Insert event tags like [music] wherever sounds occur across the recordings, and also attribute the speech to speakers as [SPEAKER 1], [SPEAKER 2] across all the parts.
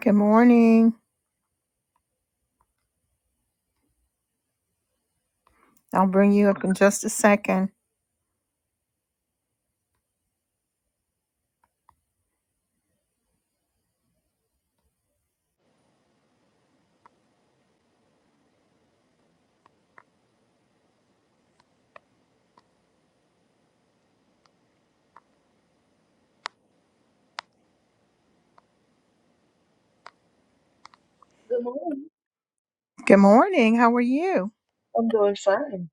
[SPEAKER 1] Good morning. I'll bring you up in just a second.
[SPEAKER 2] Good morning.
[SPEAKER 1] Good morning. How are you?
[SPEAKER 2] I'm doing fine.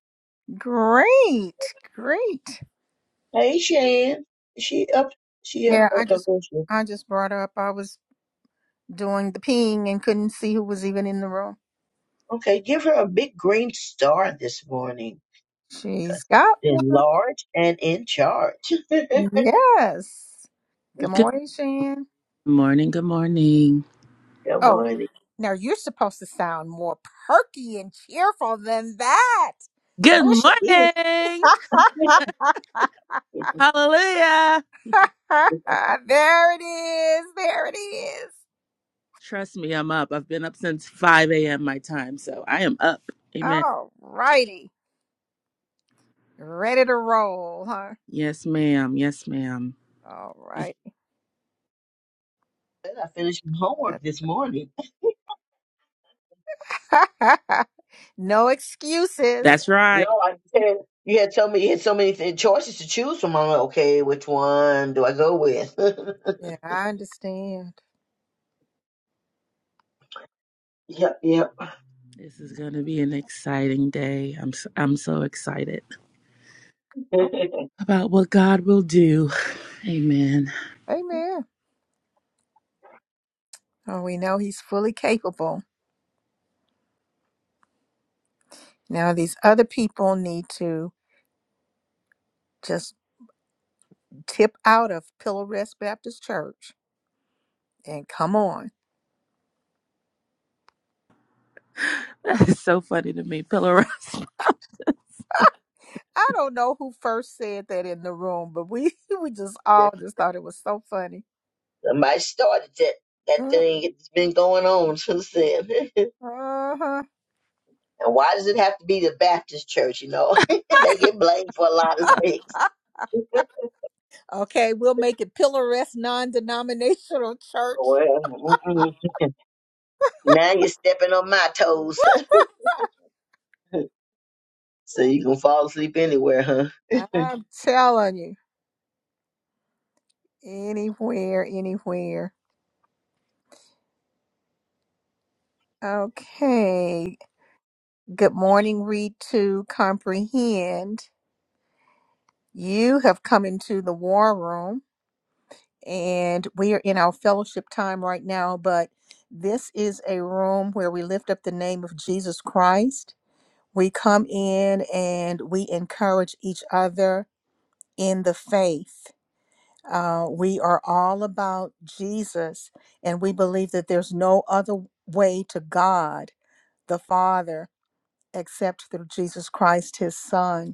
[SPEAKER 1] Great. Great.
[SPEAKER 2] Hey, Shan. She up. She up.
[SPEAKER 1] Yeah,
[SPEAKER 2] Oh,
[SPEAKER 1] I
[SPEAKER 2] no,
[SPEAKER 1] just
[SPEAKER 2] go she.
[SPEAKER 1] I just brought up I was doing the ping and couldn't see who was even in the room.
[SPEAKER 2] Okay, give her a big green star this morning because
[SPEAKER 1] She's
[SPEAKER 2] she's
[SPEAKER 1] got one.
[SPEAKER 2] been large and in charge. [laughs] Good
[SPEAKER 1] Yes. Good
[SPEAKER 3] Good
[SPEAKER 1] morning, Shan.
[SPEAKER 3] morning. Good morning.
[SPEAKER 1] Oh,
[SPEAKER 2] morning.
[SPEAKER 1] now you're supposed to sound more perky and cheerful than that.
[SPEAKER 3] Good
[SPEAKER 2] Oh,
[SPEAKER 1] You're
[SPEAKER 2] she
[SPEAKER 1] sup-
[SPEAKER 2] is.
[SPEAKER 1] [laughs]
[SPEAKER 3] morning.
[SPEAKER 2] [laughs]
[SPEAKER 3] Hallelujah.
[SPEAKER 1] There it is. There it is.
[SPEAKER 3] Trust me, I'm up. I've been up since 5 a.m. my time, so I am up. Amen.
[SPEAKER 1] All righty. Ready to roll, huh?
[SPEAKER 3] Yes, ma'am. Yes, ma'am.
[SPEAKER 1] All right.
[SPEAKER 2] Said I finished my homework this morning. [laughs]
[SPEAKER 1] That- [laughs] no excuses.
[SPEAKER 3] That's
[SPEAKER 2] No,
[SPEAKER 3] right.
[SPEAKER 2] I said you had told me you had so many th- choices to choose from. I'm like, okay, which one do I go with? [laughs]
[SPEAKER 1] yeah, I understand.
[SPEAKER 2] yep, yep.
[SPEAKER 3] This is going to be an exciting day. I'm so, I'm so excited
[SPEAKER 1] Oh,
[SPEAKER 3] about what God will do. Amen. [laughs]
[SPEAKER 1] amen. Oh, we know he's fully capable. Now, these other people need to just tip out of Pillow Rest Baptist Church and come on.
[SPEAKER 3] That is so funny to me, Pillar.
[SPEAKER 1] I don't know who first said that in the room, but we, [laughs] we just
[SPEAKER 2] [laughs] That's
[SPEAKER 1] all just thought it was so funny.
[SPEAKER 2] Somebody started that. That
[SPEAKER 1] Mm,
[SPEAKER 2] thing it's been going on since then. [laughs] and
[SPEAKER 1] Uh-huh.
[SPEAKER 2] why does it have to be the Baptist church, you know? [laughs] they get blamed for a lot of
[SPEAKER 1] [laughs]
[SPEAKER 2] things. [laughs]
[SPEAKER 1] Okay, we'll make it Pillar Rest non-denominational [laughs] church.
[SPEAKER 2] Well, mm-mm. now you're stepping on my toes. [laughs] so you can fall asleep anywhere, huh?
[SPEAKER 1] I'm telling you, anywhere, anywhere. Okay. Good morning, read to comprehend. You have come into the war room, and we are in our fellowship time right now. But this is a room where we lift up the name of Jesus Christ. We come in and we encourage each other in the faith. Uh, we are all about Jesus, and we believe that there's no other way to God the Father except through Jesus Christ, His Son.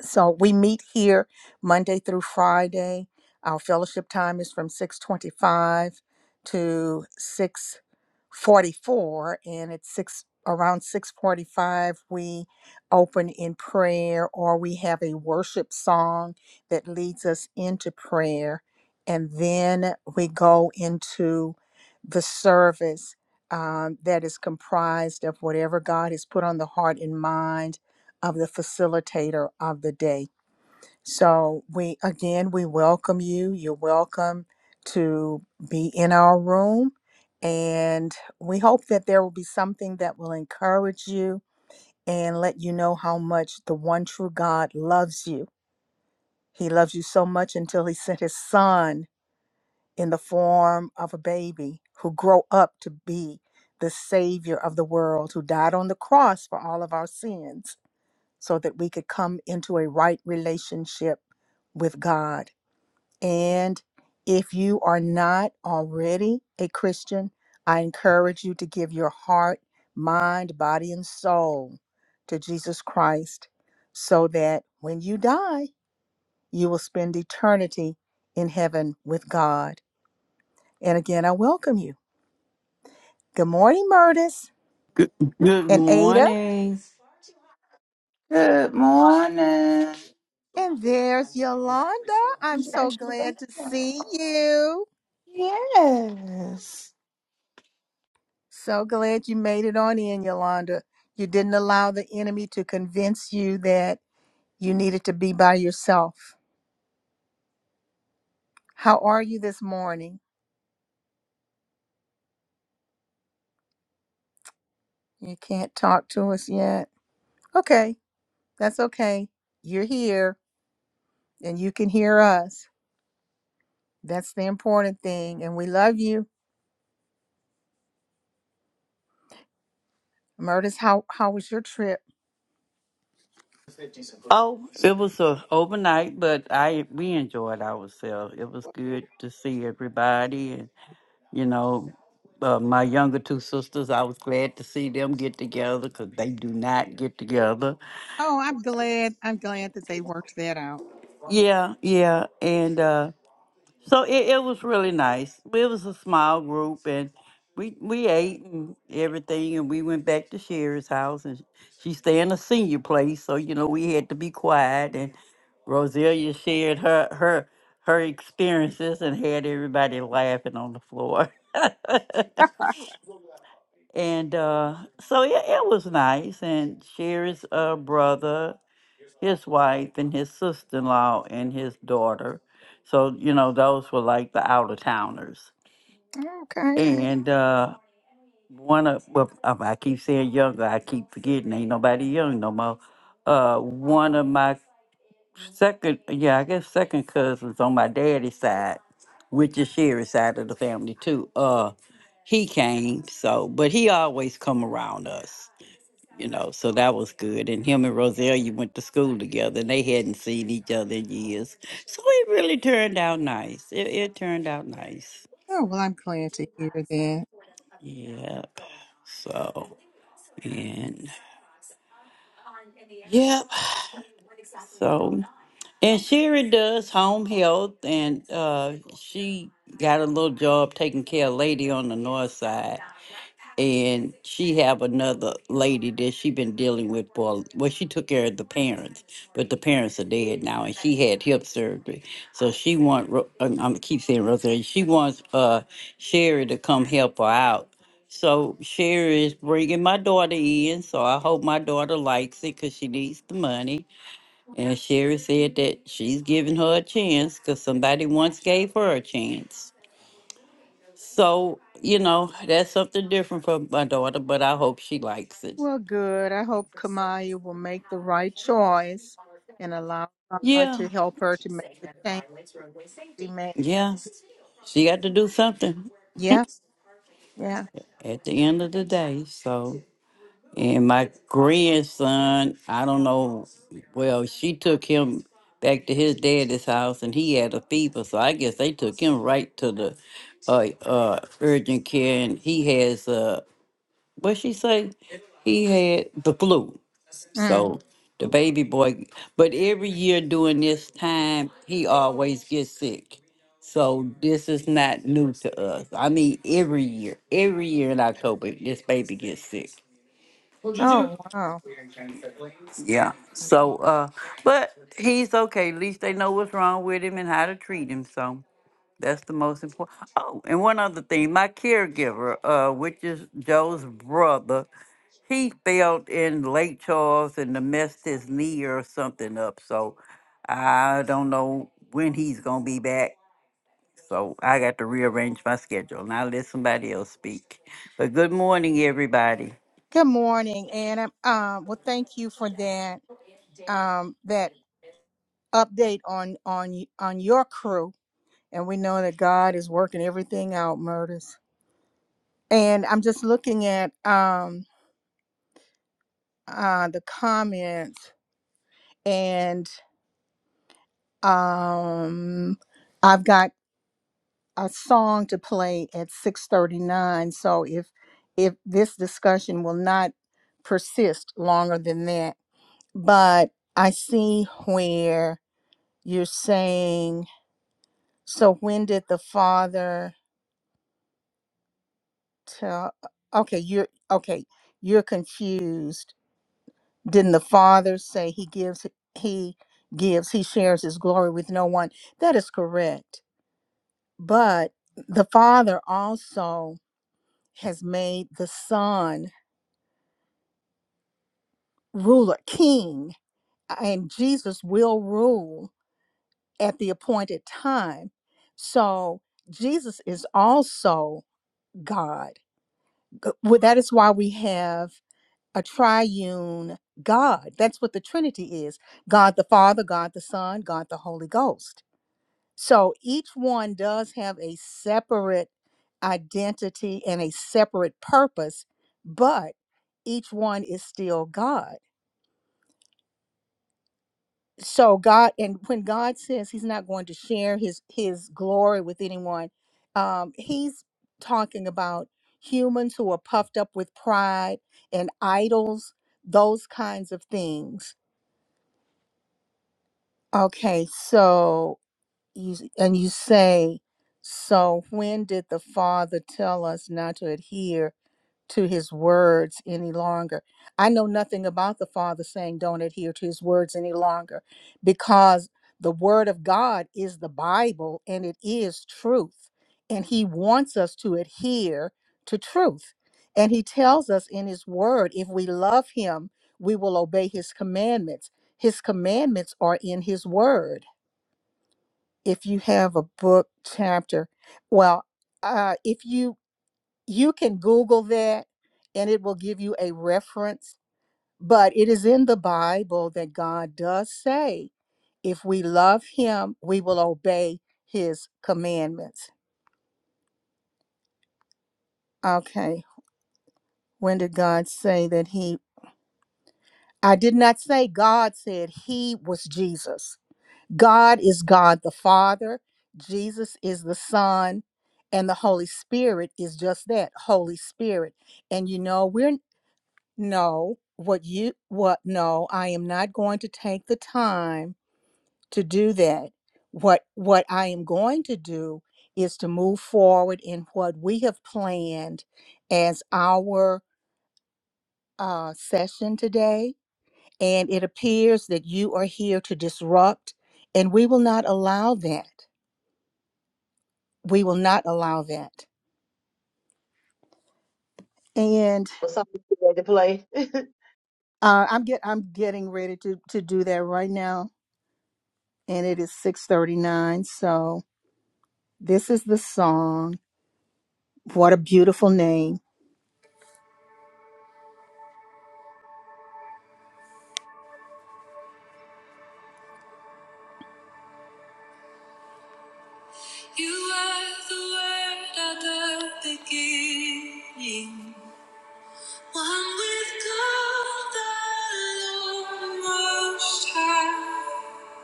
[SPEAKER 1] So we meet here Monday through Friday. Our fellowship time is from 625 to 644 and it's six around 645 we open in prayer or we have a worship song that leads us into prayer and then we go into the service um, that is comprised of whatever god has put on the heart and mind of the facilitator of the day. So we again we welcome you. You're welcome to be in our room and we hope that there will be something that will encourage you and let you know how much the one true God loves you. He loves you so much until he sent his son in the form of a baby who grew up to be the savior of the world who died on the cross for all of our sins so that we could come into a right relationship with God. And if you are not already a Christian, I encourage you to give your heart, mind, body, and soul to Jesus Christ so that when you die, you will spend eternity in heaven with God. And again, I welcome you. Good morning, Murtis
[SPEAKER 4] Good, good
[SPEAKER 1] and Ada.
[SPEAKER 4] morning.
[SPEAKER 5] Good morning.
[SPEAKER 1] And there's Yolanda. I'm so
[SPEAKER 5] Yes.
[SPEAKER 1] glad to see you.
[SPEAKER 5] Yes.
[SPEAKER 1] So glad you made it on in, Yolanda. You didn't allow the enemy to convince you that you needed to be by yourself. How are you this morning? You can't talk to us yet. Okay, that's okay. You're here and you can hear us. That's the important thing. And we love you. Murtis, how, how was your trip?
[SPEAKER 4] Oh, it was a overnight, but I we enjoyed ourselves. It was good to see everybody, and you know, uh, my younger two sisters. I was glad to see them get together because they do not get together.
[SPEAKER 1] Oh, I'm glad. I'm glad that they worked that out.
[SPEAKER 4] Yeah, yeah, and uh, so it, it was really nice. It was a small group, and we we ate and everything, and we went back to Sherry's house, and she stay in a senior place, so you know we had to be quiet Roselia shared her her her experiences and had everybody laughing on the floor. [laughs]
[SPEAKER 1] [laughs]
[SPEAKER 4] and uh, so yeah, it was nice. And Sherry's uh, brother, his wife, and his sister in law and his daughter. So you know those were like the out of towners.
[SPEAKER 1] Okay.
[SPEAKER 4] And uh, one of well, I I keep saying younger, I keep forgetting ain't nobody young no more. Uh, one of my Second, yeah, I guess second cousins on my daddy's side, which is Sherry's side of the family too. Uh, he came, so but he always come around us, you know. So that was good. And him and Roselia went to school together, and they hadn't seen each other in years, so it really turned out nice. It, it turned out nice.
[SPEAKER 1] Oh, well, I'm glad to hear that.
[SPEAKER 4] Yep. So and yep. So. And Sherry does home health, and uh, she got a little job taking care of a lady on the north side. And she have another lady that she been dealing with for. Well, she took care of the parents, but the parents are dead now, and she had hip surgery. So she want. Ro- I'm I'm keep saying Rosemary. She wants uh Sherry to come help her out. So Sherry is bringing my daughter in. So I hope my daughter likes it because she needs the money and Sherry said that she's giving her a chance because somebody once gave her a chance. So, you know, that's something different for my daughter, but I hope she likes it.
[SPEAKER 1] Well, good. I hope Kamaya will make the right choice and allow God to
[SPEAKER 4] Yeah,
[SPEAKER 1] help her to make the change that she made.
[SPEAKER 4] yeah. She got to do something [laughs]
[SPEAKER 1] Yeah, yeah.
[SPEAKER 4] at the end of the day. So. And my grandson, I don't know. Well, she took him back to his daddy's house, and he had a fever, so I guess they took him right to the uh, uh, urgent care, and he has uh, what she say? He had the flu.
[SPEAKER 1] Mm.
[SPEAKER 4] So the baby boy, but every year during this time, he always gets sick. So this is not new to us. I mean, every year, every year in October, this baby gets sick.
[SPEAKER 1] Oh, wow.
[SPEAKER 4] Yeah.
[SPEAKER 1] Okay.
[SPEAKER 4] So, uh, but he's okay. At least they know what's wrong with him and how to treat him. So that's the most important. Oh, and one other thing, my caregiver, uh, which is Joe's brother, he fell in Lake Charles and messed his knee or something up. So I don't know when he's gonna be back. So I got to rearrange my schedule and I let somebody else speak. But good morning, everybody.
[SPEAKER 1] Good morning, and um, um, well, thank you for that um, that update on on y- on your crew. And we know that God is working everything out, murders. And I'm just looking at um, uh, the comments, and um, I've got. a song to play at 6:39 so if if this discussion will not persist longer than that but i see where you're saying so when did the father tell okay you're okay you're confused didn't the father say he gives he gives he shares his glory with no one that is correct but the father also has made the son ruler, king, and Jesus will rule at the appointed time. So Jesus is also God. G- well, That is why we have a triune God. That's what the Trinity is God the Father, God the Son, God the Holy Ghost. So each one does have a separate identity and a separate purpose, but each one is still God. so god and when god says he's not going to share his his glory with anyone um he's talking about humans who are puffed up with pride and idols those kinds of things okay so you s- and you say so when did the father tell us not to adhere to his words any longer. I know nothing about the Father saying, Don't adhere to his words any longer, because the Word of God is the Bible and it is truth. And he wants us to adhere to truth. And he tells us in his Word, if we love him, we will obey his commandments. His commandments are in his Word. If you have a book, chapter, well, uh, if you you can Google that and it will give you a reference. But it is in the Bible that God does say, if we love Him, we will obey His commandments. Okay, when did God say that He? I did not say God said He was Jesus. God is God the Father, Jesus is the Son, and the Holy Spirit is just that Holy Spirit. And you know, we're No, what you, what, no, I am not going to take the time to do that. What, what I am going to do is to move forward in what we have planned as our uh, session today. And it appears that you are here to disrupt, and we will not allow that. We will not allow that. And
[SPEAKER 2] What's something you ready to play? [laughs]
[SPEAKER 1] uh, I'm get I'm getting ready to to do that right now, and it is six thirty nine. So This is the song. What a beautiful name. You are the word at the beginning, one with God the Lord Most High.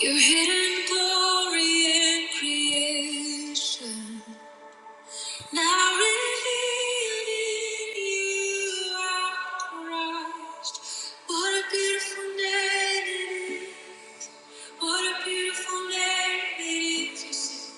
[SPEAKER 1] Your hidden glory in creation, now revealed in you are Christ. What a beautiful name it is! What a beautiful name it is!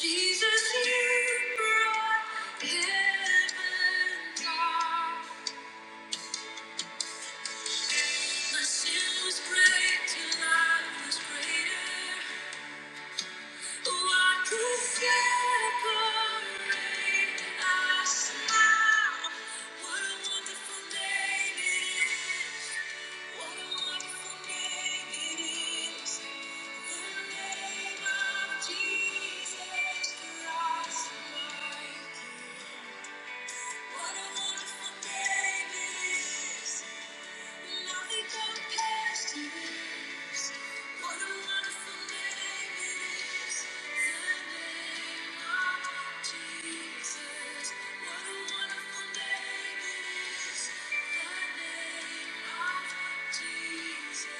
[SPEAKER 1] Jesus, you brought heaven down. My sin was great till I was greater. Oh, I separate us now. What a wonderful name it is. What a wonderful name it is. The name of Jesus Christ, my King. What a wonderful name it is. The name of Jesus. What a wonderful name it is. The name of Jesus.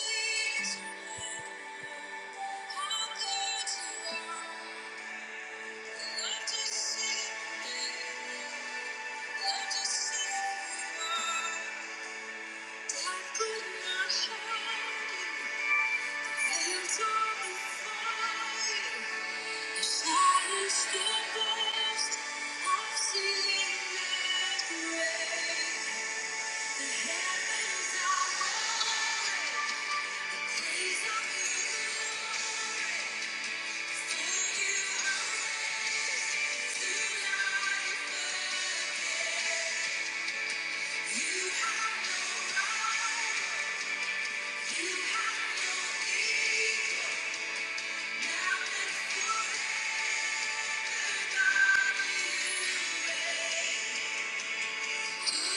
[SPEAKER 1] Jesus, how good you are. Sing, let us sing. Thank you. Thank you.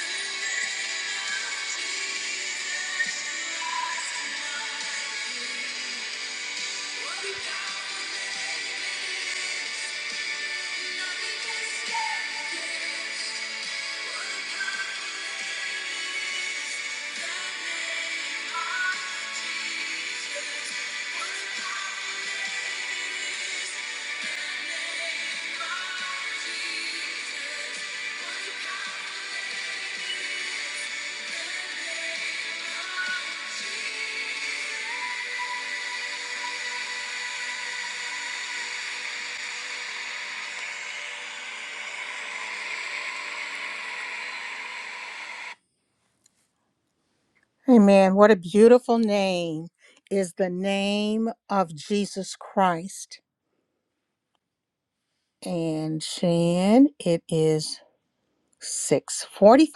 [SPEAKER 1] what a Thank you. Amen. What a beautiful name is the name of Jesus Christ. And Shan, it is 645.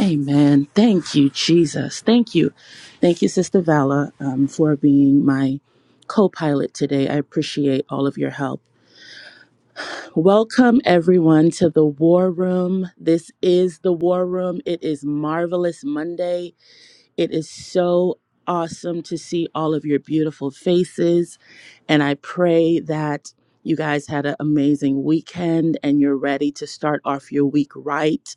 [SPEAKER 3] Amen. Thank you, Jesus. Thank you. Thank you, Sister Vala, um, for being my co pilot today. I appreciate all of your help. Welcome, everyone, to the War Room. This is the War Room. It is Marvelous Monday. It is so awesome to see all of your beautiful faces. And I pray that you guys had an amazing weekend and you're ready to start off your week right.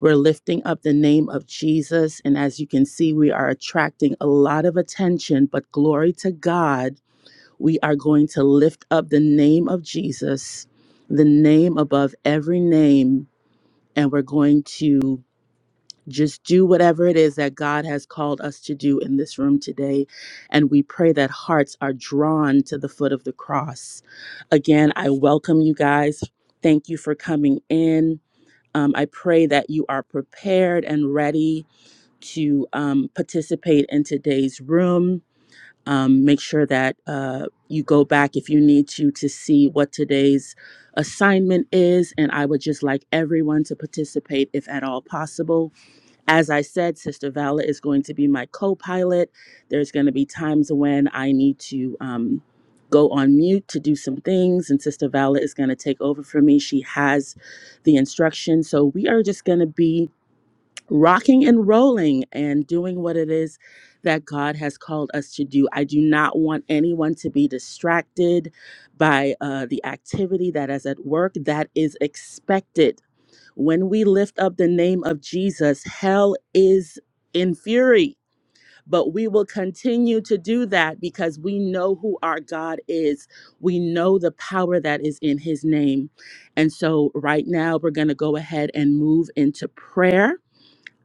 [SPEAKER 3] We're lifting up the name of Jesus. And as you can see, we are attracting a lot of attention, but glory to God, we are going to lift up the name of Jesus, the name above every name. And we're going to just do whatever it is that God has called us to do in this room today. And we pray that hearts are drawn to the foot of the cross. Again, I welcome you guys. Thank you for coming in. Um, I pray that you are prepared and ready to um, participate in today's room. Um, make sure that uh, you go back if you need to to see what today's assignment is. And I would just like everyone to participate if at all possible as I said, Sister Vala is going to be my co pilot. There's going to be times when I need to um, go on mute to do some things, and Sister Vala is going to take over for me. She has the instructions. So we are just going to be rocking and rolling and doing what it is that God has called us to do. I do not want anyone to be distracted by uh, the activity that is at work that is expected when we lift up the name of Jesus, hell is in fury. But we will continue to do that because we know who our God is. We know the power that is in his name. And so, right now, we're going to go ahead and move into prayer.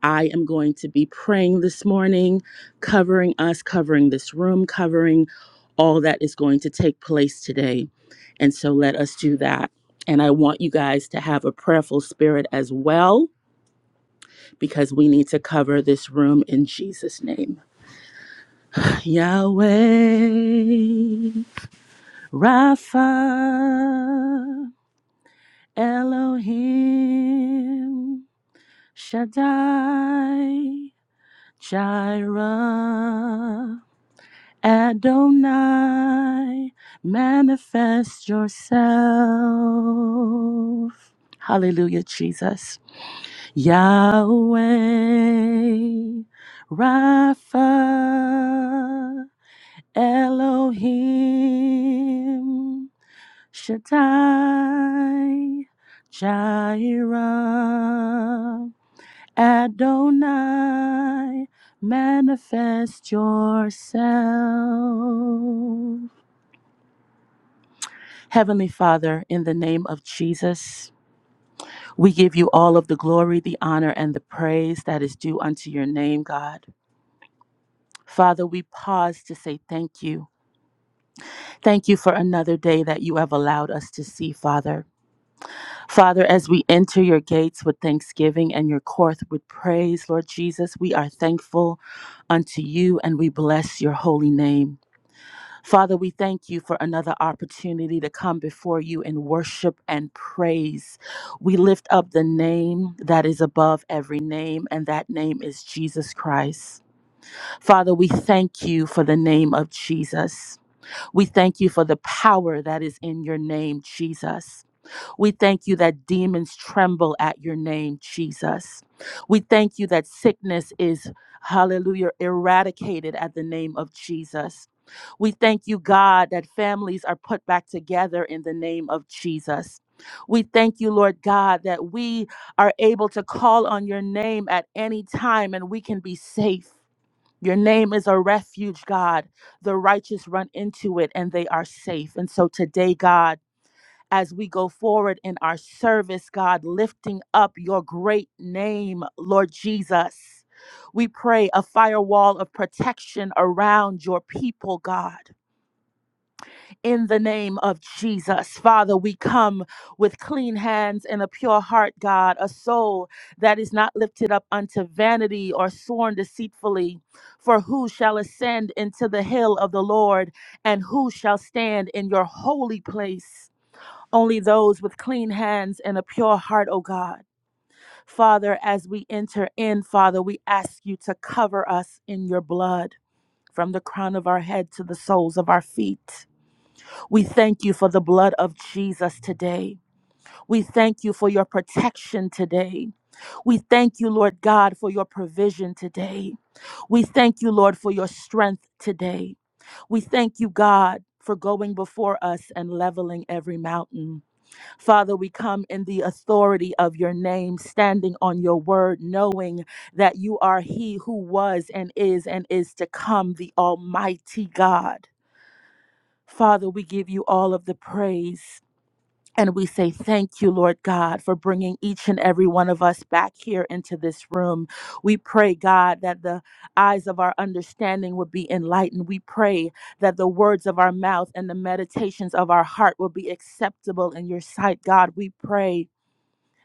[SPEAKER 3] I am going to be praying this morning, covering us, covering this room, covering all that is going to take place today. And so let us do that. And I want you guys to have a prayerful spirit as well, because we need to cover this room in Jesus' name. Yahweh, Rapha, Elohim, Shaddai, Jireh. Adonai, manifest yourself. Hallelujah, Jesus. Yahweh, Rapha, Elohim, Shaddai, Jireh, Adonai, manifest yourself. Heavenly Father, in the name of Jesus, we give you all of the glory, the honor, and the praise that is due unto your name, God. Father, we pause to say thank you. Thank you for another day that you have allowed us to see, Father. Father, as we enter your gates with thanksgiving and your court with praise, Lord Jesus, we are thankful unto you and we bless your holy name. Father, we thank you for another opportunity to come before you in worship and praise. We lift up the name that is above every name, and that name is Jesus Christ. Father, we thank you for the name of Jesus. We thank you for the power that is in your name, Jesus. We thank you that demons tremble at your name, Jesus. We thank you that sickness is, hallelujah, eradicated at the name of Jesus. We thank you, God, that families are put back together in the name of Jesus. We thank you, Lord God, that we are able to call on your name at any time and we can be safe. Your name is a refuge, God. The righteous run into it and they are safe. And so today, God, as we go forward in our service, God, lifting up your great name, Lord Jesus. We pray a firewall of protection around your people, God. In the name of Jesus, Father, we come with clean hands and a pure heart, God, a soul that is not lifted up unto vanity or sworn deceitfully. For who shall ascend into the hill of the Lord, and who shall stand in your holy place? Only those with clean hands and a pure heart, O God. Father, as we enter in, Father, we ask you to cover us in your blood. From the crown of our head to the soles of our feet. We thank you for the blood of Jesus today. We thank you for your protection today. We thank you, Lord God, for your provision today. We thank you, Lord, for your strength today. We thank you, God, for going before us and leveling every mountain. Father, we come in the authority of your name, standing on your word, knowing that you are he who was and is and is to come, the Almighty God. Father, we give you all of the praise. And we say thank you, Lord God, for bringing each and every one of us back here into this room. We pray, God, that the eyes of our understanding would be enlightened. We pray that the words of our mouth and the meditations of our heart will be acceptable in your sight, God. We pray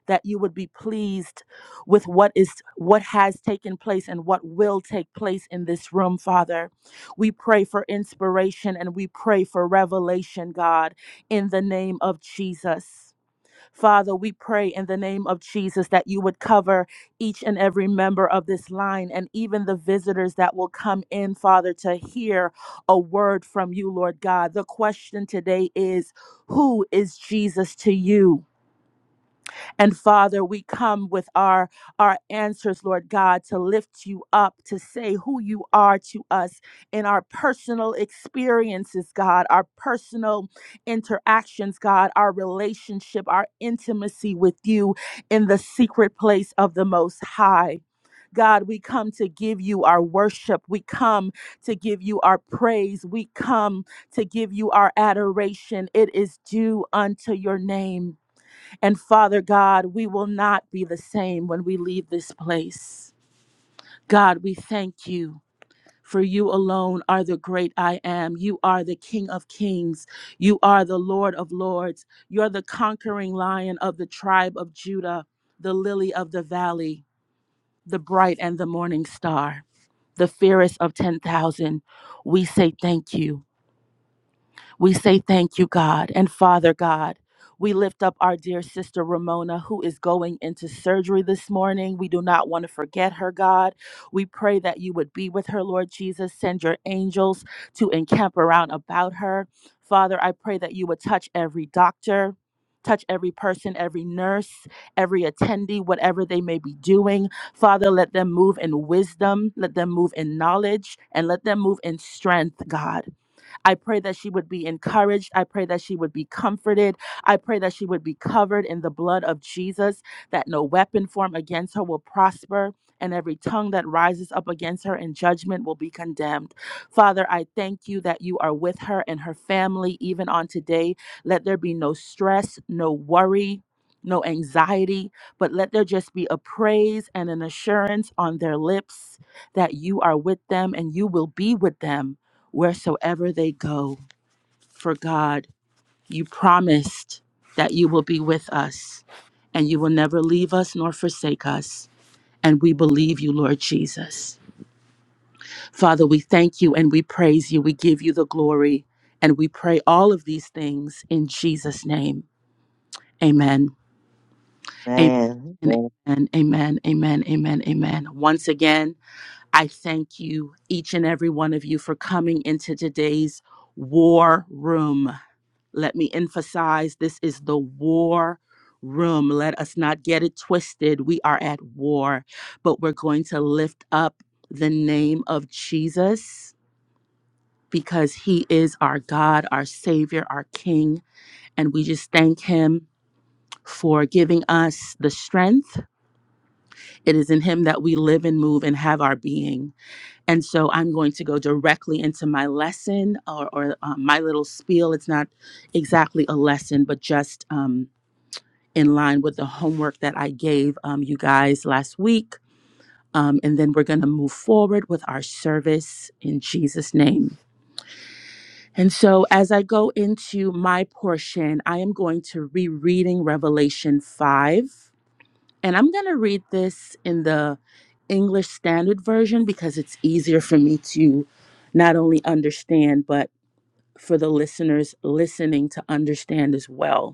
[SPEAKER 3] that you would be pleased with what is what has taken place and what will take place in this room father we pray for inspiration and we pray for revelation god in the name of jesus Father, we pray in the name of Jesus that you would cover each and every member of this line and even the visitors that will come in, Father, to hear a word from you, Lord God. The question today is Who is Jesus to you? And Father, we come with our our answers, Lord God, to lift you up, to say who you are to us in our personal experiences, God, our personal interactions, God, our relationship, our intimacy with you in the secret place of the most high. God, we come to give you our worship. We come to give you our praise. We come to give you our adoration. It is due unto your name. And Father God, we will not be the same when we leave this place. God, we thank you. For you alone are the great I am. You are the King of kings. You are the Lord of lords. You're the conquering lion of the tribe of Judah, the lily of the valley, the bright and the morning star, the fairest of 10,000. We say thank you. We say thank you, God and Father God. We lift up our dear sister Ramona, who is going into surgery this morning. We do not want to forget her, God. We pray that you would be with her, Lord Jesus. Send your angels to encamp around about her. Father, I pray that you would touch every doctor, touch every person, every nurse, every attendee, whatever they may be doing. Father, let them move in wisdom, let them move in knowledge, and let them move in strength, God. I pray that she would be encouraged. I pray that she would be comforted. I pray that she would be covered in the blood of Jesus, that no weapon formed against her will prosper, and every tongue that rises up against her in judgment will be condemned. Father, I thank you that you are with her and her family even on today. Let there be no stress, no worry. No anxiety, but let there just be a praise and an assurance on their lips that you are with them and you will be with them wheresoever they go. For God, you promised that you will be with us and you will never leave us nor forsake us. And we believe you, Lord Jesus. Father, we thank you and we praise you. We give you the glory and we pray all of these things in Jesus' name. Amen. Amen.
[SPEAKER 2] Man, man.
[SPEAKER 3] Amen. Amen. Amen. Amen. Amen. Once again, I thank you, each and every one of you, for coming into today's war room. Let me emphasize this is the war room. Let us not get it twisted. We are at war, but we're going to lift up the name of Jesus because he is our God, our Savior, our King. And we just thank him for giving us the strength. It is in him that we live and move and have our being. And so I'm going to go directly into my lesson or, or uh, my little spiel. It's not exactly a lesson, but just. Um, in line with the homework that I gave um, you guys last week. Um, and then we're going to move forward with our service in Jesus' name. And so, as I go into my portion, I am going to rereading Revelation 5. And I'm going to read this in the English Standard Version because it's easier for me to not only understand, but for the listeners listening to understand as well.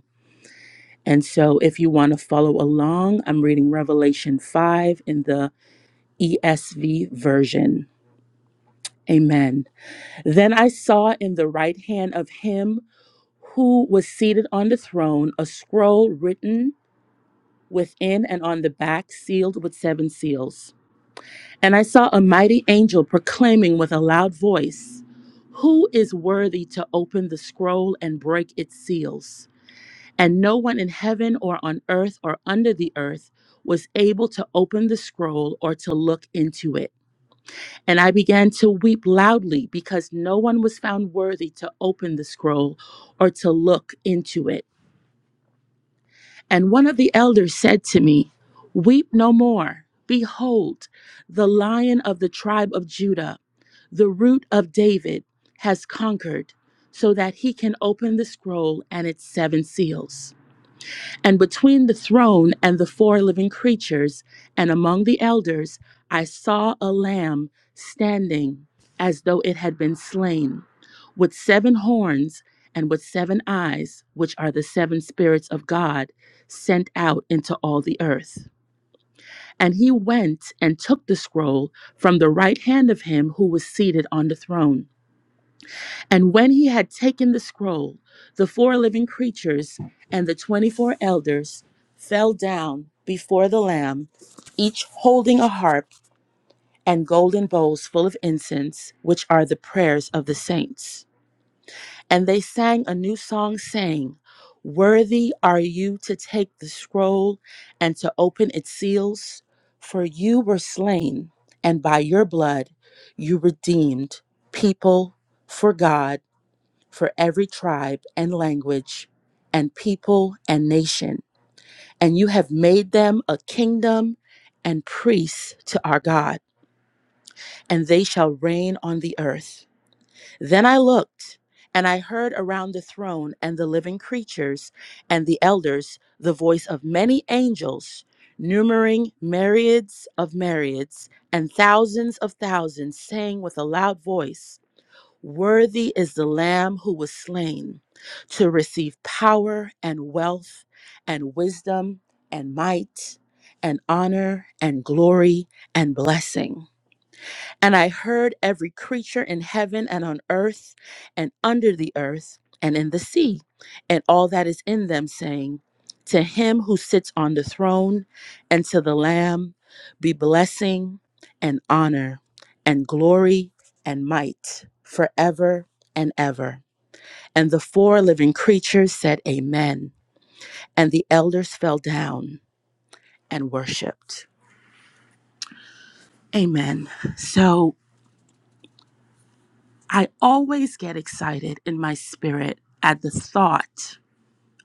[SPEAKER 3] And so, if you want to follow along, I'm reading Revelation 5 in the ESV version. Amen. Then I saw in the right hand of him who was seated on the throne a scroll written within and on the back, sealed with seven seals. And I saw a mighty angel proclaiming with a loud voice, Who is worthy to open the scroll and break its seals? And no one in heaven or on earth or under the earth was able to open the scroll or to look into it. And I began to weep loudly because no one was found worthy to open the scroll or to look into it. And one of the elders said to me, Weep no more. Behold, the lion of the tribe of Judah, the root of David, has conquered so that he can open the scroll and its seven seals. And between the throne and the four living creatures and among the elders, I saw a lamb standing as though it had been slain, with seven horns and with seven eyes, which are the seven spirits of God sent out into all the earth. And he went and took the scroll from the right hand of him who was seated on the throne. And when he had taken the scroll, the four living creatures and the 24 elders fell down before the Lamb, each holding a harp and golden bowls full of incense, which are the prayers of the saints. And they sang a new song, saying, Worthy are you to take the scroll and to open its seals, for you were slain, and by your blood you redeemed people for God for every tribe and language and people and nation. And you have made them a kingdom and priests to our God, and they shall reign on the earth. Then I looked, and I heard around the throne and the living creatures and the elders the voice of many angels, numbering myriads of myriads and thousands of thousands, saying with a loud voice, Worthy is the Lamb who was slain to receive power and wealth and wisdom and might and honor and glory and blessing. And I heard every creature in heaven and on earth and under the earth and in the sea and all that is in them saying, To him who sits on the throne and to the Lamb be blessing and honor and glory and might forever and ever. And the four living creatures said, Amen. And the elders fell down and worshiped. Amen. So, I always get excited in my spirit at the thought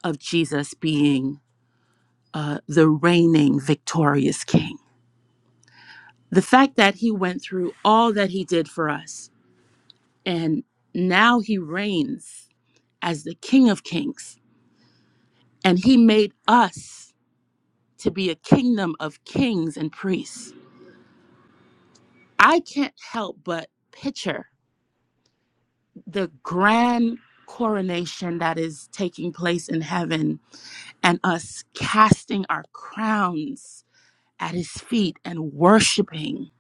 [SPEAKER 3] of Jesus being uh, the reigning victorious king. The fact that he went through all that he did for us and now he reigns as the king of kings and he made us to be a kingdom of kings and priests. I can't help but picture the grand coronation that is taking place in heaven and us casting our crowns at his feet and worshiping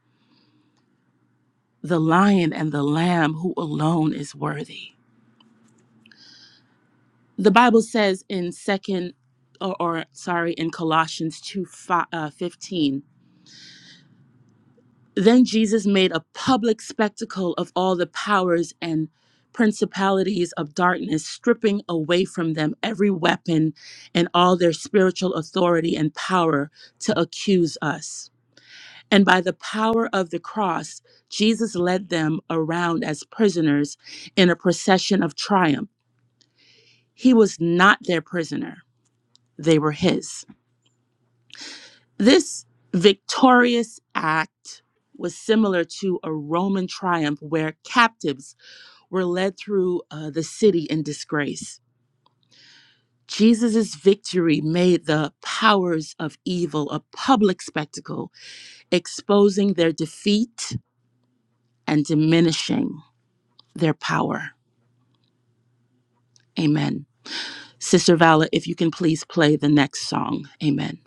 [SPEAKER 3] the lion and the lamb who alone is worthy. The Bible says in second or, or sorry in Colossians 2 fi- uh, 15, then Jesus made a public spectacle of all the powers and principalities of darkness, stripping away from them every weapon and all their spiritual authority and power to accuse us. And by the power of the cross, Jesus led them around as prisoners in a procession of triumph. He was not their prisoner, they were his. This victorious act was similar to a Roman triumph where captives were led through uh, the city in disgrace. Jesus' victory made the powers of evil a public spectacle, exposing their defeat and diminishing their power. Amen. Sister Vala, if you can please play the next song. Amen.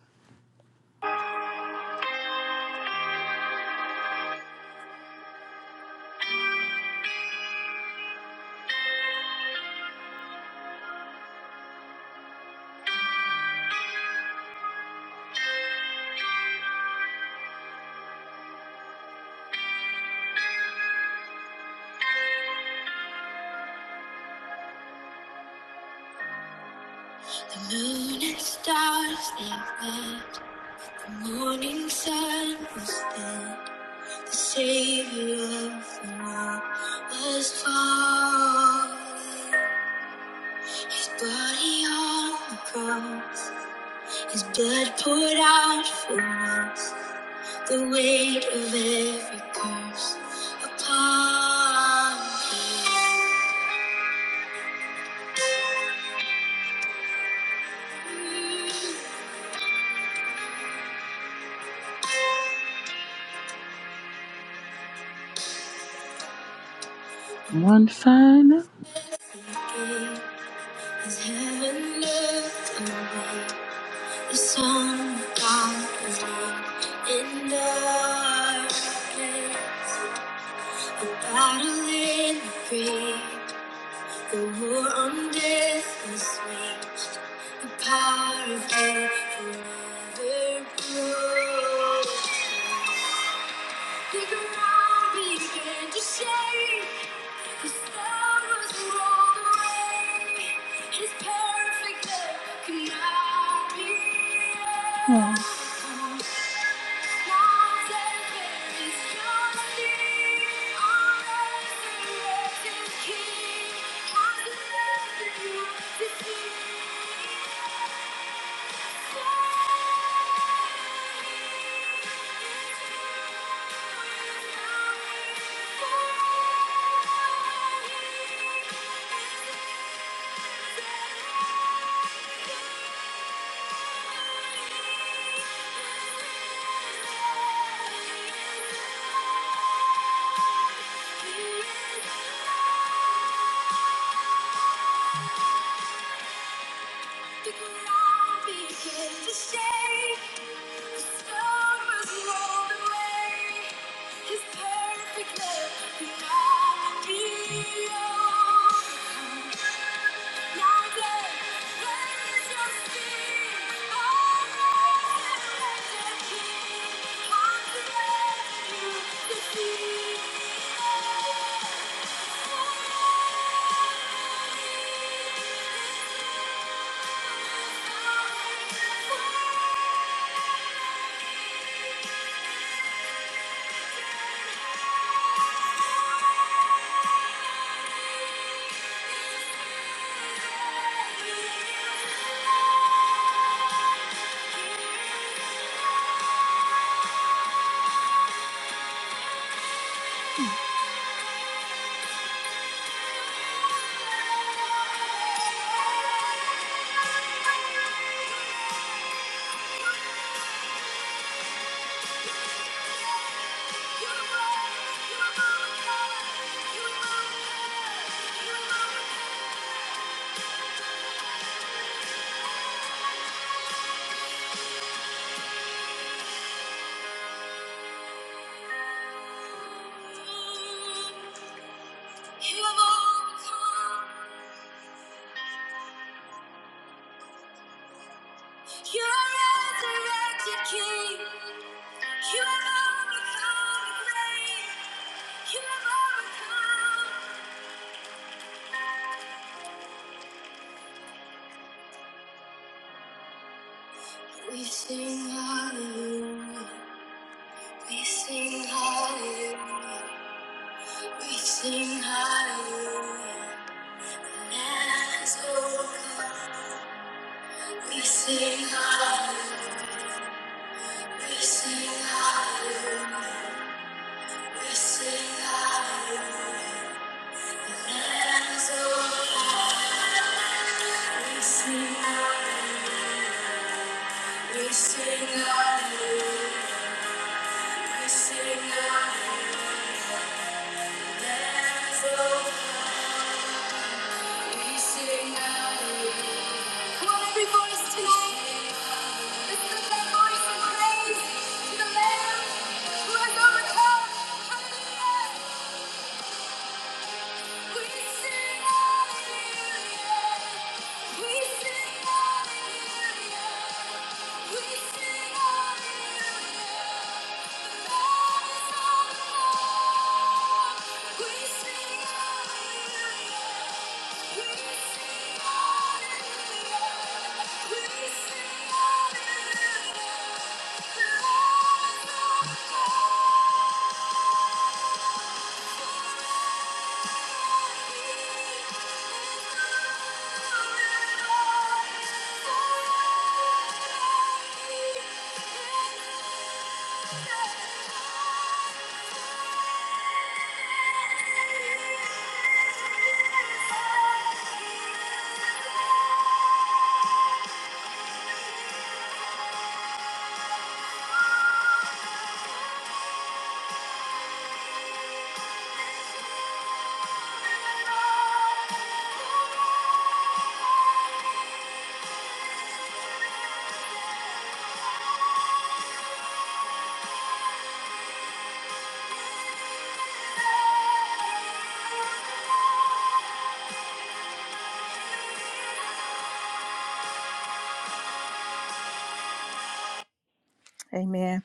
[SPEAKER 1] The moon and stars they bled, the morning sun was dead, the savior of the world was born. His body on the cross. His blood poured out for us, the weight of every curse upon him.
[SPEAKER 3] One final.
[SPEAKER 1] Again, As heaven looked away, the sun found his in darkness. A battle in the grave, The rule on death was waged. The power of hate forever broke. The ground began to shake. His throne was rolled away. His perfect love could not be. Thank you. The ground began to shake. The stone was rolled away. His perfect love could not be overcome. Now there, there is no fear. All resurrected King conquers you defeat. You have overcome. You're resurrected king. You have overcome the grave. You have overcome. We sing hallelujah. We sing hallelujah. We sing hallelujah. As O we sing hallelujah, we sing hallelujah, we sing hallelujah. As O we sing hallelujah, we sing hallelujah, we sing hallelujah. As O we sing hallelujah. Come on, every voice tonight. let's Lift up that voice and praise to the Lamb who has overcome. Hallelujah. Amen.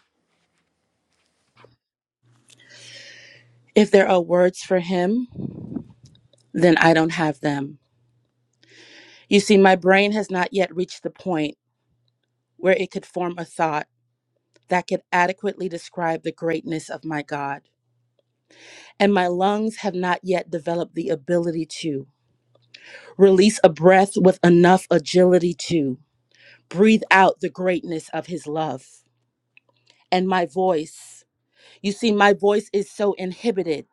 [SPEAKER 3] If there are words for him, then I don't have them. You see, my brain has not yet reached the point where it could form a thought that could adequately describe the greatness of my God. And my lungs have not yet developed the ability to. Release a breath with enough agility to breathe out the greatness of his love. And my voice, you see, my voice is so inhibited,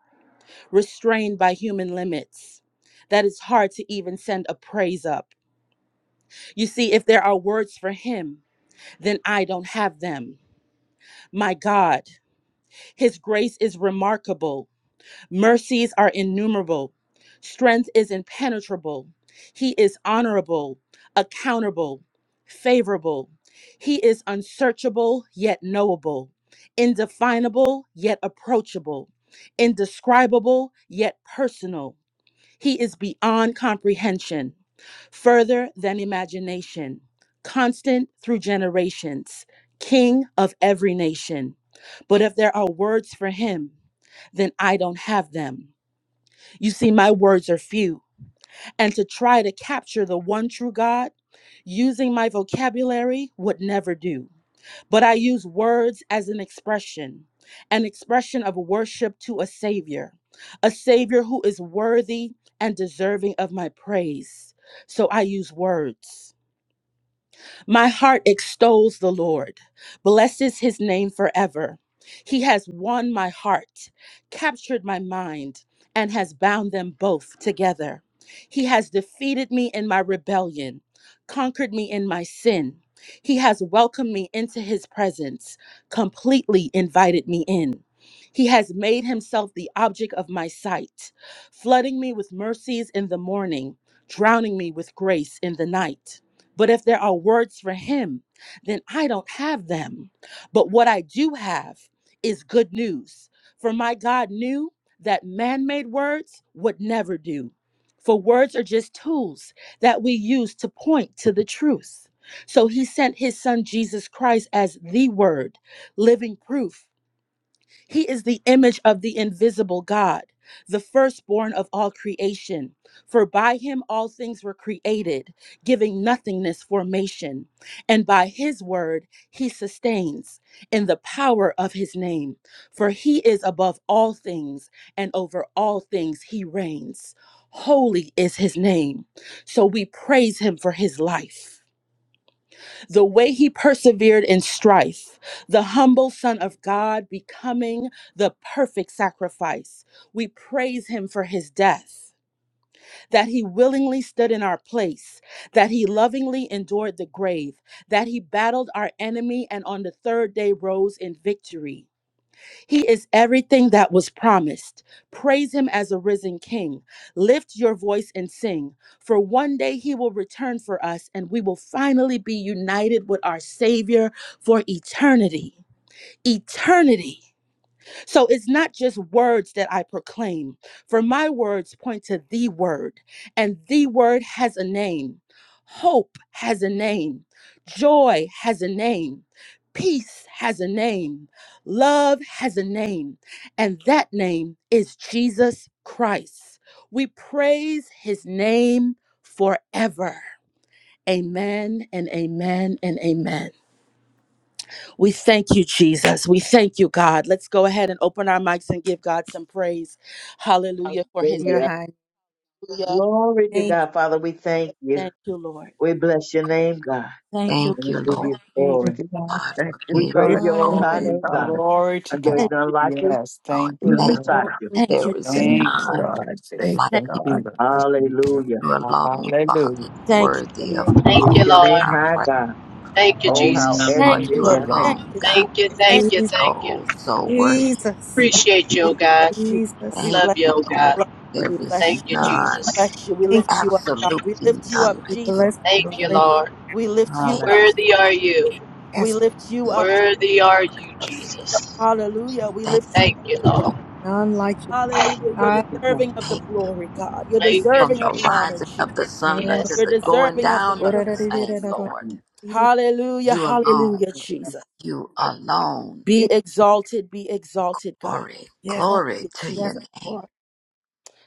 [SPEAKER 3] restrained by human limits, that it's hard to even send a praise up. You see, if there are words for him, then I don't have them. My God, his grace is remarkable Mercies are innumerable. Strength is impenetrable. He is honorable, accountable, favorable. He is unsearchable yet knowable, indefinable yet approachable, indescribable yet personal. He is beyond comprehension, further than imagination, constant through generations, king of every nation. But if there are words for him, then I don't have them. You see, my words are few and to try to capture the one true God using my vocabulary would never do. But I use words as an expression, an expression of worship to a Savior, a Savior who is worthy and deserving of my praise. So I use words. My heart extols the Lord, blesses his name forever. He has won my heart, captured my mind, and has bound them both together. He has defeated me in my rebellion, conquered me in my sin. He has welcomed me into his presence, completely invited me in. He has made himself the object of my sight, flooding me with mercies in the morning, drowning me with grace in the night. But if there are words for him, then I don't have them. But what I do have is good news. For my God knew that man made words would never do. For words are just tools that we use to point to the truth. So he sent his son Jesus Christ as the word, living proof he is the image of the invisible God, the firstborn of all creation. For by him all things were created, giving nothingness formation. And by his word he sustains in the power of his name. For he is above all things, and over all things he reigns. Holy is his name. So we praise him for his life the way he persevered in strife, the humble Son of God becoming the perfect sacrifice. We praise him for his death, that he willingly stood in our place, that he lovingly endured the grave, that he battled our enemy and on the third day rose in victory. He is everything that was promised. Praise him as a risen king. Lift your voice and sing, for one day he will return for us and we will finally be united with our Savior for eternity. Eternity. So it's not just words that I proclaim, for my words point to the word, and the word has a name. Hope has a name. Joy has a name. Peace has a name. Love has a name. And that name is Jesus Christ. We praise his name forever. Amen and amen and amen. We thank you, Jesus. We thank you, God. Let's go ahead and open our mics and give God some praise. Hallelujah for his
[SPEAKER 1] Your
[SPEAKER 2] Hallelujah.
[SPEAKER 3] name.
[SPEAKER 1] high.
[SPEAKER 3] Hallelujah.
[SPEAKER 2] Glory to
[SPEAKER 1] Thank
[SPEAKER 2] God. Father, we thank you.
[SPEAKER 3] Thank you, Lord.
[SPEAKER 2] We bless your name, God.
[SPEAKER 3] Thank you,
[SPEAKER 1] you.
[SPEAKER 2] And
[SPEAKER 6] Thank
[SPEAKER 2] we
[SPEAKER 6] you,
[SPEAKER 3] Lord.
[SPEAKER 2] give
[SPEAKER 6] Lord
[SPEAKER 2] you
[SPEAKER 3] Amen.
[SPEAKER 2] glory.
[SPEAKER 7] Thank you, God.
[SPEAKER 6] God,
[SPEAKER 7] Thank
[SPEAKER 6] for
[SPEAKER 2] We
[SPEAKER 7] you,
[SPEAKER 6] being
[SPEAKER 2] praise
[SPEAKER 7] God.
[SPEAKER 2] your
[SPEAKER 6] so
[SPEAKER 2] most
[SPEAKER 1] Hallelujah.
[SPEAKER 7] Thank
[SPEAKER 2] high
[SPEAKER 7] you,
[SPEAKER 5] Glory,
[SPEAKER 2] name,
[SPEAKER 7] God.
[SPEAKER 2] God.
[SPEAKER 5] glory to
[SPEAKER 2] And
[SPEAKER 6] hands,
[SPEAKER 2] there's
[SPEAKER 3] Thank
[SPEAKER 5] God.
[SPEAKER 2] none
[SPEAKER 3] you.
[SPEAKER 2] like you,
[SPEAKER 5] Yes.
[SPEAKER 6] Lord.
[SPEAKER 5] Thank you,
[SPEAKER 2] none
[SPEAKER 6] Thank
[SPEAKER 7] Thank
[SPEAKER 6] you.
[SPEAKER 5] Lord.
[SPEAKER 7] you,
[SPEAKER 2] beside
[SPEAKER 7] God.
[SPEAKER 2] you.
[SPEAKER 3] Thank you.
[SPEAKER 6] There is
[SPEAKER 7] Thank
[SPEAKER 5] Thank
[SPEAKER 7] you,
[SPEAKER 5] you,
[SPEAKER 6] none
[SPEAKER 7] God. Thank
[SPEAKER 5] Jesus.
[SPEAKER 8] you,
[SPEAKER 7] you,
[SPEAKER 6] like
[SPEAKER 3] Thank,
[SPEAKER 5] Thank
[SPEAKER 6] you.
[SPEAKER 7] God.
[SPEAKER 1] Thank
[SPEAKER 5] you, Lord. Thank you,
[SPEAKER 2] Hallelujah.
[SPEAKER 6] You
[SPEAKER 5] Lord.
[SPEAKER 6] alone, Father,
[SPEAKER 5] Hallelujah.
[SPEAKER 3] thank you,
[SPEAKER 1] you,
[SPEAKER 6] worthy
[SPEAKER 3] Jesus.
[SPEAKER 1] name
[SPEAKER 6] of
[SPEAKER 2] We
[SPEAKER 9] Thank
[SPEAKER 2] lift
[SPEAKER 6] all
[SPEAKER 9] you,
[SPEAKER 3] Thank
[SPEAKER 2] your
[SPEAKER 6] of
[SPEAKER 9] Lord.
[SPEAKER 2] name
[SPEAKER 6] our
[SPEAKER 2] high,
[SPEAKER 6] praise.
[SPEAKER 2] God.
[SPEAKER 8] God.
[SPEAKER 9] Thank you,
[SPEAKER 2] Oh, how
[SPEAKER 9] Jesus.
[SPEAKER 6] Lord,
[SPEAKER 3] thank
[SPEAKER 2] excellent
[SPEAKER 5] Thank
[SPEAKER 3] you,
[SPEAKER 6] you
[SPEAKER 2] is
[SPEAKER 1] of
[SPEAKER 5] you,
[SPEAKER 2] thy
[SPEAKER 3] Lord.
[SPEAKER 5] Lord.
[SPEAKER 3] Thank
[SPEAKER 2] name.
[SPEAKER 6] alone,
[SPEAKER 3] you,
[SPEAKER 6] God,
[SPEAKER 3] Jesus.
[SPEAKER 9] Thank you,
[SPEAKER 8] That's just
[SPEAKER 9] thank
[SPEAKER 3] Thank you.
[SPEAKER 9] you,
[SPEAKER 1] Jesus,
[SPEAKER 9] thank you.
[SPEAKER 6] oh, so worthy.
[SPEAKER 1] Jesus,
[SPEAKER 8] what
[SPEAKER 9] Appreciate you,
[SPEAKER 3] We
[SPEAKER 9] oh God.
[SPEAKER 3] bless you, God.
[SPEAKER 1] Jesus.
[SPEAKER 3] We
[SPEAKER 6] Thank
[SPEAKER 3] bless
[SPEAKER 9] Love
[SPEAKER 3] you.
[SPEAKER 9] you,
[SPEAKER 6] you,
[SPEAKER 9] oh
[SPEAKER 6] Lord.
[SPEAKER 9] God.
[SPEAKER 3] Bless
[SPEAKER 8] you
[SPEAKER 3] you.
[SPEAKER 6] There
[SPEAKER 3] We
[SPEAKER 8] have
[SPEAKER 6] is
[SPEAKER 3] bless you,
[SPEAKER 9] Thank you,
[SPEAKER 3] God.
[SPEAKER 1] And
[SPEAKER 8] done.
[SPEAKER 6] none,
[SPEAKER 9] Jesus.
[SPEAKER 3] Bless you. We
[SPEAKER 1] Thank
[SPEAKER 3] lift you up, God.
[SPEAKER 6] absolutely
[SPEAKER 3] We lift you up,
[SPEAKER 6] none
[SPEAKER 1] you. We
[SPEAKER 6] like you.
[SPEAKER 1] Bless
[SPEAKER 3] Jesus.
[SPEAKER 9] Thank
[SPEAKER 1] your
[SPEAKER 9] you,
[SPEAKER 1] holy name.
[SPEAKER 8] Hallelujah.
[SPEAKER 9] Lord.
[SPEAKER 3] We lift you
[SPEAKER 6] Thank
[SPEAKER 3] up.
[SPEAKER 8] Hallelujah.
[SPEAKER 9] Worthy are you.
[SPEAKER 3] We
[SPEAKER 1] Yes.
[SPEAKER 3] lift you
[SPEAKER 6] you.
[SPEAKER 3] up.
[SPEAKER 9] Worthy are you, Jesus.
[SPEAKER 3] Hallelujah. We
[SPEAKER 6] Thank
[SPEAKER 3] lift you
[SPEAKER 9] Thank
[SPEAKER 3] up.
[SPEAKER 9] you,
[SPEAKER 6] you.
[SPEAKER 1] There's
[SPEAKER 9] Lord.
[SPEAKER 6] Lord.
[SPEAKER 1] none like you.
[SPEAKER 3] Hallelujah. You're
[SPEAKER 2] Thank
[SPEAKER 1] God,
[SPEAKER 2] you, Father.
[SPEAKER 3] deserving of the
[SPEAKER 6] Thank you.
[SPEAKER 3] glory, God. You're
[SPEAKER 9] Thank you,
[SPEAKER 6] From
[SPEAKER 3] deserving of
[SPEAKER 6] the
[SPEAKER 9] Jesus.
[SPEAKER 3] the honor,
[SPEAKER 6] rising
[SPEAKER 3] Jesus.
[SPEAKER 6] of the sun
[SPEAKER 1] Lord.
[SPEAKER 6] until
[SPEAKER 9] Yes.
[SPEAKER 3] You're
[SPEAKER 6] the going
[SPEAKER 3] deserving of the
[SPEAKER 6] down of
[SPEAKER 3] praise.
[SPEAKER 6] the same, Lord.
[SPEAKER 3] Hallelujah.
[SPEAKER 6] You
[SPEAKER 2] Thank you,
[SPEAKER 6] alone.
[SPEAKER 3] Hallelujah,
[SPEAKER 2] Father.
[SPEAKER 3] Jesus.
[SPEAKER 6] You alone
[SPEAKER 3] Be exalted. Be exalted, God.
[SPEAKER 6] Glory,
[SPEAKER 1] Yes,
[SPEAKER 3] Thank
[SPEAKER 6] glory
[SPEAKER 3] you,
[SPEAKER 6] to
[SPEAKER 1] yes,
[SPEAKER 6] your
[SPEAKER 3] Jesus.
[SPEAKER 6] name.
[SPEAKER 1] Lord.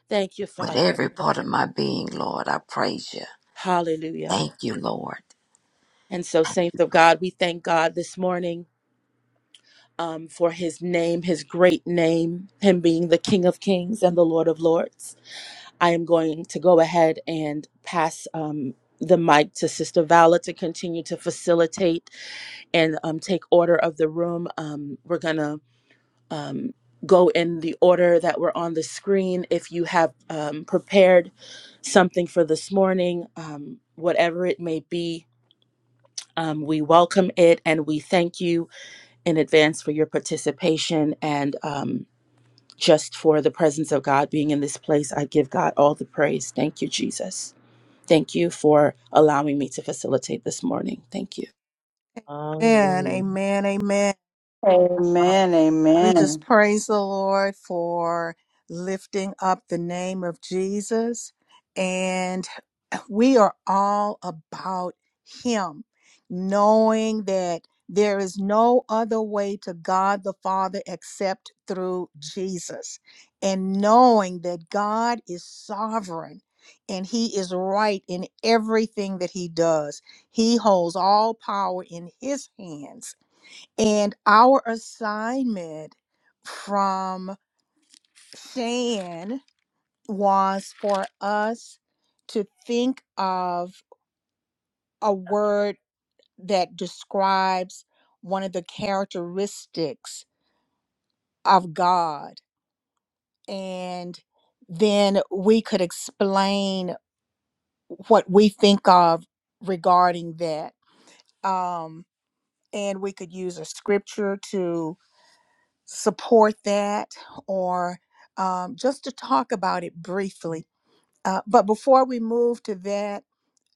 [SPEAKER 3] Thank you,
[SPEAKER 6] With
[SPEAKER 3] Father.
[SPEAKER 6] every part of my being, Lord, I praise you.
[SPEAKER 3] Hallelujah.
[SPEAKER 6] Thank you, Lord.
[SPEAKER 3] And so, saints of God, we thank God this morning um, for his name, his great name, him being the King of Kings and the Lord of Lords. I am going to go ahead and pass um, the mic to Sister Vala to continue to facilitate and um, take order of the room. Um, we're gonna um, go in the order that were on the screen. If you have um, prepared something for this morning, um, whatever it may be, um, we welcome it and we thank you in advance for your participation and um, just for the presence of God being in this place. I give God all the praise. Thank you, Jesus. Thank you for allowing me to facilitate this morning. Thank you.
[SPEAKER 1] Amen,
[SPEAKER 2] Hallelujah.
[SPEAKER 1] amen, amen.
[SPEAKER 5] Amen.
[SPEAKER 1] We
[SPEAKER 5] Amen.
[SPEAKER 1] just praise the Lord for lifting up the name of Jesus. And we are all about Him, knowing that there is no other way to God the Father except through Jesus, and knowing that God is sovereign. And he is right in everything that he does. He holds all power in his hands and our assignment from Shan was for us to think of a word that describes one of the characteristics of God. And then we could explain what we think of regarding that. Um, and we could use a scripture to support that or um, just to talk about it briefly. Uh, but before we move to that,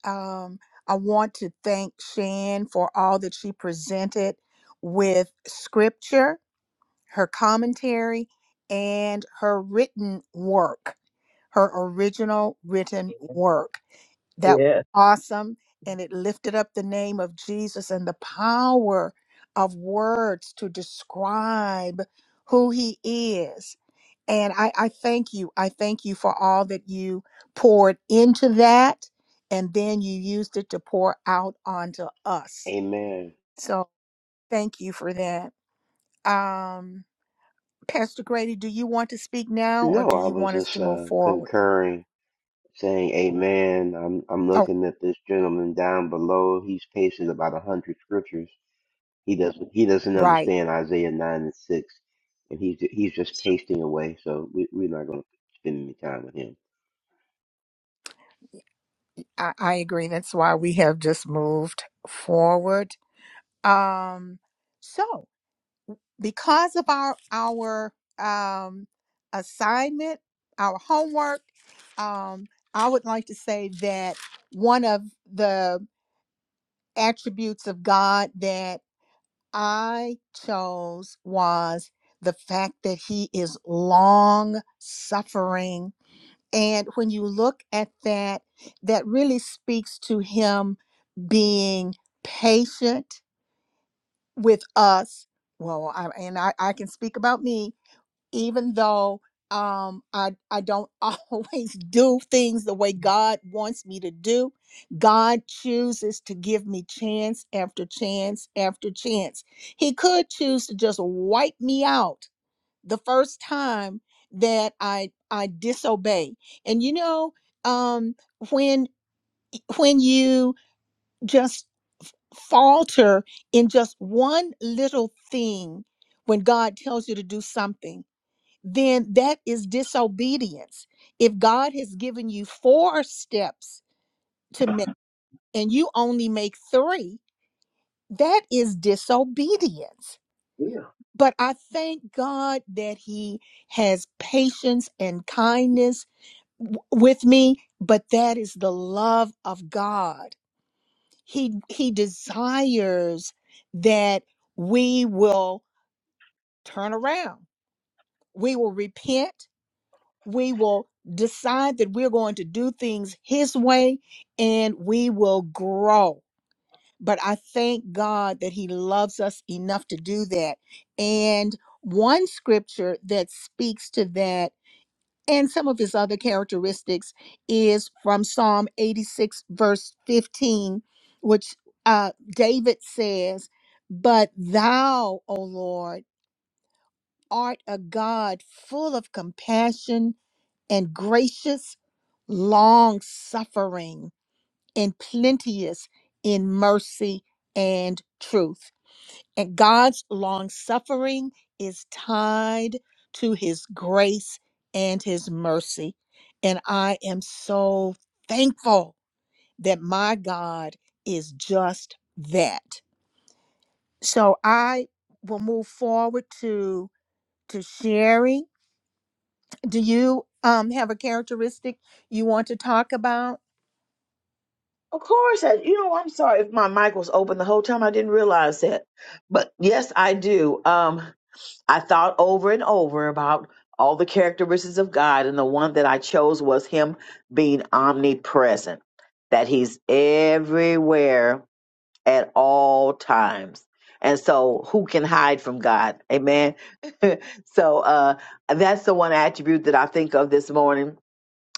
[SPEAKER 1] um, I want to thank Shan for all that she presented with scripture, her commentary, and her written work, her original written
[SPEAKER 2] Amen.
[SPEAKER 1] work. That was
[SPEAKER 2] Yes.
[SPEAKER 1] awesome. And it lifted up the name of Jesus and the power of words to describe who he is. And I, I thank you. I thank you for all that you poured into that. And then you used it to pour out onto us.
[SPEAKER 10] Amen.
[SPEAKER 1] So thank you for that. Um, Pastor Grady, do you want to speak now or
[SPEAKER 10] No,
[SPEAKER 1] do
[SPEAKER 10] I
[SPEAKER 1] you
[SPEAKER 10] was
[SPEAKER 1] want us
[SPEAKER 10] just
[SPEAKER 1] to move
[SPEAKER 10] uh,
[SPEAKER 1] forward?
[SPEAKER 10] concurring, saying amen. I'm I'm
[SPEAKER 1] Oh,
[SPEAKER 10] looking at this gentleman down below. He's pasted about a hundred scriptures. He doesn't he doesn't
[SPEAKER 1] right.
[SPEAKER 10] understand Isaiah nine and six, and he's he's just pasting away. So we, we're not going to spend any time with him.
[SPEAKER 1] I, I agree. That's why we have just moved forward. Um, so, because of our our um, assignment, our homework, um, I would like to say that one of the attributes of God that I chose was the fact that He is long suffering and when you look at that, that really speaks to him being patient with us. Well, I, and I, I can speak about me, even though um, I, I don't [laughs] always do things the way God wants me to do. God chooses to give me chance after chance after chance. He could choose to just wipe me out the first time that I I disobey. And you know, um when when you just falter in just one little thing when God tells you to do something, then that is disobedience. If God has given you four steps to make and you only make 3, that is disobedience.
[SPEAKER 2] Yeah.
[SPEAKER 1] But I thank God that he has patience and kindness w- with me but that is the love of god he he desires that we will turn around we will repent we will decide that we're going to do things his way and we will grow but i thank god that he loves us enough to do that and one scripture that speaks to that And some of his other characteristics is from Psalm 86, verse 15, which uh, David says, But thou, O Lord, art a God full of compassion and gracious, long suffering, and plenteous in mercy and truth. And God's long suffering is tied to his grace and his mercy. And I am so thankful that my God is just that. So I will move forward to to sharing. Do you um have a characteristic you want to talk about?
[SPEAKER 2] Of course, I, you know, I'm sorry if my mic was open the whole time. I didn't realize that. But yes, I do. Um, I thought over and over about all the characteristics of God, and the one that I chose was Him being omnipresent, that He's everywhere at all times. And so who can hide from God? Amen. [laughs] so uh that's the one attribute that I think of this morning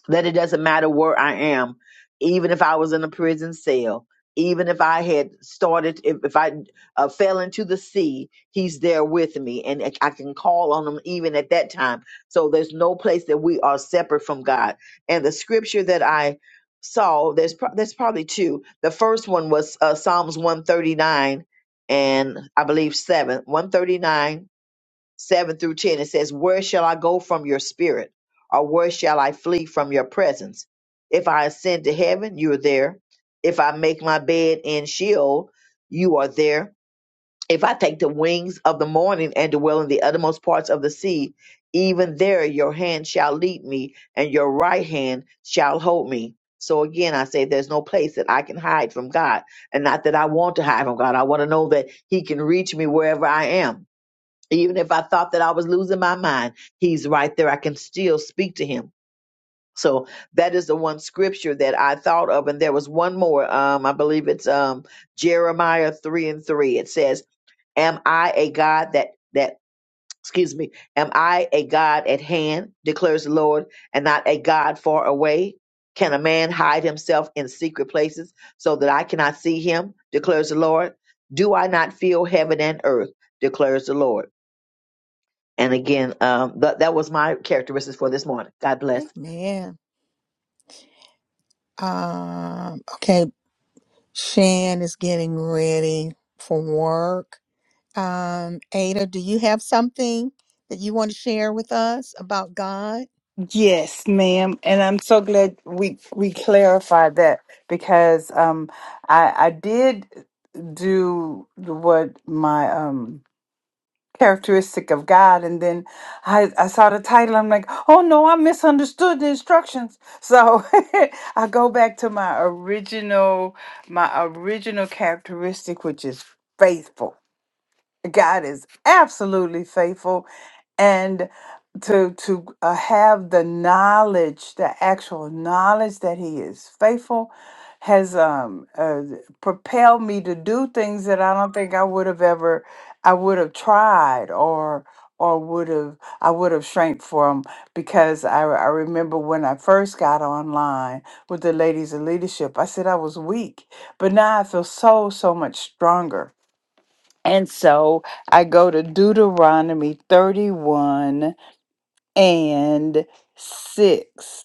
[SPEAKER 2] that it doesn't matter where I am, even if I was in a prison cell, even if I had started, if, if I uh, fell into the sea, he's there with me and I I can call on him even at that time. So there's no place that we are separate from God. And the scripture that I saw, there's, pro- there's probably two. The first one was uh, Psalms 139 and I believe 7, 139 7 through 10, it says, Where shall I go from your spirit? Or where shall I flee from your presence? If I ascend to heaven, you are there. If I make my bed in Sheol, you are there. If I take the wings of the morning and dwell in the uttermost parts of the sea, even there your hand shall lead me, and your right hand shall hold me. So again, I say there's no place that I can hide from God. And not that I want to hide from God. I want to know that He can reach me wherever I am even if I thought that I was losing my mind, he's right there. I can still speak to him. So that is the one scripture that I thought of. And there was one more. Um, I believe it's um Jeremiah three and three. It says, Am I a God that that excuse me, am I a God at hand, declares the Lord, and not a God far away? Can a man hide himself in secret places so that I cannot see him? declares the Lord. Do I not feel heaven and earth? declares the Lord. And again, um, that that was my characteristics for this morning. God bless.
[SPEAKER 1] Amen. Um okay, Shan is getting ready for work. Um, Ada, do you have something that you want to share with us about God?
[SPEAKER 5] Yes, ma'am, and I'm so glad we we clarified that because um, I I did do what my um characteristic of God, and then I I saw the title. I'm like, oh no, I misunderstood the instructions. So [laughs] I go back to my original my original characteristic, which is faithful God is absolutely faithful and to to uh, have the knowledge, the actual knowledge that he is faithful has um uh, propelled me to do things that I don't think I would have ever I would have tried or or would have I would have shrank from because I, I remember when I first got online with the ladies of leadership I said I was weak but now I feel so so much stronger and so I go to Deuteronomy 31 and 6.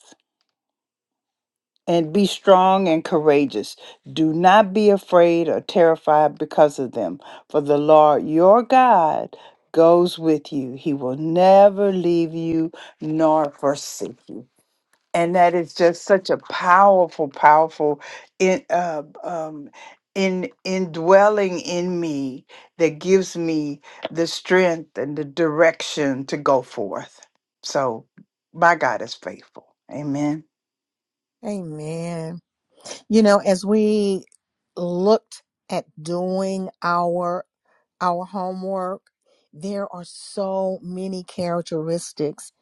[SPEAKER 5] And be strong and courageous. Do not be afraid or terrified because of them, for the Lord your God goes with you. He will never leave you nor forsake you and that is just such a powerful, powerful in uh, um, in indwelling in me that gives me the strength and the direction to go forth. So, my God is faithful. Amen.
[SPEAKER 1] Amen. You know, as we looked at doing our our homework, there are so many characteristics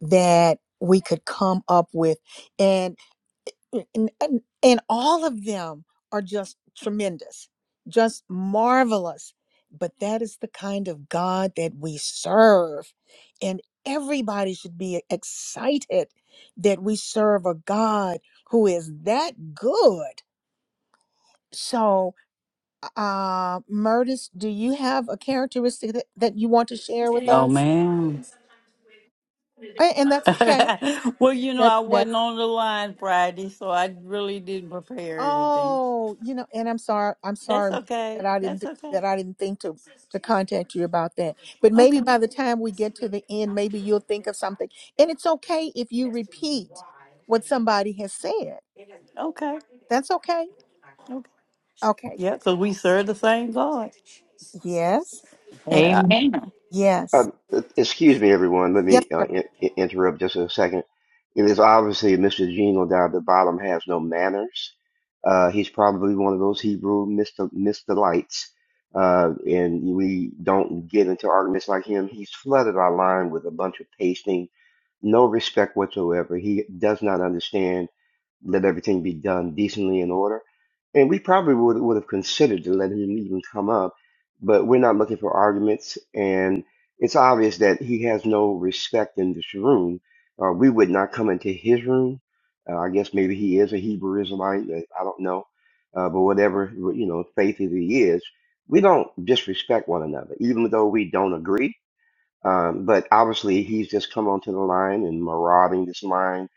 [SPEAKER 1] that we could come up with. and, and and all of them are just tremendous just marvelous but that is the kind of god that we serve and everybody should be excited that we serve a god who is that good so uh murtis do you have a characteristic that, that you want to share with
[SPEAKER 4] No,
[SPEAKER 1] us
[SPEAKER 4] ma'am.
[SPEAKER 1] A- and that's okay
[SPEAKER 4] [laughs] well, you know,
[SPEAKER 1] that
[SPEAKER 4] I
[SPEAKER 1] that
[SPEAKER 4] wasn't on the line Friday, so I really didn't prepare anything.
[SPEAKER 1] Oh, you know, and I'm sorry, I'm
[SPEAKER 4] That's
[SPEAKER 1] sorry Mar-
[SPEAKER 4] okay.
[SPEAKER 1] that I
[SPEAKER 4] That's
[SPEAKER 1] didn't that
[SPEAKER 4] okay.
[SPEAKER 1] I didn't think to to contact you about that. But maybe
[SPEAKER 4] Okay.
[SPEAKER 1] by the time we get to the end, maybe you'll think of something. And it's okay if you repeat what somebody has said.
[SPEAKER 4] Okay.
[SPEAKER 1] That's okay.
[SPEAKER 4] Okay.
[SPEAKER 1] Okay.
[SPEAKER 4] Yeah, because we serve the same God.
[SPEAKER 1] Yes. And
[SPEAKER 4] Yeah.
[SPEAKER 5] Amen.
[SPEAKER 10] Uh,
[SPEAKER 1] yes.
[SPEAKER 10] excuse me, everyone. Let
[SPEAKER 1] Yes,
[SPEAKER 10] me uh,
[SPEAKER 1] sir.
[SPEAKER 10] in in- interrupt just a second. It is obviously Mr. Gino down at the bottom has no manners. Uh, he's probably one of those Hebrew Mr. Mr. Lights. Uh, and we don't get into arguments like him. He's flooded our line with a bunch of pasting, no respect whatsoever. He does not understand let everything be done decently in order. And we probably would would have considered to let him even come up, but we're not looking for arguments. and it's obvious that he has no respect in this room. Uh, we would not come into his room. Uh, I guess maybe he is a Hebrew Israelite. uh, I don't know. Uh, but whatever, you know, faith that he is, we don't disrespect one another, even though we don't agree um, but obviously, he's just come onto the line and marauding this line,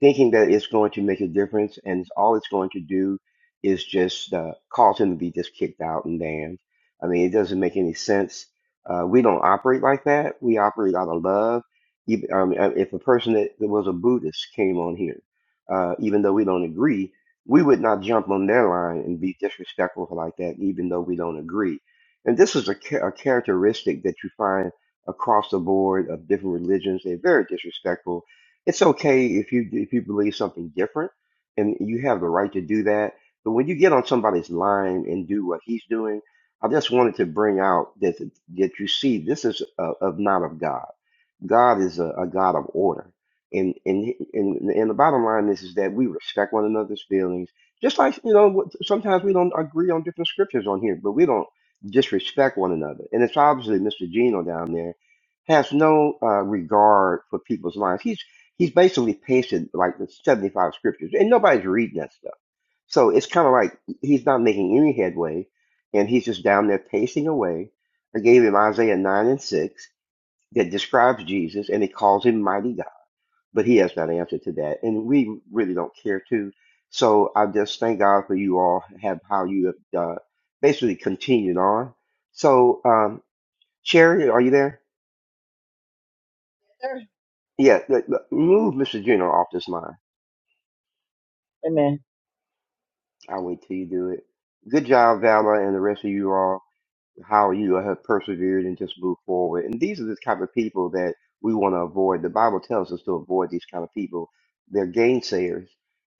[SPEAKER 10] thinking that it's going to make a difference, and it's, all it's going to do is just uh, cause him to be just kicked out and banned. I mean, it doesn't make any sense. Uh, we don't operate like that. We operate out of love. Even, um, uh, if a person that, that was a Buddhist came on here, uh, even though we don't agree, we would not jump on their line and be disrespectful like that, even though we don't agree. And this is a, cha- a characteristic that you find across the board of different religions. They're very disrespectful. It's okay if you if you believe something different, and you have the right to do that. But when you get on somebody's line and do what he's doing, I just wanted to bring out that that you see this is uh of not of God. God is a, a God of order, and and and and the bottom line is is that we respect one another's feelings. Just like you know, what- sometimes we don't agree on different scriptures on here, but we don't disrespect one another. And it's obviously Mr. Gino down there has no uh, regard for people's lives. He's he's basically pasted like the 75 scriptures, and nobody's reading that stuff. So it's kind of like he's not making any headway, and he's just down there pacing away. I gave him Isaiah 9 and 6 that describes Jesus, and it calls him Mighty God, but he has not answered to that, and we really don't care to. So I just thank God for you all have how you have uh, basically continued on. So um, Sherry, are you there? Yeah, look, look, move Mr. Junior off this line.
[SPEAKER 2] Amen.
[SPEAKER 10] I'll wait till you do it. Good job, Valor, and the rest of you all. How you have persevered and just moved forward. And these are the type of people that we want to avoid. The Bible tells us to avoid these kind of people. They're gainsayers,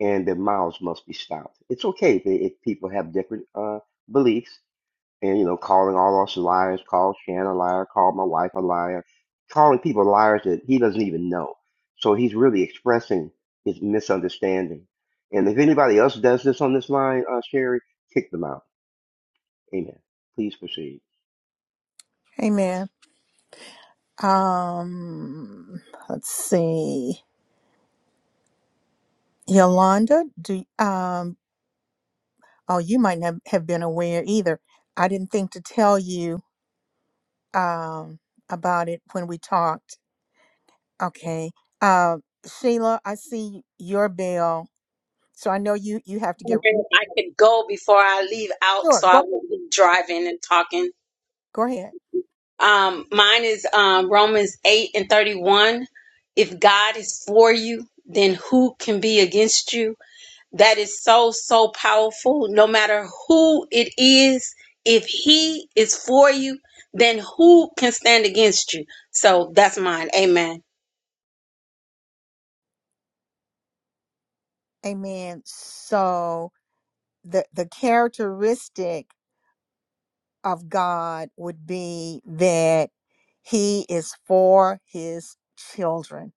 [SPEAKER 10] and their mouths must be stopped. It's okay if, they, if people have different uh, beliefs. and you know, calling all us liars, called Shan a liar, called my wife a liar, calling people liars that he doesn't even know. So he's really expressing his misunderstanding. And if anybody else does this on this line, uh, Sherry, kick them out. Amen. Please proceed.
[SPEAKER 1] Amen. Um, let's see. Yolanda, do um oh, you might not have been aware either. I didn't think to tell you um, about it when we talked. Okay. Uh, Sheila, I see your bell. So I know you, you have to get,
[SPEAKER 11] wondering if I could go before I leave out
[SPEAKER 1] sure,
[SPEAKER 11] so I
[SPEAKER 1] go,
[SPEAKER 11] won't be driving and talking.
[SPEAKER 1] go ahead.
[SPEAKER 11] Um, mine is um, Romans 8 and 31. If God is for you, then who can be against you? That is so, so powerful. No matter who it is, if He is for you, then who can stand against you? So that's mine. Amen.
[SPEAKER 1] Amen. So the, the characteristic of God would be that he is for his children.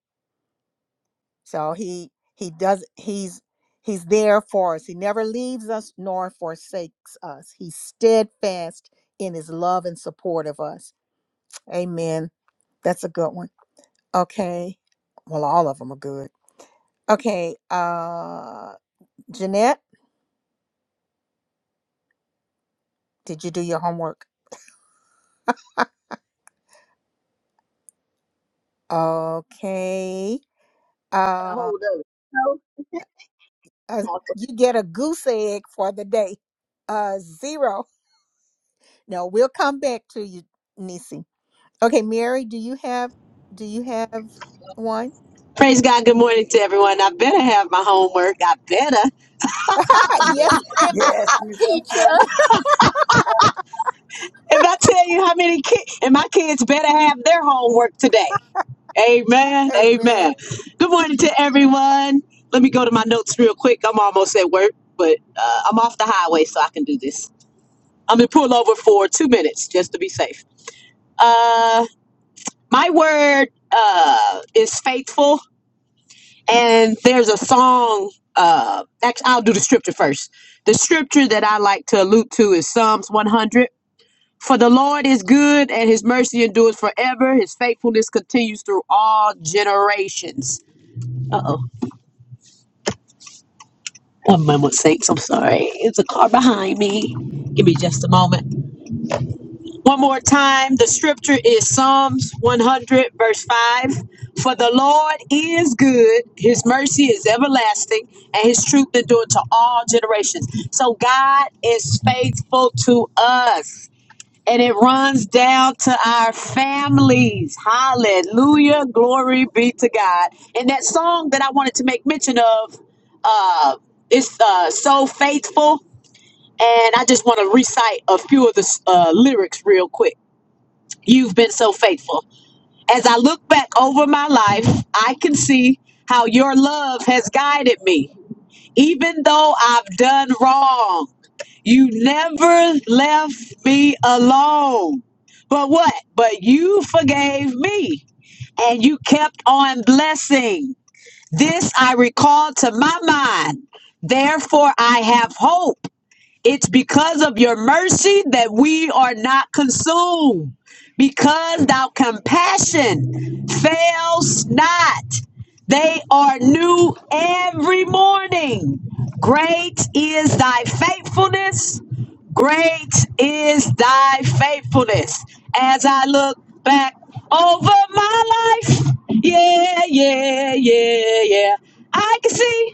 [SPEAKER 1] So he, he does, he's, he's there for us. He never leaves us nor forsakes us. He's steadfast in his love and support of us. Amen. That's a good one. Okay. Well, all of them are good. Okay. Uh, Jeanette, did you do your homework? Okay.
[SPEAKER 2] Got a
[SPEAKER 1] Uh,
[SPEAKER 2] hold of You
[SPEAKER 1] uh,
[SPEAKER 2] know?
[SPEAKER 1] you get a goose egg for the day. Uh, zero. No, we'll come back to you, Nisi. Okay, Mary, do you have do you have one?
[SPEAKER 9] Praise God. Good morning to everyone. I better have my homework. I better.
[SPEAKER 1] [laughs]
[SPEAKER 8] I
[SPEAKER 1] yes, ma'am,
[SPEAKER 8] Yes, Miss
[SPEAKER 1] teacher.
[SPEAKER 8] Teacher.
[SPEAKER 9] If I tell you how many kids, and my kids better have their homework today. Amen.
[SPEAKER 1] [laughs] Amen.
[SPEAKER 9] Amen. Good morning to everyone. Let me go to my notes real quick. I'm almost at work, but uh, I'm off the highway so I can do this. I'm going to pull over for two minutes just to be safe. Uh, my word uh, is faithful, and there's a song. Uh, actually, I'll do the scripture first. The scripture that I like to allude to is Psalms 100. For the Lord is good, and his mercy endures forever. His faithfulness continues through all generations. One moment, sakes. I'm sorry. It's a car behind me. Give me just a moment. One more time. The scripture is Psalms 100, verse 5. For the Lord is good, his mercy is everlasting, and his truth endure to all generations. So God is faithful to us and it runs down to our families. Hallelujah. Glory be to God. And that song that I wanted to make mention of uh, is uh, So Faithful. And I just want to recite a few of the uh, lyrics real quick. You've been so faithful. As I look back over my life, I can see how your love has guided me. Even though I've done wrong, you never left me alone. But what? But you forgave me and you kept on blessing. This I recall to my mind. Therefore, I have hope. It's because of your mercy that we are not consumed, because thou compassion fails not. They are new every morning. Great is thy faithfulness. Great is thy faithfulness. As I look back over my life, yeah, yeah, yeah, yeah. I can see.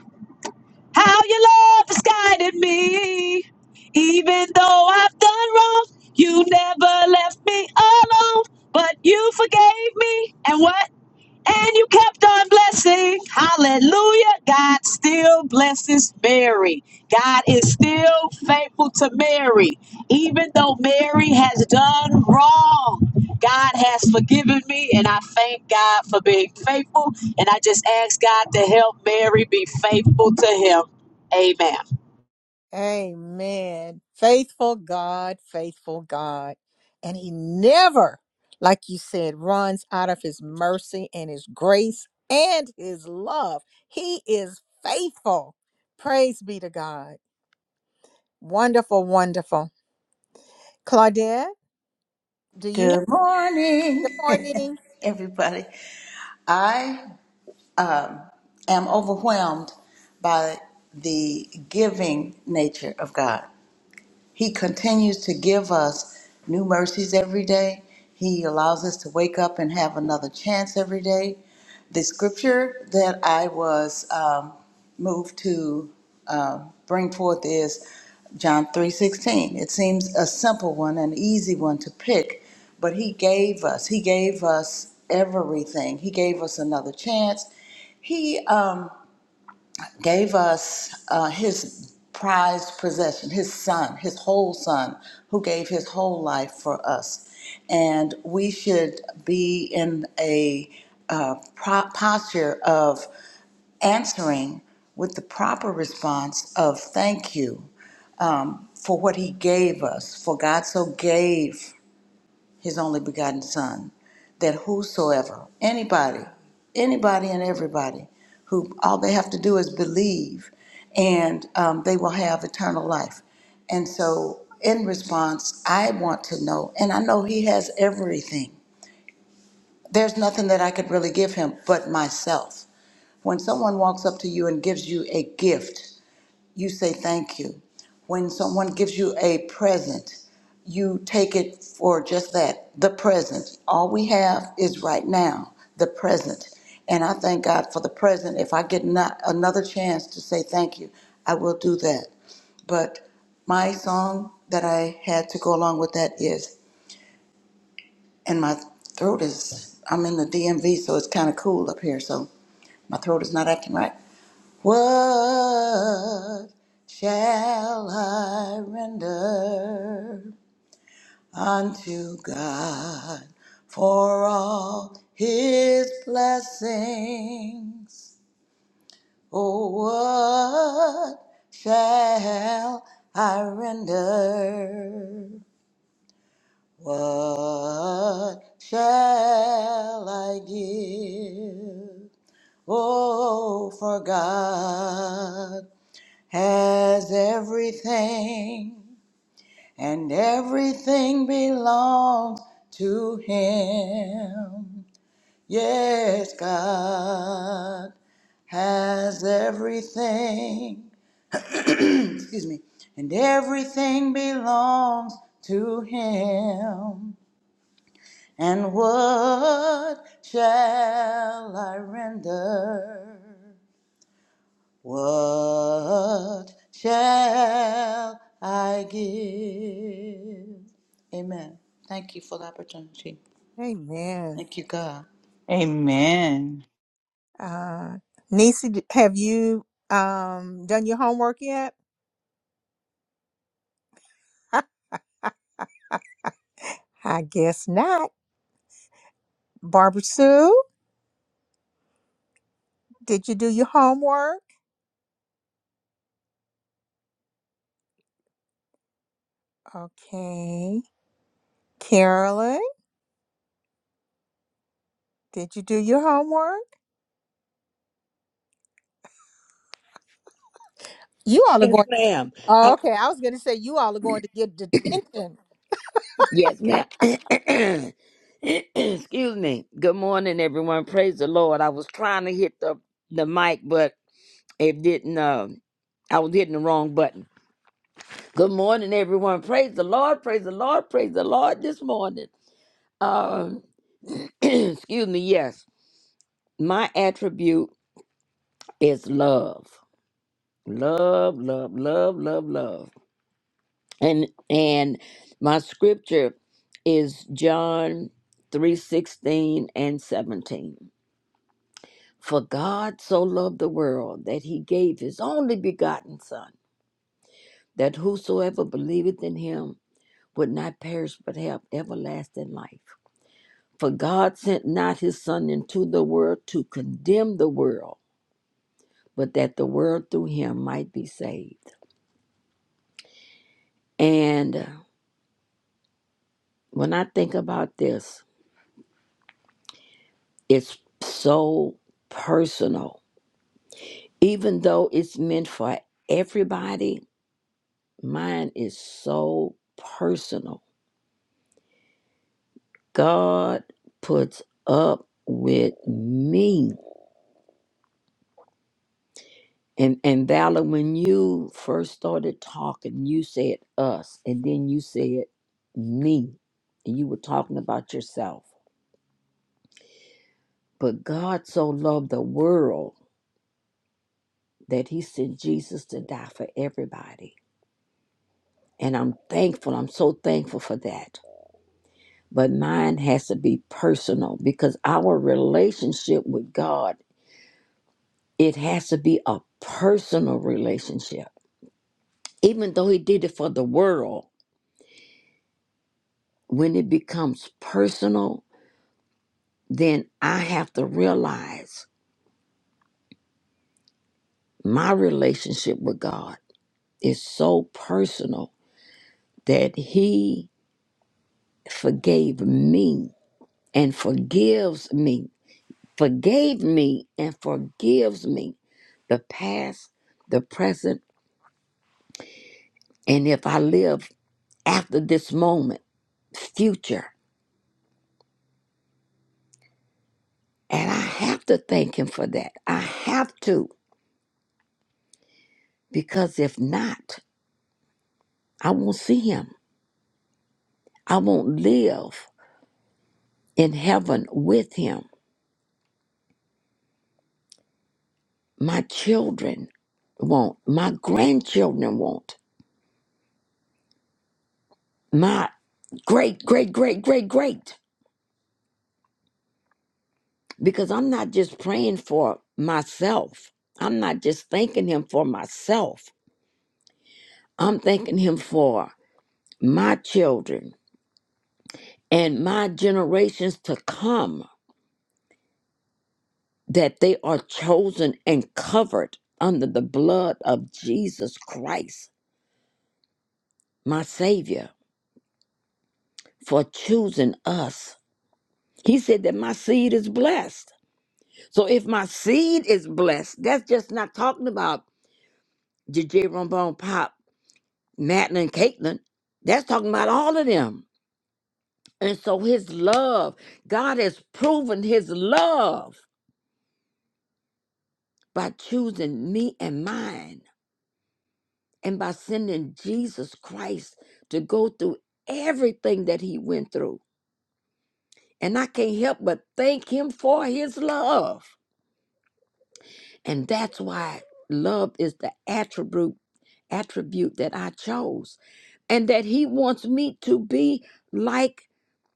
[SPEAKER 9] How your love has guided me. Even though I've done wrong, you never left me alone. But you forgave me. And what? And you kept on blessing. Hallelujah. God still blesses Mary. God is still faithful to Mary. Even though Mary has done wrong, God has forgiven me. And I thank God for being faithful. And I just ask God to help Mary be faithful to him. Amen.
[SPEAKER 1] Amen. Faithful God, faithful God. And He never, like you said, runs out of His mercy and His grace and His love. He is faithful. Praise be to God. Wonderful, wonderful. Claudette, do you have
[SPEAKER 8] Good
[SPEAKER 1] good
[SPEAKER 8] morning,
[SPEAKER 1] morning?
[SPEAKER 8] [laughs] everybody. I um, am overwhelmed by the giving nature of God. He continues to give us new mercies every day. He allows us to wake up and have another chance every day. The scripture that I was um, moved to uh, bring forth is John 3:16. It seems a simple one, an easy one to pick, but he gave us. He gave us everything. He gave us another chance. He um, gave us uh, his prized possession, his son, his whole son, who gave his whole life for us. And we should be in a uh, pro- posture of answering with the proper response of thank you um, for what he gave us. For God so gave his only begotten son that whosoever anybody anybody and everybody who all they have to do is believe and um, they will have eternal life and so in response i want to know and i know he has everything there's nothing that i could really give him but myself when someone walks up to you and gives you a gift you say thank you. When someone gives you a present, you take it for just that the present. All we have is right now, the present. And I thank God for the present. If I get not another chance to say thank you, I will do that. But my song that I had to go along with that is, and my throat is, I'm in the DMV, so it's kind of cool up here, so my throat is not acting right. What shall I render unto God for all his blessings? Oh, what shall I render? What shall I give? Oh, for God has everything, and everything belongs to him. Yes, God has everything, excuse me, and everything belongs to him. And what shall I render? What shall I give? Amen. Thank you for the opportunity.
[SPEAKER 1] Amen.
[SPEAKER 8] Thank you, God.
[SPEAKER 5] Amen.
[SPEAKER 1] Uh, Nisi, d- have you um, done your homework yet? [laughs] I guess not. Barbara Sue, did you do your homework? Okay. Carolyn, did you do your homework? You all are
[SPEAKER 6] Yes,
[SPEAKER 1] going.
[SPEAKER 6] ma'am.
[SPEAKER 1] Oh,
[SPEAKER 6] I-
[SPEAKER 1] okay, I was going to say you all are going to get detention.
[SPEAKER 6] Yes, ma'am. [coughs] Excuse me. Good morning, everyone. Praise the Lord. I was trying to hit the the mic, but it didn't. Uh, I was hitting the wrong button. Good morning, everyone. Praise the Lord. Praise the Lord. Praise the Lord. This morning. Um. [coughs] [clears throat] excuse me. Yes, my attribute is love. Love, love, love, love, love. And and my scripture is John 3:16 and 17. For God so loved the world that he gave his only begotten son, that whosoever believeth in him would not perish but have everlasting life. For God sent not his son into the world to condemn the world, but that the world through him might be saved. And uh, when I think about this, It's so personal. Even though it's meant for everybody, mine is so personal. God puts up with me. And and Valor, when you first started talking, you said us, and then you said me. And you were talking about yourself. But God so loved the world that he sent Jesus to die for everybody. And I'm thankful. I'm so thankful for that but mine has to be personal because our relationship with God, it has to be a personal relationship. Even though he did it for the world, when it becomes personal, then I have to realize my relationship with God is so personal that he forgave me and forgives me, forgave me and forgives me the past, the present And if I live after this moment, future, and I have to thank him for that. I have to, because if not, I won't see him. I won't live in heaven with him. My children won't. My grandchildren won't. My great, great, great, great, great. Because I'm not just praying for myself. I'm not just thanking him for myself. I'm thanking him for my children, and my generations to come that they are chosen and covered under the blood of Jesus Christ, my Savior, for choosing us. He said that my seed is blessed. So if my seed is blessed, that's just not talking about J J Rombone Pop, Madeline, and Caitlin. That's talking about all of them. And so his love, God has proven his love by choosing me and mine. and by sending Jesus Christ to go through everything that he went through. And I can't help but thank him for his love. And that's why love is the attribute attribute that I chose and that he wants me to be like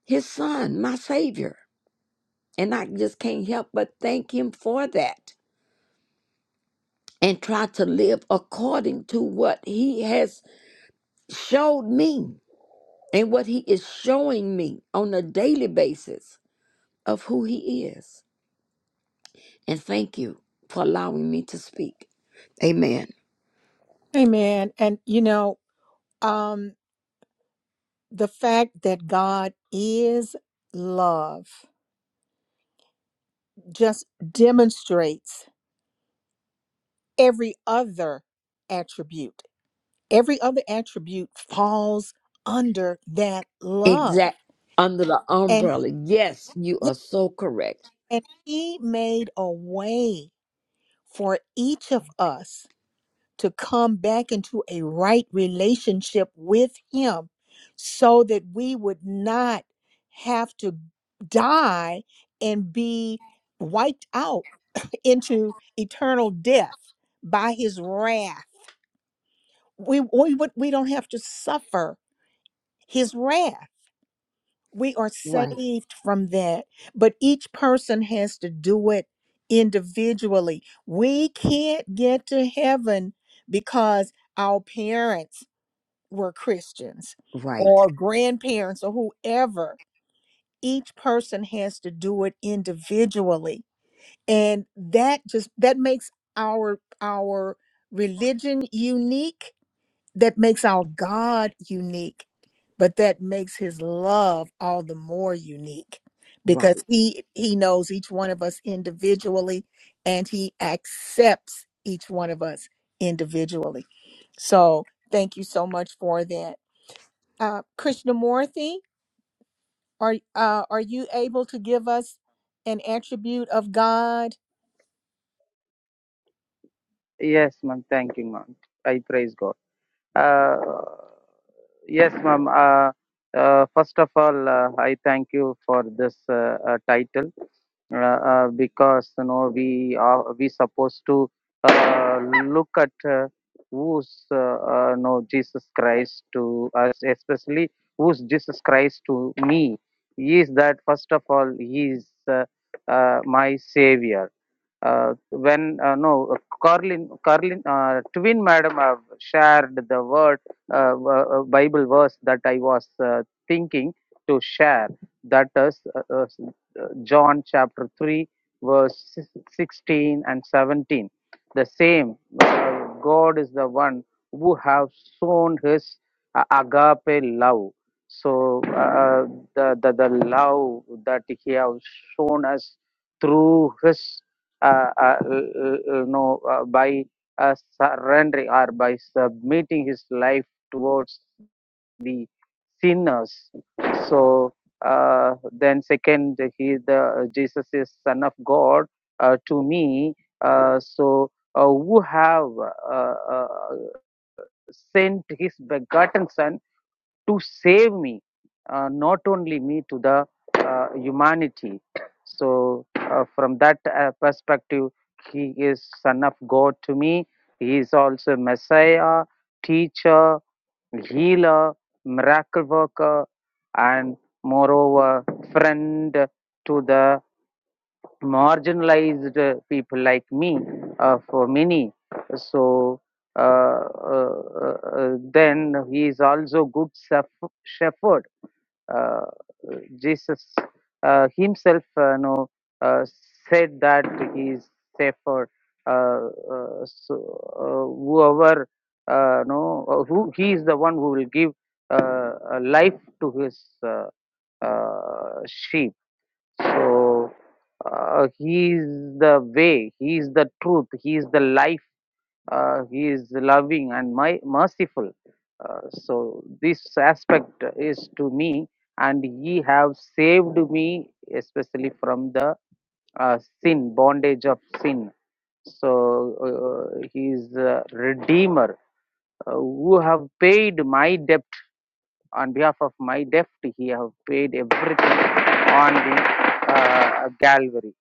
[SPEAKER 6] his son, my savior. And I just can't help but thank him for that and try to live according to what he has showed me. and what he is showing me on a daily basis of who he is. And thank you for allowing me to speak. Amen.
[SPEAKER 1] Hey, man, and you know, um, the fact that God is love just demonstrates every other attribute. every other attribute falls under that love
[SPEAKER 6] Exact under the
[SPEAKER 1] and
[SPEAKER 6] umbrella. Yes, you
[SPEAKER 1] yeah
[SPEAKER 6] are so correct.
[SPEAKER 1] and he made a way for each of us to come back into a right relationship with him so that we would not have to die and be wiped out into eternal death by his wrath we we, would, we don't have to suffer his wrath We are
[SPEAKER 6] Right,
[SPEAKER 1] saved from that. But each person has to do it individually. We can't get to heaven because our parents were Christians
[SPEAKER 6] right,
[SPEAKER 1] or grandparents or whoever. Each person has to do it individually. And that just that makes our our religion unique that makes our God unique, but that makes his love all the more unique because
[SPEAKER 6] right.
[SPEAKER 1] he he knows each one of us individually and he accepts each one of us individually. So thank you so much for that. Uh Krishnamurti, are uh are you able to give us an attribute of God?
[SPEAKER 12] Yes, ma'am. Thank you, ma'am. I praise God. Uh, yes, ma'am. Uh, uh, first of all, uh, I thank you for this uh, uh, title uh, uh, because you know we are we supposed to uh, look at uh, who's uh, uh, no Jesus Christ to us, especially who's Jesus Christ to me. He is that first of all. He is uh, uh, my savior uh, when uh, no Carlin Carlin uh, twin madam have shared the word uh, uh, Bible verse that I was uh, thinking to share. That is uh, uh, John chapter three verse si, sixteen and seventeen. The same uh, God is the one who have shown His uh, agape love. So uh, uh, the, the the love that He has shown us through His uh, uh, you know, uh, by uh, surrendering or by submitting his life towards the sinners. So uh, then, second, he the Jesus is Son of God uh, to me. Uh, so uh, who have uh, uh, sent his begotten Son to save me, uh, not only me, to the uh, humanity. So, uh, from that uh, perspective, he is Son of God to me. He is also Messiah, teacher, healer, miracle worker, and moreover, friend to the marginalized uh, people like me uh, for many. So uh, uh, uh, uh, then he is also good shepherd. Uh, Jesus uh, himself, uh, know, uh, said that he is shepherd. Uh, uh, so uh, whoever uh, no, who he is the one who will give uh, uh, life to his uh, uh, sheep so uh, he is the way, he is the truth, he is the life, uh, he is loving and my, merciful. Uh, so this aspect is to me, and he have saved me especially from the uh, sin bondage of sin. So uh, he is a redeemer uh, who have paid my debt on behalf of my debt. He have paid everything on the uh, Calvary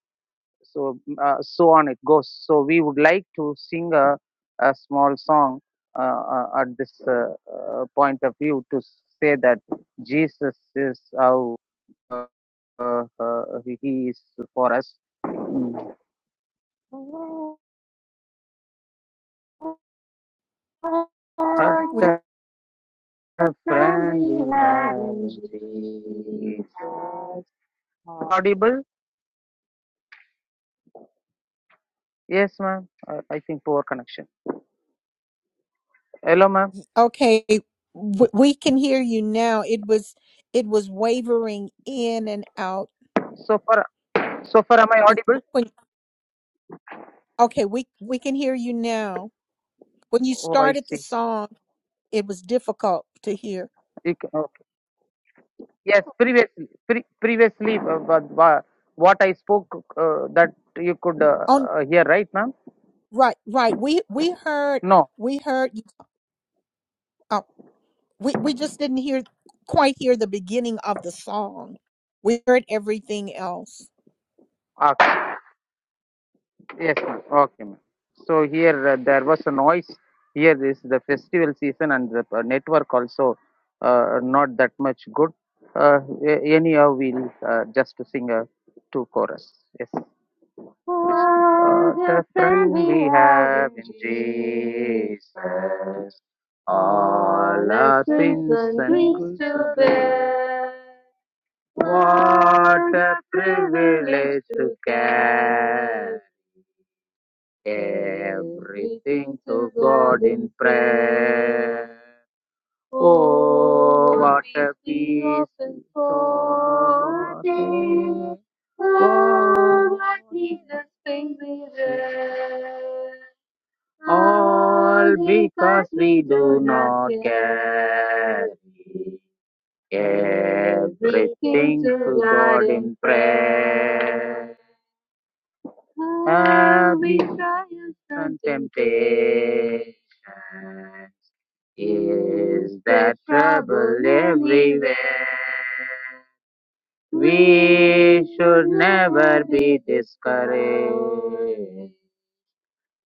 [SPEAKER 12] so mm, uh, so on it goes so we would like to sing a, a small song uh, uh, at this uh, uh, point of view to say that jesus is how uh, uh, uh, he is for us Mm. What a
[SPEAKER 1] We're,
[SPEAKER 12] friend we Jesus. audible yes ma'am uh, i think poor connection hello ma'am
[SPEAKER 1] okay, w- we can hear you now. It was it was wavering in and out
[SPEAKER 12] so far so far am i
[SPEAKER 1] When,
[SPEAKER 12] audible
[SPEAKER 1] when, okay, we we can hear you now. When you
[SPEAKER 12] oh i
[SPEAKER 1] started the
[SPEAKER 12] see
[SPEAKER 1] song, it was difficult to hear.
[SPEAKER 12] You can, Yes, previously, pre- previously, uh, what wha- what I spoke uh, that you could uh,
[SPEAKER 1] On
[SPEAKER 12] uh, hear, right, ma'am?
[SPEAKER 1] right, right. We we heard
[SPEAKER 12] No.
[SPEAKER 1] we heard. you- Uh, we we just didn't hear quite hear the beginning of the song. We heard everything else.
[SPEAKER 12] Ah, yes, ma'am. Okay, ma'am. So here uh, there was a noise. Here is the festival season and the uh, network also uh, not that much good. Uh, a- anyhow, we'll uh, just sing a two chorus. Yes. What a friend we have in Jesus. All our sins and griefs to bear. What a privilege to care everything to God in prayer. Oh, what a peace day, over Oh, what Jesus brings me there. All because we do not carry everything to God in prayer. Every trials and we triumph on temptation is that trouble everywhere. We should never be discouraged.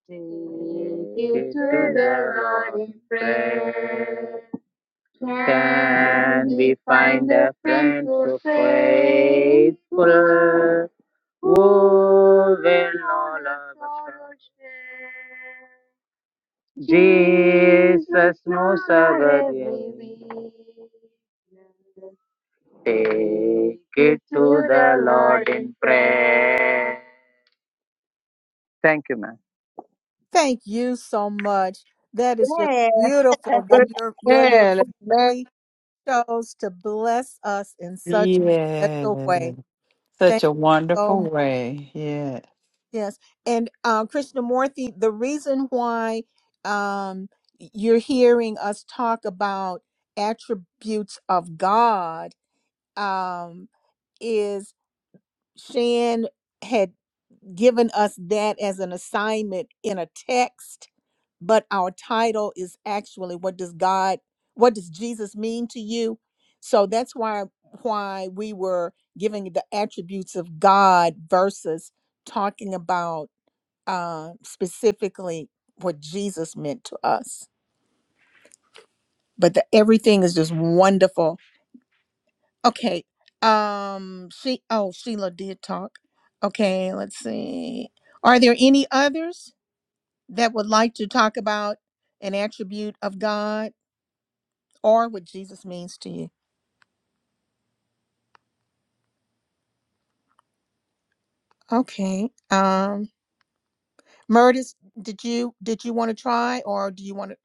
[SPEAKER 12] Take it to the Lord in prayer. Can we find a friend so faithful who will all of us share? Jesus knows everything. Take it to the Lord in prayer. Thank you, ma'am.
[SPEAKER 1] Thank you so much. That is just beautiful that your your little
[SPEAKER 13] Man, man,
[SPEAKER 1] family chose to bless us in such a
[SPEAKER 5] Yeah.
[SPEAKER 1] special way.
[SPEAKER 5] Such
[SPEAKER 1] Thank
[SPEAKER 5] a
[SPEAKER 1] you so
[SPEAKER 5] wonderful
[SPEAKER 1] much.
[SPEAKER 5] way. Yeah.
[SPEAKER 1] Yes, and uh, Krishnamurti, the reason why um, you're hearing us talk about attributes of God um, is Shan had. given us that as an assignment in a text, but our title is actually what does God, what does Jesus mean to you? So that's why why we were giving the attributes of God versus talking about uh, specifically what Jesus meant to us. But the, everything is just wonderful. Okay. Um. She. Oh, Sheila did talk. Okay. Let's see. Are there any others? that would like to talk about an attribute of God or what Jesus means to you? Okay. Um Murtis, did you did you want to try or do you want to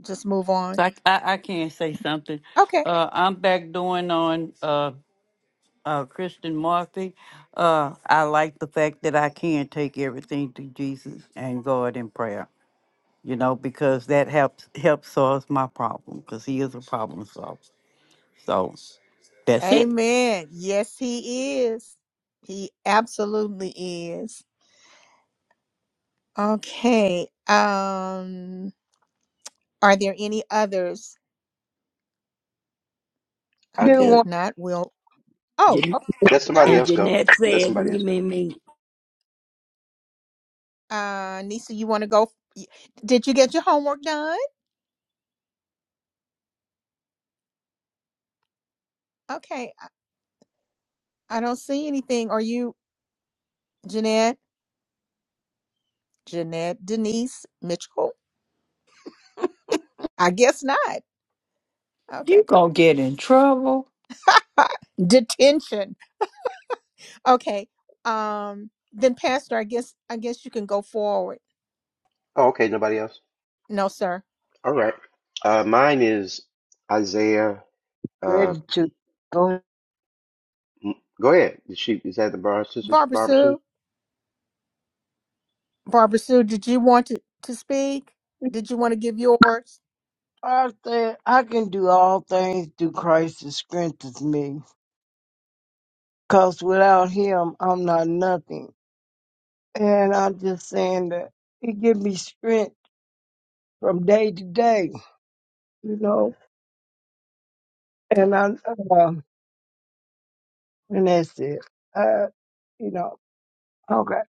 [SPEAKER 1] just move on?
[SPEAKER 4] So I, I, I can't say something.
[SPEAKER 1] Okay.
[SPEAKER 4] Uh, I'm back doing on uh, uh, Kristen Murphy. Uh, I like the fact that I can take everything to Jesus and God in prayer. You know, because that helps helps solve my problem, because He is a problem solver. So that's it.
[SPEAKER 1] Amen. Yes, he is. He absolutely is. Okay. Um are there any others?
[SPEAKER 10] I
[SPEAKER 13] do
[SPEAKER 1] Okay,
[SPEAKER 10] do.
[SPEAKER 1] if
[SPEAKER 13] want
[SPEAKER 1] not, we'll Oh,
[SPEAKER 6] Jan-
[SPEAKER 1] okay,
[SPEAKER 10] Let
[SPEAKER 1] sir.
[SPEAKER 10] somebody
[SPEAKER 6] and
[SPEAKER 10] else go.
[SPEAKER 6] Jeanette
[SPEAKER 10] Let
[SPEAKER 6] said,
[SPEAKER 10] somebody
[SPEAKER 6] me,
[SPEAKER 10] else go.
[SPEAKER 6] me, me.
[SPEAKER 1] Uh Nisa, you want to go y- did you get your homework done? Okay. I don't see anything. Are you Jeanette? Jeanette Denise Mitchell? I guess not.
[SPEAKER 5] You
[SPEAKER 1] Okay.
[SPEAKER 5] gonna get in trouble.
[SPEAKER 1] [laughs] Detention. Okay. Um then Pastor, I guess I guess you can go forward.
[SPEAKER 10] Oh, okay, nobody else.
[SPEAKER 1] No, sir.
[SPEAKER 10] All right. Uh, mine is Isaiah. Uh,
[SPEAKER 13] ready to go.
[SPEAKER 10] m- go ahead. Is she is that the bar sisters,
[SPEAKER 1] Barbara
[SPEAKER 10] Barbara Sue?
[SPEAKER 1] Sue. Barbara Sue, did you want to, to speak? Did you want to give yours?
[SPEAKER 13] I think I can do all things through Christ that strengthens me. Cause without Him, I'm not nothing. And I'm just saying that He gives me strength from day to day, you know. And I, um, and that's it. Uh, you know, okay.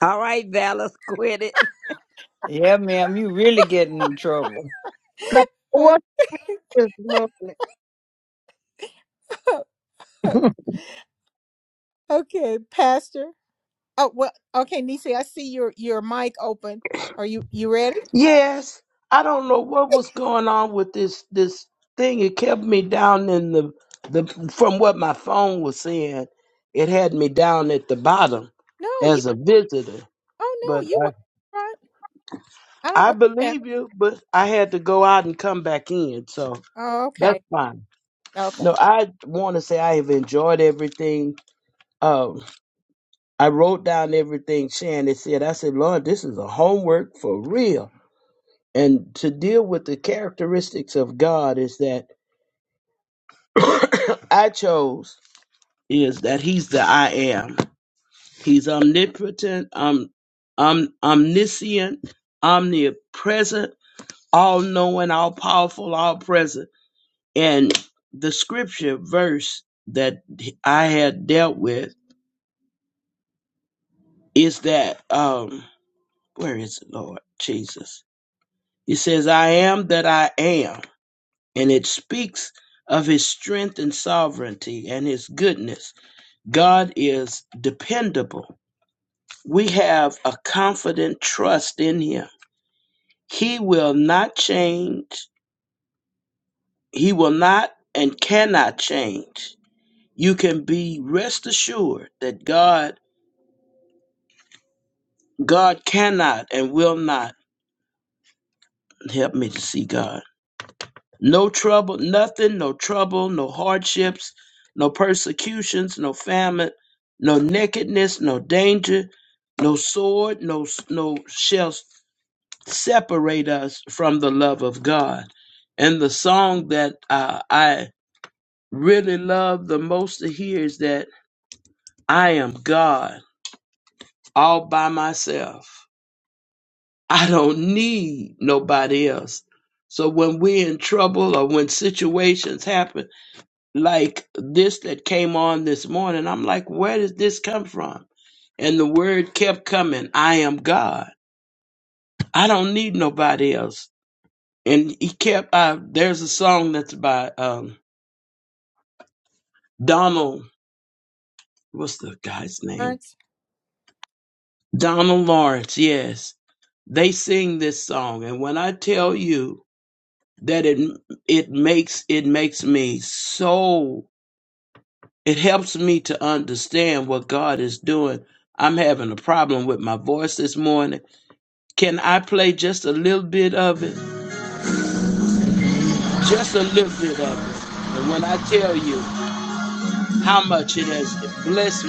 [SPEAKER 6] All right, Valor, [laughs] quit it.
[SPEAKER 5] Yeah, ma'am, you really getting in trouble.
[SPEAKER 13] Now, What this morning? [laughs]
[SPEAKER 1] [laughs] okay, Pastor. Oh well okay, Nisi, I see your your mic open. Are you you ready?
[SPEAKER 14] Yes, I don't know what was going on with this this thing. It kept me down in the the from what my phone was saying. It had me down at the bottom
[SPEAKER 1] No, you.
[SPEAKER 14] as a visitor.
[SPEAKER 1] Oh
[SPEAKER 14] But
[SPEAKER 1] no, you were
[SPEAKER 14] I
[SPEAKER 1] right. I don't
[SPEAKER 14] I
[SPEAKER 1] know what's happened.
[SPEAKER 14] believe you, but I had to go out and come back in, so
[SPEAKER 1] Oh,
[SPEAKER 14] that's
[SPEAKER 1] okay.
[SPEAKER 14] fine. No,
[SPEAKER 1] Okay.
[SPEAKER 14] I want to say I have enjoyed everything. Um, I wrote down everything Shannon said. I said, Lord, this is a homework for real. And to deal with the characteristics of God is that [coughs] I chose is that he's the I am. He's omnipotent, um, um, omniscient, omnipresent, all knowing, all powerful, all present. And the scripture verse that I had dealt with is that, um, where is it, Lord Jesus? It says, I am that I am. And it speaks of his strength and sovereignty and his goodness. God is dependable. We have a confident trust in him. He will not change. He will not and cannot change. You can be rest assured that God, God cannot and will not help me to see God. No trouble, nothing, no trouble, no hardships, no persecutions, no famine, no nakedness, no danger, no sword, no no shell separate us from the love of God. And the song that uh, I really love the most to hear is that I am God all by myself. I don't need nobody else. So when we're in trouble or when situations happen like this that came on this morning, I'm like, where does this come from? And the word kept coming, I am God. I don't need nobody else. And he kept, uh, there's a song that's by, um, Donald, what's the guy's name?
[SPEAKER 1] Parents.
[SPEAKER 14] Donald Lawrence, yes. They sing this song, and when I tell you that it it makes it makes me so it helps me to understand what God is doing. I'm having a problem with my voice this morning. Can I play just a little bit of it? Just a little bit of it. And when I tell you how much it has blessed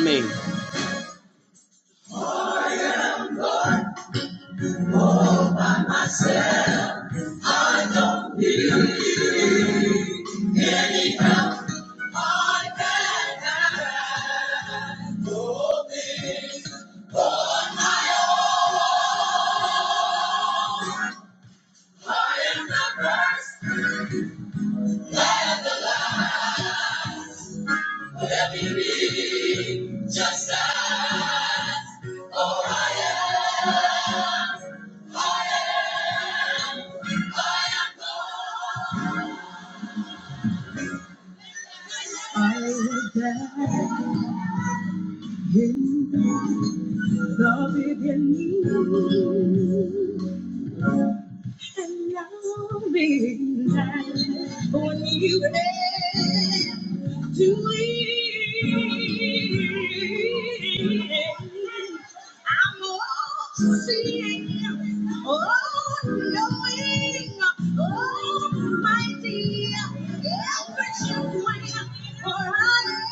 [SPEAKER 14] me. love it in you. Allow me now, when you dare to leave. I'm all seeing, all knowing, almighty, every step way, for I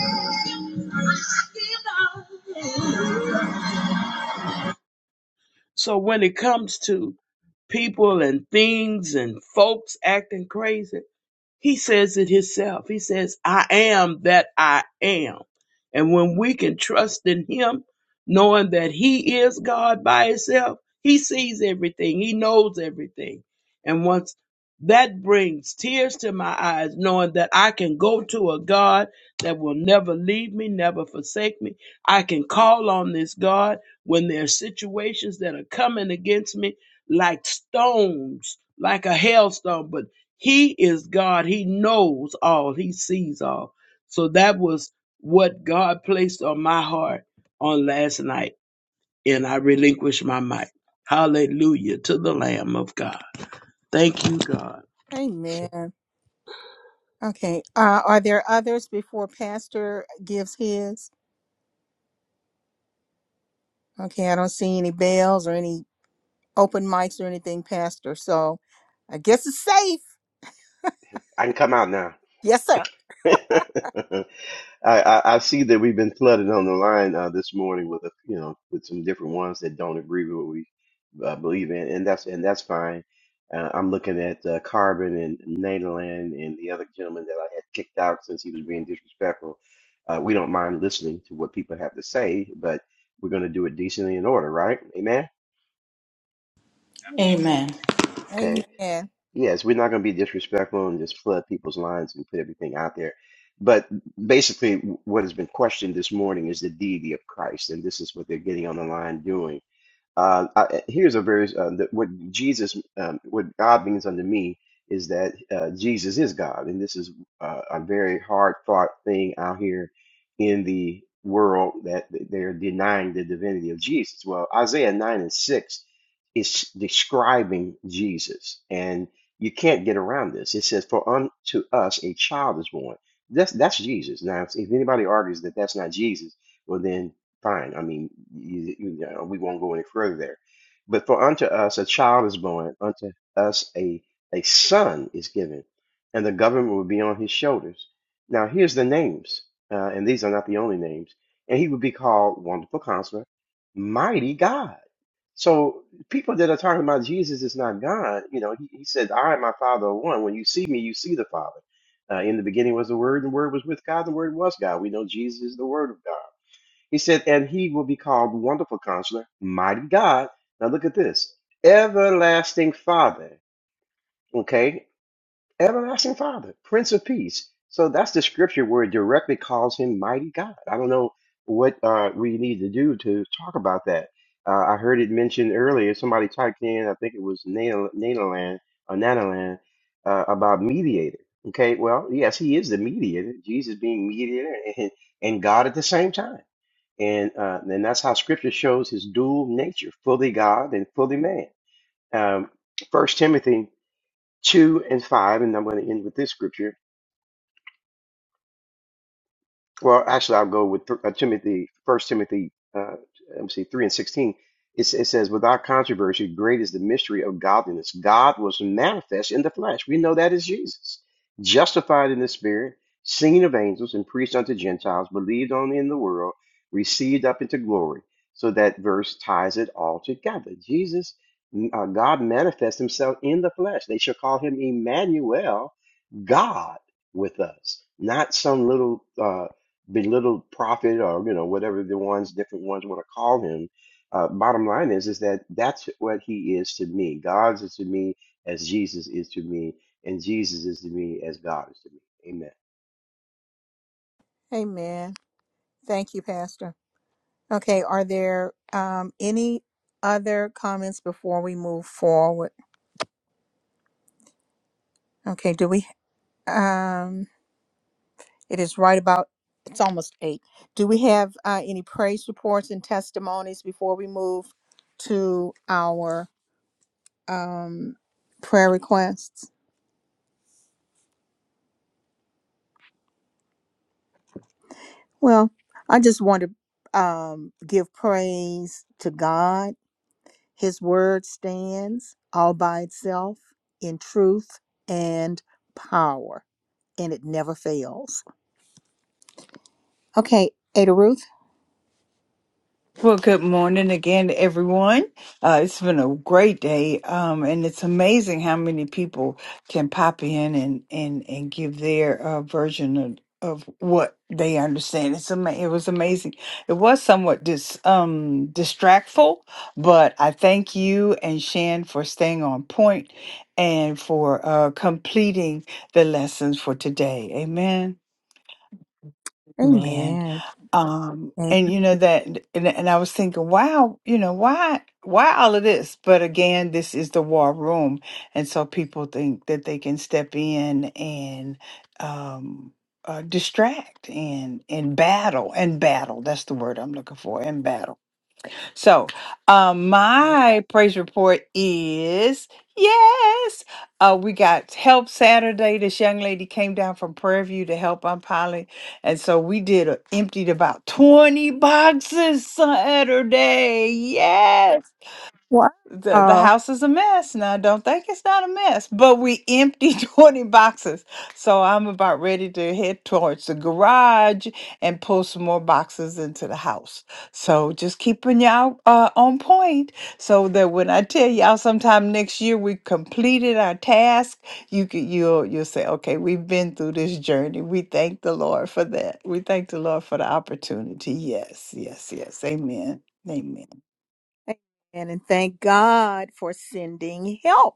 [SPEAKER 14] am, I am, I give up. So when it comes to people and things and folks acting crazy, he says it himself. He says, I am that I am. And when we can trust in him, knowing that he is God by himself, he sees everything, he knows everything. And once that brings tears to my eyes, knowing that I can go to a God that will never leave me, never forsake me. I can call on this God when there are situations that are coming against me like stones, like a hailstone, but he is God. He knows all. He sees all. So that was what God placed on my heart on last night. And I relinquished my mic. Hallelujah to the Lamb of God. Thank you, God.
[SPEAKER 1] Amen. Okay. Uh, are there others before Pastor gives his? Okay. I don't see any bells or any open mics or anything, Pastor. So I guess it's safe.
[SPEAKER 10] I can come out
[SPEAKER 1] Yes, sir.
[SPEAKER 10] now. [laughs] I, I, I see that we've been flooded on the line uh, this morning with a, you know with some different ones that don't agree with what we uh, believe in, and that's and that's fine. Uh, I'm looking at uh, Carbon and Nederland and the other gentleman that I had kicked out since he was being disrespectful. Uh, we don't mind listening to what people have to say, but we're going to do it decently in order, right? Amen.
[SPEAKER 8] Amen.
[SPEAKER 10] Okay.
[SPEAKER 1] Amen.
[SPEAKER 10] Yes, we're not going to be disrespectful and just flood people's lines and put everything out there. But basically, w- what has been questioned this morning is the deity of Christ, and this is what they're getting on the line doing. Uh, I, here's a very uh, that what Jesus, um, what God means unto me is that uh, Jesus is God, and this is uh, a very hard fought thing out here in the world that they're denying the divinity of Jesus. Well, Isaiah nine and six is describing Jesus, and you can't get around this. It says, "For unto us a child is born." That's that's Jesus. Now, if if anybody argues that that's not Jesus, well then fine. I mean, you, you know, we won't go any further there. But for unto us a child is born, unto us a a son is given, and the government will be on his shoulders. Now here's the names, uh, and these are not the only names. And he would be called Wonderful Counselor, Mighty God. So people that are talking about Jesus is not God, you know, he, he said, I and my Father are one. When you see me, you see the Father. Uh, in the beginning was the Word, and the Word was with God, the Word was God. We know Jesus is the Word of God. He said, and he will be called Wonderful Counselor, Mighty God. Now look at this Everlasting Father. Okay? Everlasting Father, Prince of Peace. So that's the scripture where it directly calls him Mighty God. I don't know what uh, we need to do to talk about that. Uh, I heard it mentioned earlier. Somebody typed in, I think it was Nana- Nanaland or Nanaland, uh, about mediator. Okay, well, yes, he is the mediator, Jesus being mediator and, and God at the same time and uh, and that's how Scripture shows his dual nature, fully God and fully man. Um, First Timothy two and five, and I'm going to end with this scripture. Well, actually, I'll go with th- uh, Timothy, First Timothy, uh, let me see, three and sixteen. It, s- it says, "Without controversy, great is the mystery of godliness. God was manifest in the flesh. We know that is Jesus, justified in the Spirit, seen of angels, and preached unto Gentiles, believed on in the world, received up into glory." So that verse ties it all together. Jesus, uh, God manifests Himself in the flesh. They shall call Him Emmanuel, God with us, not some little uh, belittled prophet or you know whatever the ones different ones want to call him. Uh, bottom line is is that that's what he is to me. God is to me as Jesus is to me, and Jesus is to me as God is to me. Amen.
[SPEAKER 1] Amen. Thank you, Pastor. Okay, are there um, any other comments before we move forward? Okay, do we? Um, it is right about. It's almost eight. Do we have uh, any praise reports and testimonies before we move to our um, prayer requests? Well, I just want to um, give praise to God His word stands all by itself in truth and power, and it never fails. Okay, Ada Ruth.
[SPEAKER 5] Well, good morning again, everyone. Uh, it's been a great day, um, and it's amazing how many people can pop in and and and give their uh, version of, of what they understand. It's ama- it was amazing. It was somewhat dis um distractful, but I thank you and Shan for staying on point and for uh, completing the lessons for today. Amen. Man.
[SPEAKER 1] Amen.
[SPEAKER 5] Um,
[SPEAKER 1] Amen.
[SPEAKER 5] and you know that and, and I was thinking, wow, you know, why why all of this? But again, this is the war room. And so people think that they can step in and um uh, distract and and battle and battle. That's the word I'm looking for, and battle. So, um, my praise report is yes. Uh, we got help Saturday. This young lady came down from Prairie View to help unpilot, and so we did a, emptied about twenty boxes Saturday. Yes
[SPEAKER 1] Wow.
[SPEAKER 5] the the
[SPEAKER 1] Amen.
[SPEAKER 5] house is a mess now don't think it's not a mess but we emptied [laughs] 20 boxes so i'm about ready to head towards the garage and pull some more boxes into the house so just keeping y'all uh, on point so that when i tell y'all sometime next year we completed our task you could you'll you'll say okay we've been through this journey we thank the lord for that we thank the lord for the opportunity yes yes yes amen amen
[SPEAKER 1] And thank God for sending help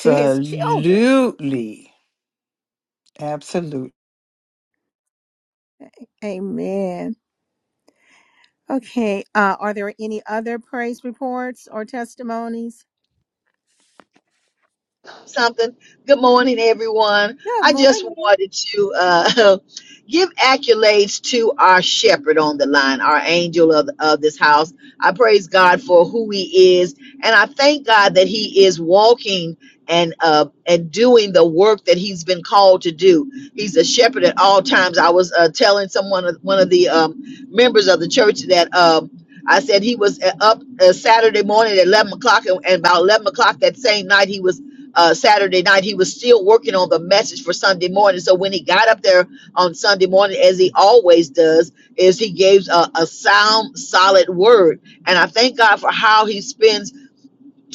[SPEAKER 1] to his children.
[SPEAKER 5] Absolutely.
[SPEAKER 1] Amen. Okay, uh, are there any other praise reports or testimonies?
[SPEAKER 2] something. Good morning, everyone.
[SPEAKER 1] Good
[SPEAKER 2] I just
[SPEAKER 1] morning.
[SPEAKER 2] wanted to uh, [laughs] give accolades to our shepherd on the line, our angel of, of this house. I praise God for who he is, and I thank God that he is walking and uh, and doing the work that he's been called to do. He's a shepherd at all times. I was uh, telling someone, one of the um, members of the church, that. Um, I said he was uh, up uh, Saturday morning at 11 o'clock, and, and about 11 o'clock that same night, he was uh, Saturday night. He was still working on the message for Sunday morning. So when he got up there on Sunday morning, as he always does, is he gives a, a sound, solid word. And I thank God for how he spends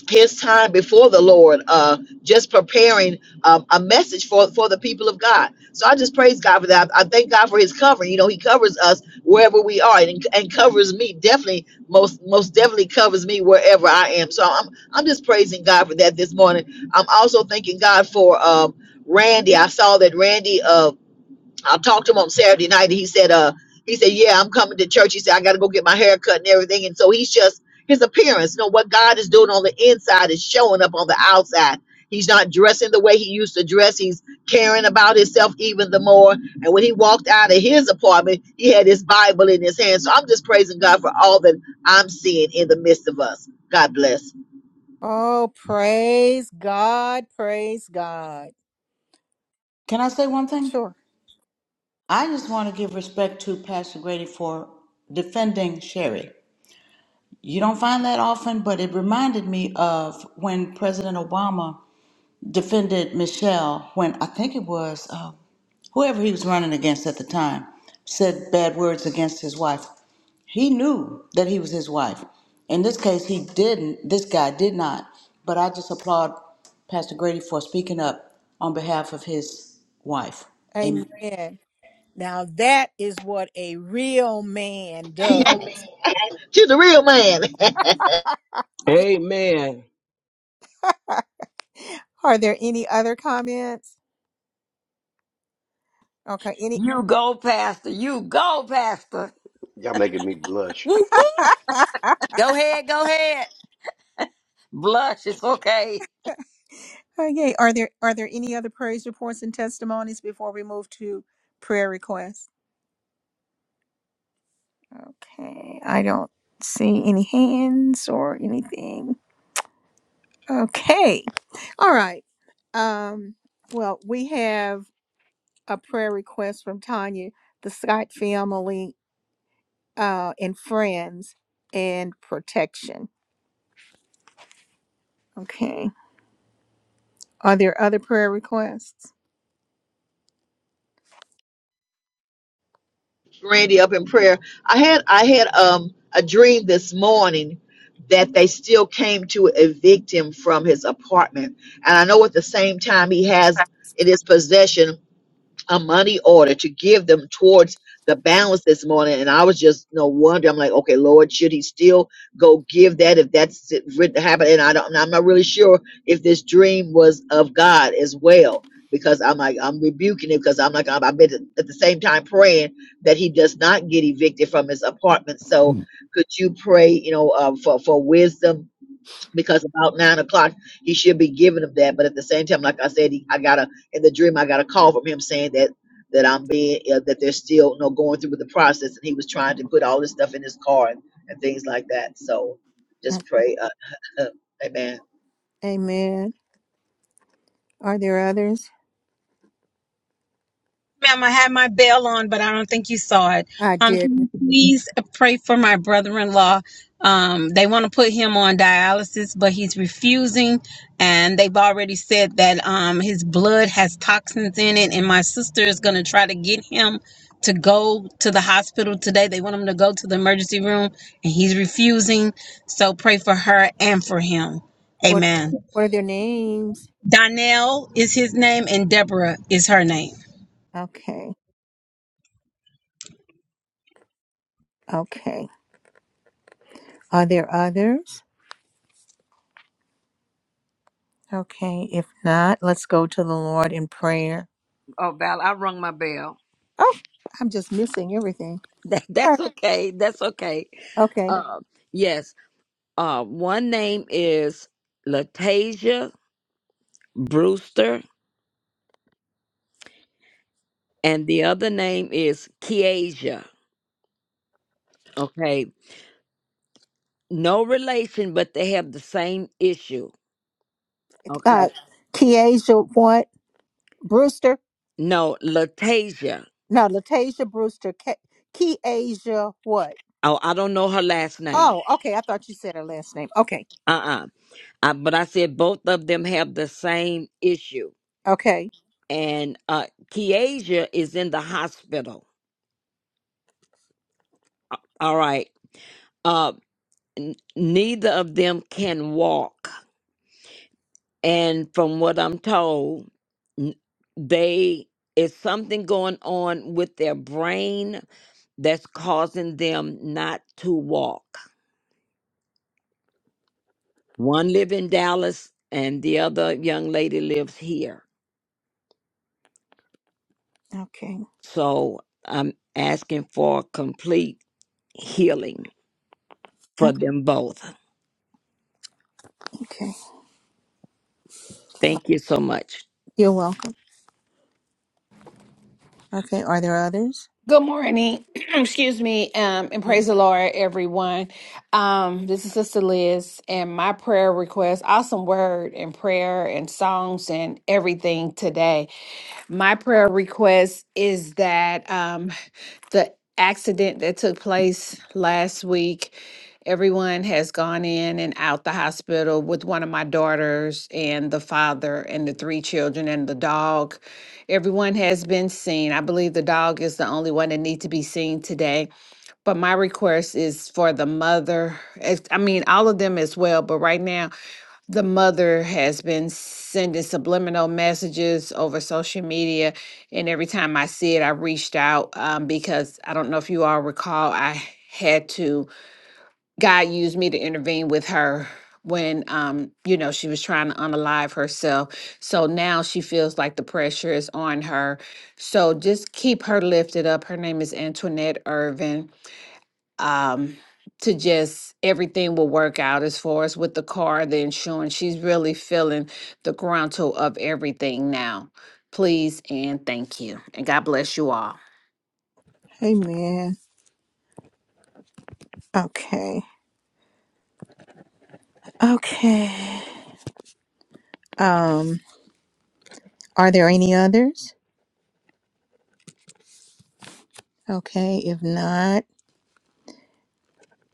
[SPEAKER 2] his time before the Lord, uh, just preparing um, a message for, for the people of God. So I just praise God for that. I, I thank God for His covering. You know, He covers us wherever we are, and, and covers me definitely most most definitely covers me wherever I am. So I'm I'm just praising God for that this morning. I'm also thanking God for um, Randy. I saw that Randy. Uh, I talked to him on Saturday night and he said, uh, he said, yeah, I'm coming to church. He said, I got to go get my hair cut and everything. And so he's just, his appearance, you know, what God is doing on the inside is showing up on the outside. He's not dressing the way he used to dress. He's caring about himself even the more. And when he walked out of his apartment, he had his Bible in his hand. So I'm just praising God for all that I'm seeing in the midst of us. God bless.
[SPEAKER 1] Oh, praise God. Praise God.
[SPEAKER 8] Can I say one thing?
[SPEAKER 1] Sure.
[SPEAKER 8] I just want to give respect to Pastor Grady for defending Sherry. You don't find that often, but it reminded me of when President Obama defended Michelle when I think it was uh, whoever he was running against at the time said bad words against his wife. He knew that he was his wife. In this case, he didn't. This guy did not. But I just applaud Pastor Grady for speaking up on behalf of his wife. Amen.
[SPEAKER 1] Amen. Now that is what a real man does.
[SPEAKER 2] And
[SPEAKER 1] Yeah.
[SPEAKER 14] Amen.
[SPEAKER 1] Are there any other comments? Okay. Any
[SPEAKER 6] You go, Pastor. You go, Pastor.
[SPEAKER 10] Y'all making me blush.
[SPEAKER 9] Woo woo.
[SPEAKER 1] [laughs]
[SPEAKER 9] Go ahead. Go ahead.
[SPEAKER 6] Blush, it's okay.
[SPEAKER 1] Okay. Are there are there any other praise reports and testimonies before we move to prayer requests? Okay. I don't see any hands or anything. Okay. All right. Um, well, we have a prayer request from Tanya, the Scott family, uh, and friends, and protection. Okay. Are there other prayer requests?
[SPEAKER 2] Randy up in prayer. I had I had um a dream this morning that they still came to evict him from his apartment. And I know at the same time he has
[SPEAKER 15] Right.
[SPEAKER 2] in his possession a money order to give them towards the balance this morning. And I was just no wonder. I'm like, okay, Lord, should he still go give that if that's it written to happen? And I don't, I'm not really sure if this dream was of God as well. Because I'm like, I'm rebuking it because I'm like, I'm, I've been at the same time praying that he does not get evicted from his apartment. So could you pray, you know, uh, for, for wisdom because about nine o'clock he should be giving him that. But at the same time, like I said, he, I got a in the dream I got a call from him saying that that I'm being uh, that they're still you know going through with the process, and he was trying to put all this stuff in his car and, and things like that. So
[SPEAKER 1] Mm,
[SPEAKER 2] just pray, uh, [laughs] Amen.
[SPEAKER 1] Amen. Are there others?
[SPEAKER 11] Ma'am, I had my bell on, but I don't think you saw it.
[SPEAKER 1] I
[SPEAKER 11] Um,
[SPEAKER 1] did.
[SPEAKER 11] can you please pray for my brother-in-law? Um, they want to put him on dialysis, but he's refusing, and they've already said that um his blood has toxins in it. And my sister is going to try to get him to go to the hospital today. They want him to go to the emergency room, and he's refusing. So pray for her and for him.
[SPEAKER 1] What
[SPEAKER 11] Amen.
[SPEAKER 1] what are their names?
[SPEAKER 11] Donnell is his name, and Deborah is her name.
[SPEAKER 1] Okay. Okay. Are there others? Okay. If not, let's go to the Lord in prayer.
[SPEAKER 6] Oh, Val, I rung my bell.
[SPEAKER 1] Oh, I'm just missing everything.
[SPEAKER 6] That,
[SPEAKER 1] All
[SPEAKER 6] that's
[SPEAKER 1] right.
[SPEAKER 6] okay. That's okay.
[SPEAKER 1] Okay.
[SPEAKER 6] Uh, yes. Uh, one name is Latasia Brewster, and the other name is Kiasia. Okay, no relation, but they have the same issue.
[SPEAKER 1] Uh
[SPEAKER 6] Okay,
[SPEAKER 1] Keasia what? Brewster?
[SPEAKER 6] no Latasia.
[SPEAKER 1] No, Latasia Brewster. Ke- Keasia what?
[SPEAKER 6] Oh, I don't know her last name.
[SPEAKER 1] Oh, okay. I thought you said her last name. Okay.
[SPEAKER 6] Uh-uh. Uh, but I said both of them have the same issue,
[SPEAKER 1] Okay.
[SPEAKER 6] and uh, Kiasia is in the hospital. All right. Uh, n- neither of them can walk. and from what I'm told, n- they it's something going on with their brain that's causing them not to walk. One live in Dallas, and the other young lady lives here.
[SPEAKER 1] Okay.
[SPEAKER 6] So I'm asking for complete healing for
[SPEAKER 1] Oh,
[SPEAKER 6] them both.
[SPEAKER 1] Okay.
[SPEAKER 6] Thank you so much.
[SPEAKER 1] You're welcome. Okay. Are there others?
[SPEAKER 16] Good morning. [clears throat] Excuse me. Um, and praise the Lord, everyone. Um, this is Sister Liz, and my prayer request awesome word and prayer and songs and everything today. My prayer request is that um, the accident that took place last week. Everyone has gone in and out the hospital with one of my daughters and the father and the three children and the dog. Everyone has been seen. I believe the dog is the only one that needs to be seen today. But my request is for the mother. as- I mean, all of them as well. But right now, the mother has been sending subliminal messages over social media and every time i see it i reached out um, because i don't know if you all recall i had to God used me to intervene with her when um you know she was trying to unalive herself so now she feels like the pressure is on her so just keep her lifted up her name is antoinette irvin um, to just everything will work out as far as with the car, the insurance. She's really feeling the grunto of everything now. Please and thank you. And God bless you all.
[SPEAKER 1] Amen. Okay. Okay. Um Are there any others? Okay, if not,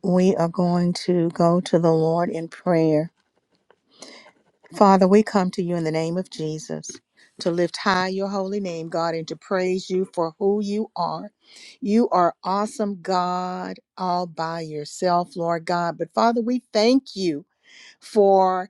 [SPEAKER 1] we are going to go to the Lord in prayer. Father, we come to you in the name of Jesus to lift high your holy name, God, and to praise you for who you are. You are awesome, God, all by yourself, Lord God. But Father, we thank you for.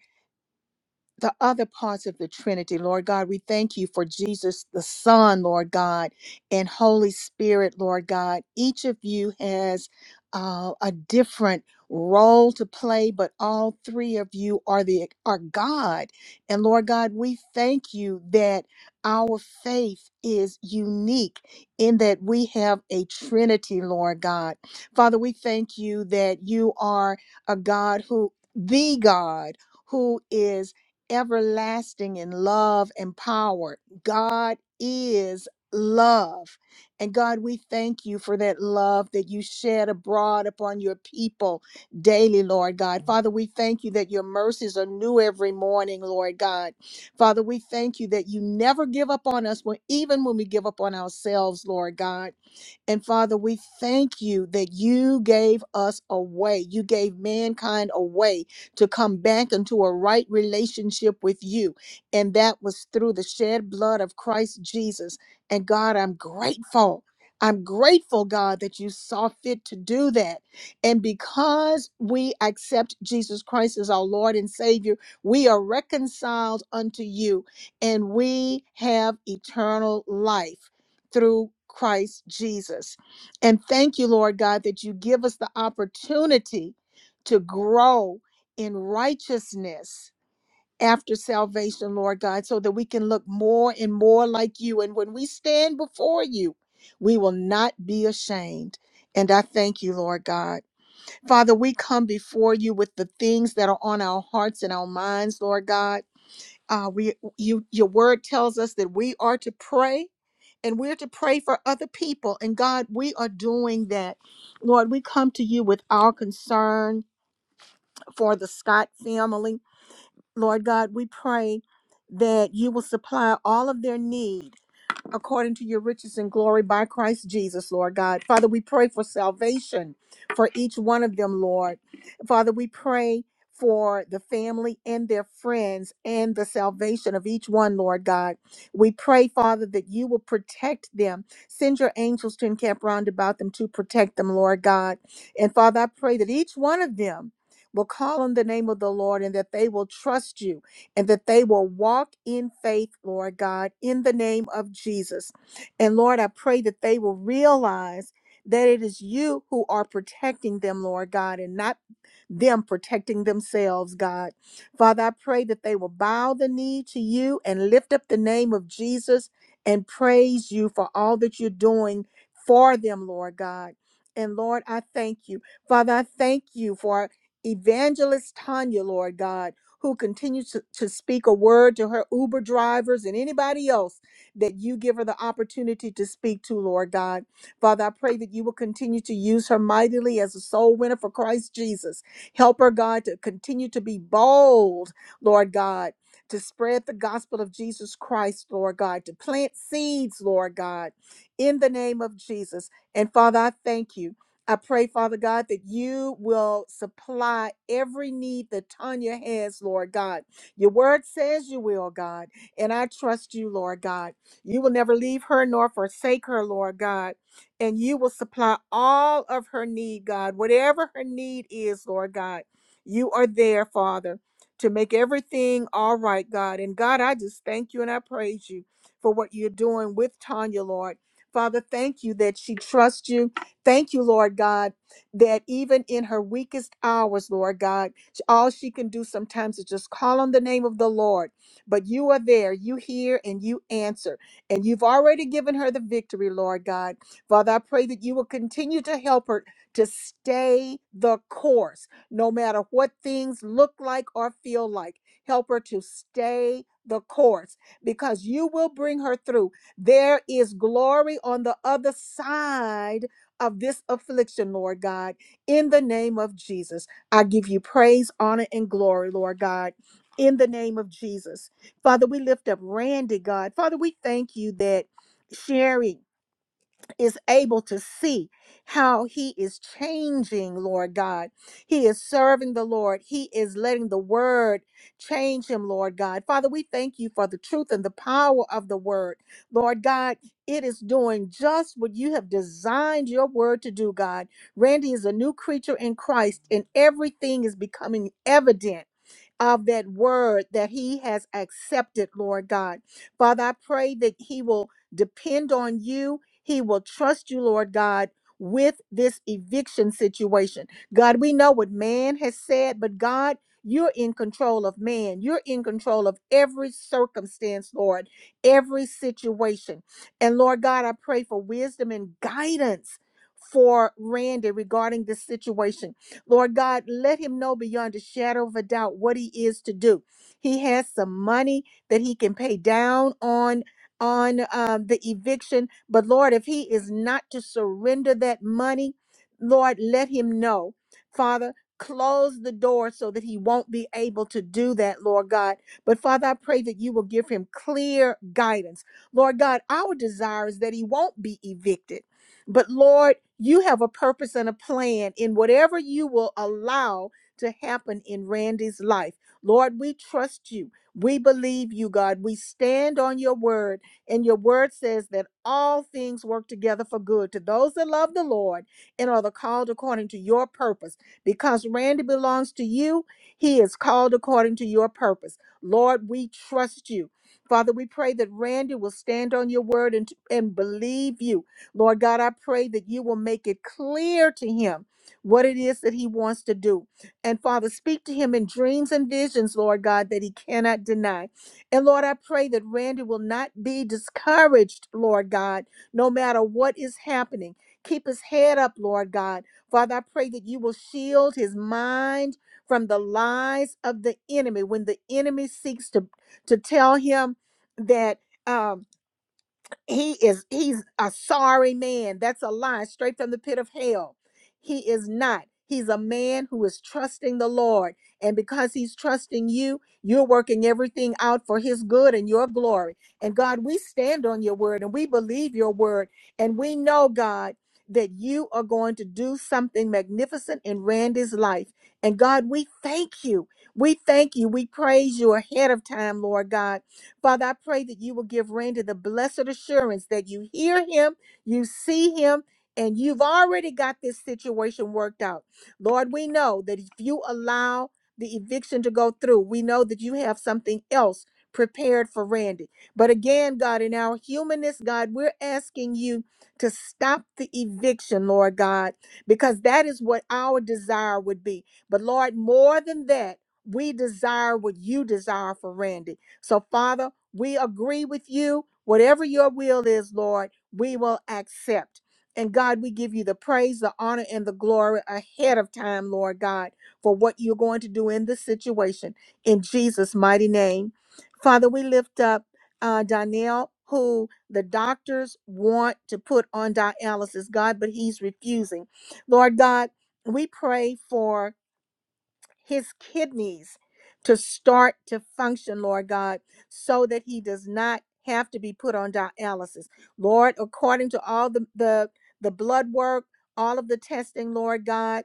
[SPEAKER 1] the other parts of the Trinity, Lord God. We thank you for Jesus the Son, Lord God, and Holy Spirit, Lord God. Each of you has uh, a different role to play, but all three of you are the are God. And Lord God, we thank you that our faith is unique in that we have a Trinity, Lord God. Father, we thank you that you are a God who the God who is everlasting in love and power. God is love. And God, we thank you for that love that you shed abroad upon your people daily, Lord God. Father, we thank you that your mercies are new every morning, Lord God. Father, we thank you that you never give up on us, when, even when we give up on ourselves, Lord God. And Father, we thank you that you gave us a way. You gave mankind a way to come back into a right relationship with you. And that was through the shed blood of Christ Jesus. And God, I'm grateful. I'm grateful, God, that you saw fit to do that. And because we accept Jesus Christ as our Lord and Savior, we are reconciled unto you and we have eternal life through Christ Jesus. And thank you, Lord God, that you give us the opportunity to grow in righteousness after salvation, Lord God, so that we can look more and more like you. And when we stand before you, we will not be ashamed. And I thank you, Lord God. Father, we come before you with the things that are on our hearts and our minds, Lord God. Uh, we you your word tells us that we are to pray and we're to pray for other people. And God, we are doing that. Lord, we come to you with our concern for the Scott family. Lord God, we pray that you will supply all of their need according to your riches and glory by Christ Jesus, Lord God. Father, we pray for salvation for each one of them, Lord. Father, we pray for the family and their friends and the salvation of each one, Lord God. We pray, Father, that you will protect them. Send your angels to encamp round about them to protect them, Lord God. And Father, I pray that each one of them will call on the name of the Lord and that they will trust you and that they will walk in faith, Lord God, in the name of Jesus. And Lord, I pray that they will realize that it is you who are protecting them, Lord God, and not them protecting themselves, God. Father, I pray that they will bow the knee to you and lift up the name of Jesus and praise you for all that you're doing for them, Lord God. And Lord, I thank you. Father, I thank you for evangelist Tanya, Lord God, who continues to, to speak a word to her Uber drivers and anybody else that you give her the opportunity to speak to, Lord God. Father, I pray that you will continue to use her mightily as a soul winner for Christ Jesus. Help her, God, to continue to be bold, Lord God, to spread the gospel of Jesus Christ, Lord God, to plant seeds, Lord God, in the name of Jesus. And Father, I thank you. I pray, Father God, that you will supply every need that Tanya has, Lord God. Your word says you will, God. And I trust you, Lord God. You will never leave her nor forsake her, Lord God and you will supply all of her need, God. Whatever her need is, Lord God, you are there, Father, to make everything all right, God. And God, I just thank you and I praise you for what you're doing with Tanya, Lord. Father, thank you that she trusts you. Thank you, Lord God, that even in her weakest hours, Lord God, all she can do sometimes is just call on the name of the Lord. But you are there, you hear, and you answer. And you've already given her the victory, Lord God. Father, I pray that you will continue to help her to stay the course, no matter what things look like or feel like. Help her to stay the course because you will bring her through. There is glory on the other side of this affliction, Lord God, in the name of Jesus. I give you praise, honor, and glory, Lord God, in the name of Jesus. Father, we lift up Randy, God. Father, we thank you that Sherry is able to see how he is changing, Lord God. He is serving the Lord. He is letting the word change him, Lord God. Father, we thank you for the truth and the power of the word. Lord God, it is doing just what you have designed your word to do, God. Randy is a new creature in Christ, and everything is becoming evident of that word that he has accepted, Lord God. Father, I pray that he will depend on you, he will trust you, Lord God. With this eviction situation, God, we know what man has said, but God, you're in control of man. You're in control of every circumstance, Lord, every situation. And Lord God, I pray for wisdom and guidance for Randy regarding this situation. Lord God, let him know beyond a shadow of a doubt what he is to do. He has some money that he can pay down on on um, the eviction, but Lord, if he is not to surrender that money, Lord, let him know, Father. Close the door so that he won't be able to do that, Lord God. But Father, I pray that you will give him clear guidance. Lord God, our desire is that he won't be evicted. But Lord, you have a purpose and a plan in whatever you will allow to happen in Randy's life. Lord, we trust you. We believe you, God. We stand on your word, and your word says that all things work together for good to those that love the Lord and are the called according to your purpose. Because Randy belongs to you, he is called according to your purpose. Lord, we trust you. Father, we pray that Randy will stand on your word and, and believe you Lord God, I pray that you will make it clear to him what it is that he wants to do. And Father, speak to him in dreams and visions, Lord God, that he cannot deny. And Lord, I pray that Randy will not be discouraged, Lord God, no matter what is happening. Keep his head up, Lord God. Father, I pray that you will shield his mind from the lies of the enemy when the enemy seeks to, to tell him that. Um, he is he's a sorry man that's a lie straight from the pit of hell he is not he's a man who is trusting the lord and because he's trusting you you're working everything out for his good and your glory and god we stand on your word and we believe your word and we know god that you are going to do something magnificent in Randy's life. And God, we thank you. We thank you. We praise you ahead of time, Lord God. Father, I pray that you will give Randy the blessed assurance that you hear him, you see him, and you've already got this situation worked out. Lord, we know that if you allow the eviction to go through, we know that you have something else prepared for Randy. But again, God, in our humanness, God, we're asking you to stop the eviction, Lord God, because that is what our desire would be. But Lord, more than that, we desire what you desire for Randy. So, Father, we agree with you. Whatever your will is, Lord, we will accept. And God, we give you the praise, the honor, and the glory ahead of time, Lord God, for what you're going to do in this situation. In Jesus' mighty name. Father, we lift up uh, Donnell, who the doctors want to put on dialysis, God, but he's refusing. Lord God, we pray for his kidneys to start to function, Lord God, so that he does not have to be put on dialysis. Lord, according to all the the, the blood work, all of the testing, Lord God,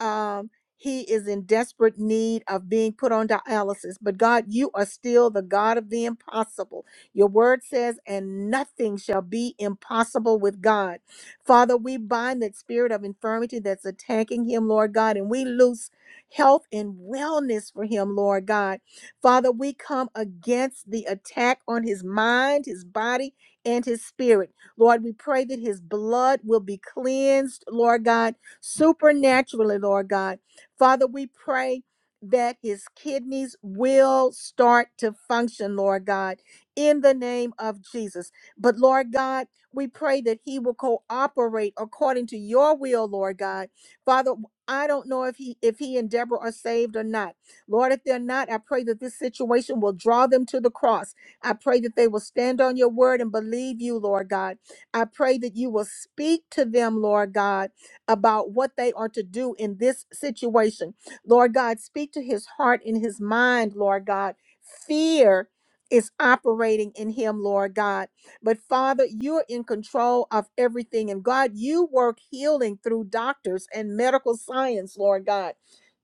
[SPEAKER 1] um, he is in desperate need of being put on dialysis. But God, you are still the God of the impossible. Your word says, and nothing shall be impossible with God. Father, we bind that spirit of infirmity that's attacking him, Lord God, and we loose health and wellness for him, Lord God. Father, we come against the attack on his mind, his body, and his spirit. Lord, we pray that his blood will be cleansed, Lord God, supernaturally, Lord God. Father, we pray that his kidneys will start to function, Lord God, in the name of Jesus. But Lord God, we pray that he will cooperate according to your will, Lord God. Father, I don't know if he if he and Deborah are saved or not. Lord, if they're not, I pray that this situation will draw them to the cross. I pray that they will stand on your word and believe you, Lord God. I pray that you will speak to them, Lord God, about what they are to do in this situation. Lord God, speak to his heart and his mind, Lord God. Fear is operating in him, Lord God but Father, you're in control of everything. And God, you work healing through doctors and medical science, Lord God.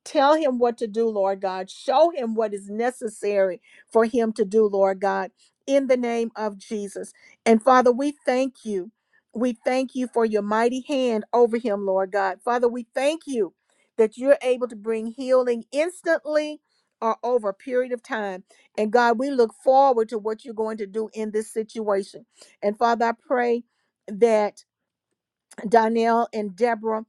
[SPEAKER 1] Tell him what to do, Lord God. Show him what is necessary for him to do, Lord God, in the name of Jesus. And Father, we thank you. We thank you for your mighty hand over him, Lord God. Father, we thank you that you're able to bring healing instantly or over a period of time. And God, we look forward to what you're going to do in this situation. And Father, I pray that Donnell and Deborah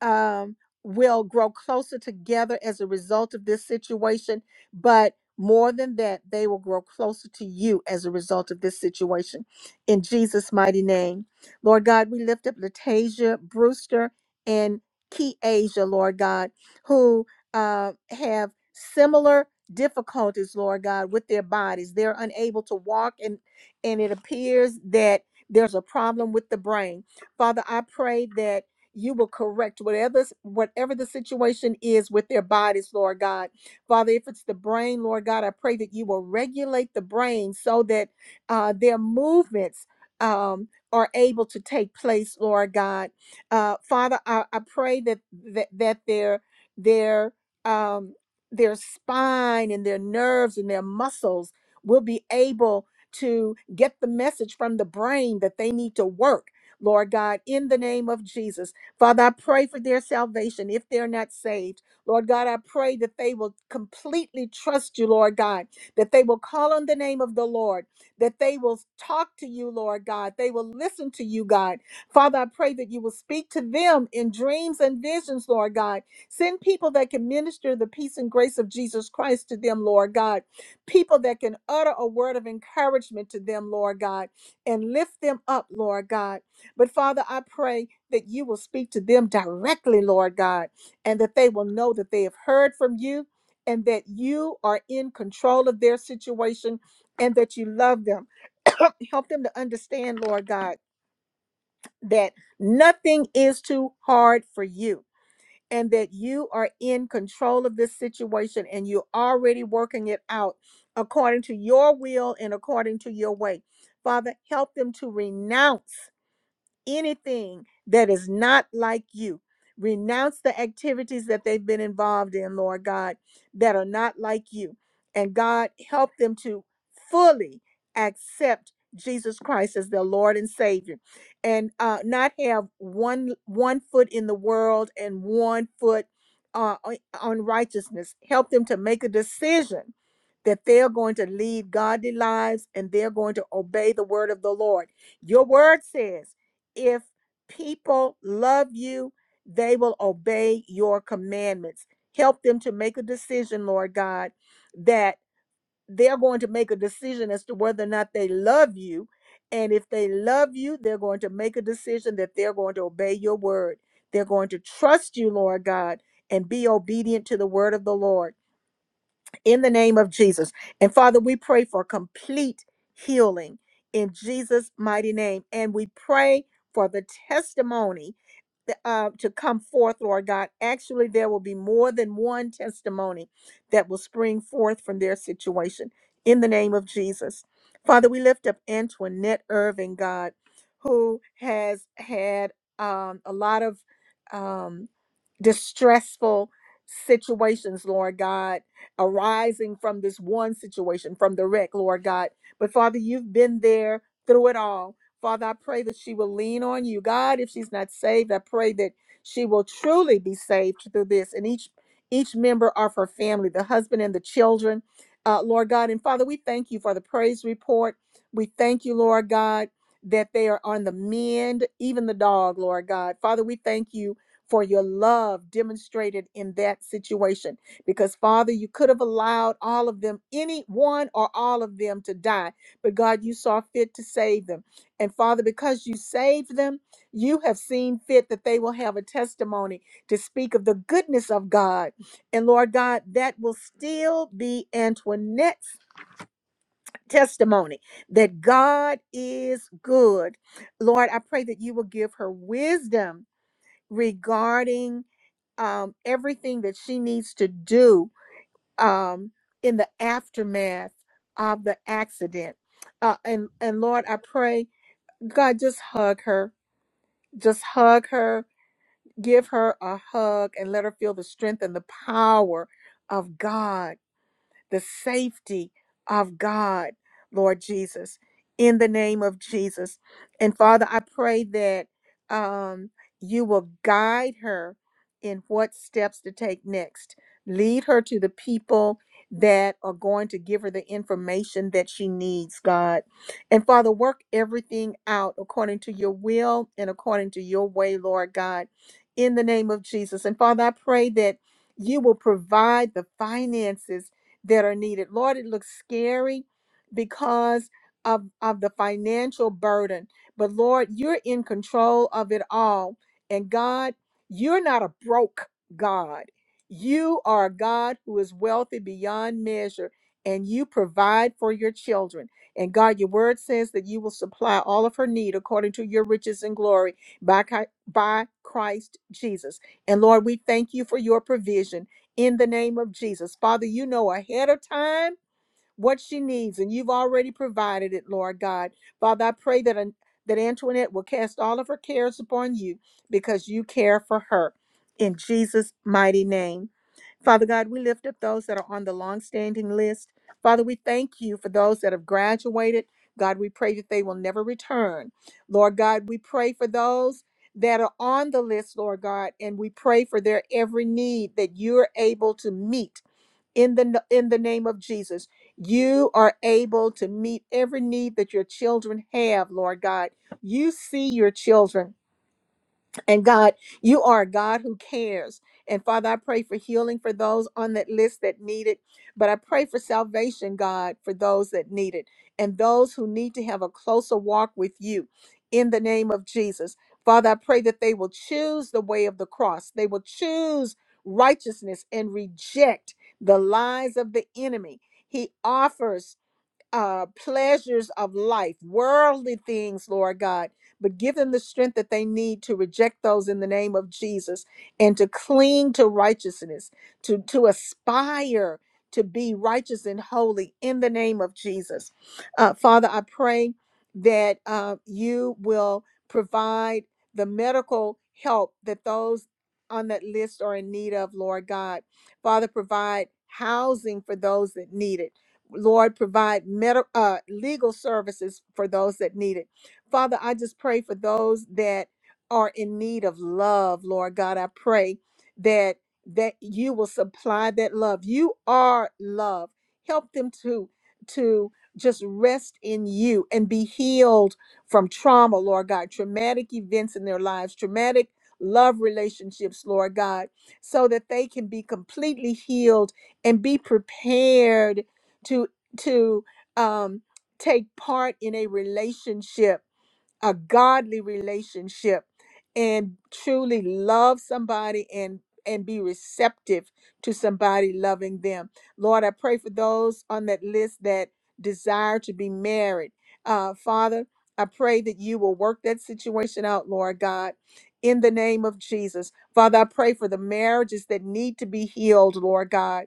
[SPEAKER 1] um, will grow closer together as a result of this situation. But more than that, they will grow closer to you as a result of this situation. In Jesus' mighty name. Lord God, we lift up Latasia Brewster and Key Asia, Lord God, who uh, have similar difficulties, Lord God, with their bodies. They're unable to walk, and, and it appears that there's a problem with the brain. Father, I pray that you will correct whatever whatever the situation is with their bodies, Lord God. Father, if it's the brain, Lord God, I pray that you will regulate the brain so that uh, their movements um, are able to take place, Lord God. Uh, Father, I, I pray that that, that their their um, their spine and their nerves and their muscles will be able to get the message from the brain that they need to work. Lord God, in the name of Jesus. Father, I pray for their salvation if they're not saved. Lord God, I pray that they will completely trust you, Lord God, that they will call on the name of the Lord, that they will talk to you, Lord God, they will listen to you, God. Father, I pray that you will speak to them in dreams and visions, Lord God. Send people that can minister the peace and grace of Jesus Christ to them, Lord God. People that can utter a word of encouragement to them, Lord God, and lift them up, Lord God. But Father, I pray that you will speak to them directly, Lord God, and that they will know that they have heard from you and that you are in control of their situation and that you love them. [coughs] Help them to understand, Lord God, that nothing is too hard for you and that you are in control of this situation and you're already working it out according to your will and according to your way. Father, help them to renounce anything that is not like you. Renounce the activities that they've been involved in, Lord God, that are not like you. And God, help them to fully accept Jesus Christ as their Lord and Savior and uh, not have one one foot in the world and one foot uh, on on righteousness. Help them to make a decision that they're going to lead godly lives and they're going to obey the word of the Lord. Your word says if people love you, they will obey your commandments. Help them to make a decision, Lord God, that they're going to make a decision as to whether or not they love you. And if they love you, they're going to make a decision that they're going to obey your word. They're going to trust you, Lord God, and be obedient to the word of the Lord in the name of Jesus. And Father, we pray for complete healing in Jesus' mighty name. And we pray for the testimony that, uh, to come forth, Lord God. Actually, there will be more than one testimony that will spring forth from their situation in the name of Jesus. Father, we lift up Antoinette Irving, God, who has had um, a lot of. um, distressful situations, Lord God, arising from this one situation, from the wreck, Lord God. But Father, you've been there through it all. Father, I pray that she will lean on you. God, if she's not saved, I pray that she will truly be saved through this and each each member of her family, the husband and the children. Uh, Lord God and Father, we thank you for the praise report. We thank you, Lord God, that they are on the mend, even the dog, Lord God. Father, we thank you for your love demonstrated in that situation. Because, Father, you could have allowed all of them, any one or all of them, to die, but God, you saw fit to save them. And, Father, because you saved them, you have seen fit that they will have a testimony to speak of the goodness of God. And, Lord God, that will still be Antoinette's testimony that God is good. Lord, I pray that you will give her wisdom regarding um, everything that she needs to do um, in the aftermath of the accident. Uh, and and Lord, I pray, God, just hug her, just hug her, give her a hug, and let her feel the strength and the power of God the safety of God, Lord Jesus, in the name of Jesus. And Father, I pray that um, you will guide her in what steps to take next. Lead her to the people that are going to give her the information that she needs, God. And Father, work everything out according to your will and according to your way, Lord God, in the name of Jesus. And Father, I pray that you will provide the finances that are needed. Lord, it looks scary because of, of the financial burden, but Lord, you're in control of it all. And God, you're not a broke God. You are a God who is wealthy beyond measure, and you provide for your children. And God, your word says that you will supply all of her need according to your riches and glory by, Chi- by Christ Jesus. And Lord, we thank you for your provision in the name of Jesus. Father, you know ahead of time what she needs, and you've already provided it, Lord God. Father, I pray that, that Antoinette will cast all of her cares upon you because you care for her. In Jesus' mighty name. Father God, we lift up those that are on the long-standing list. Father, we thank you for those that have graduated. God, we pray that they will never return. Lord God, we pray for those that are on the list, Lord God, and we pray for their every need that you're able to meet in the in the name of Jesus. You are able to meet every need that your children have, Lord God. You see your children. And God, you are a God who cares. And Father, I pray for healing for those on that list that need it. But I pray for salvation, God, for those that need it and those who need to have a closer walk with you in the name of Jesus. Father, I pray that they will choose the way of the cross, they will choose righteousness and reject the lies of the enemy. He offers uh, pleasures of life, worldly things, Lord God, but give them the strength that they need to reject those in the name of Jesus and to cling to righteousness, to, to aspire to be righteous and holy in the name of Jesus. Uh, Father, I pray that uh, you will provide the medical help that those on that list are in need of, Lord God. Father, provide housing for those that need it Lord, provide med- uh, legal services for those that need it. Father, I just pray for those that are in need of love, Lord God. I pray that that you will supply that love. You are love. Help them to to just rest in you and be healed from trauma, Lord God, traumatic events in their lives, traumatic love relationships, Lord God, so that they can be completely healed and be prepared to to um, take part in a relationship a godly relationship and truly love somebody and and be receptive to somebody loving them lord i pray for those on that list that desire to be married uh, father i pray that you will work that situation out lord god in the name of jesus father i pray for the marriages that need to be healed lord god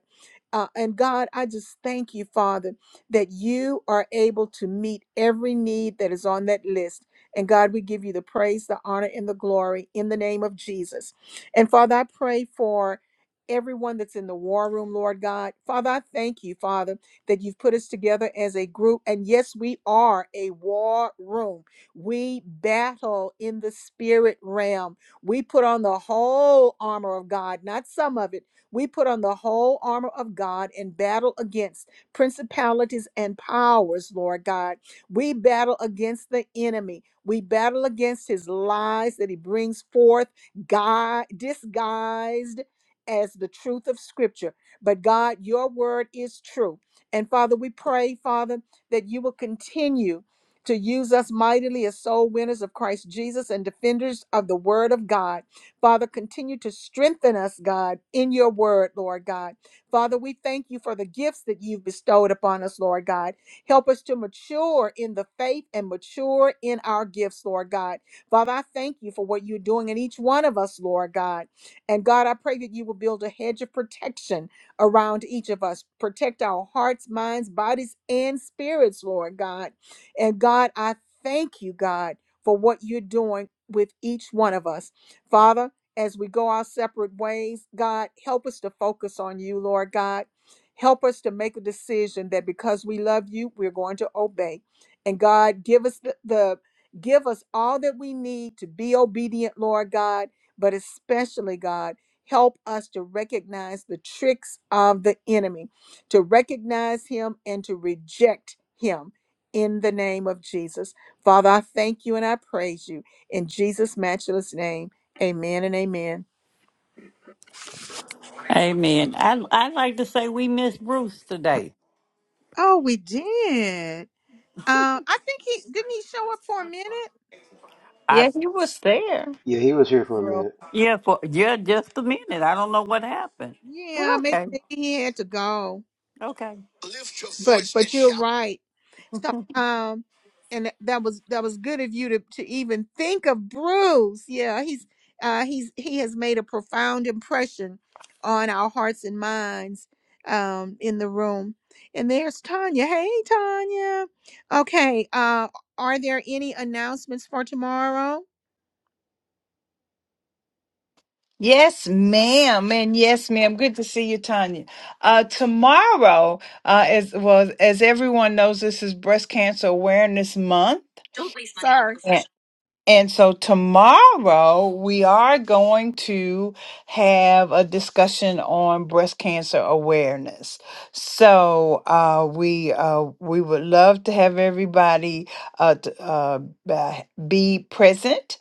[SPEAKER 1] uh, and god i just thank you father that you are able to meet every need that is on that list and God, we give you the praise, the honor, and the glory in the name of Jesus. And Father, I pray for everyone that's in the war room, Lord God. Father, I thank you, Father, that you've put us together as a group. And yes, we are a war room. We battle in the spirit realm. We put on the whole armor of God, not some of it. We put on the whole armor of God and battle against principalities and powers, Lord God. We battle against the enemy. We battle against his lies that he brings forth, gui- disguised as the truth of Scripture. But God, your word is true. And Father, we pray, Father, that you will continue to use us mightily as soul winners of Christ Jesus and defenders of the word of God. Father, continue to strengthen us, God, in your word, Lord God. Father, we thank you for the gifts that you've bestowed upon us, Lord God. Help us to mature in the faith and mature in our gifts, Lord God. Father, I thank you for what you're doing in each one of us, Lord God. And God, I pray that you will build a hedge of protection around each of us. Protect our hearts, minds, bodies, and spirits, Lord God. And God, I thank you, God, for what you're doing with each one of us. Father, as we go our separate ways, God, help us to focus on you, Lord God. Help us to make a decision that because we love you, we're going to obey. And God, give us the, the give us all that we need to be obedient, Lord God, but especially God, help us to recognize the tricks of the enemy, to recognize him and to reject him in the name of Jesus. Father, I thank you and I praise you in Jesus' matchless name. Amen and amen.
[SPEAKER 4] Amen. I I'd like to say we missed Bruce today.
[SPEAKER 1] Oh, we did. Uh, I think he didn't he show up for a minute.
[SPEAKER 4] I
[SPEAKER 5] Yeah, he was there.
[SPEAKER 10] Yeah, he was here for a minute.
[SPEAKER 4] yeah for yeah just a minute. I don't know what happened, but
[SPEAKER 1] Yeah, maybe,
[SPEAKER 4] okay,
[SPEAKER 1] maybe he had to go.
[SPEAKER 4] okay.
[SPEAKER 1] Lift your but voice but and you're shout. right. So um, and that was that was good of you to to even think of Bruce. Yeah, he's uh he's he has made a profound impression on our hearts and minds um in the room. And there's Tanya. Hey Tanya. Okay. Uh, are there any announcements for tomorrow?
[SPEAKER 5] Yes, ma'am, and yes, ma'am. Good to see you, Tanya. Uh, tomorrow, uh, as well as everyone knows, this is Breast Cancer Awareness Month.
[SPEAKER 1] Don't waste money on Sorry.
[SPEAKER 5] And so tomorrow we are going to have a discussion on breast cancer awareness. So uh, we uh, we would love to have everybody uh, t- uh, ba- be present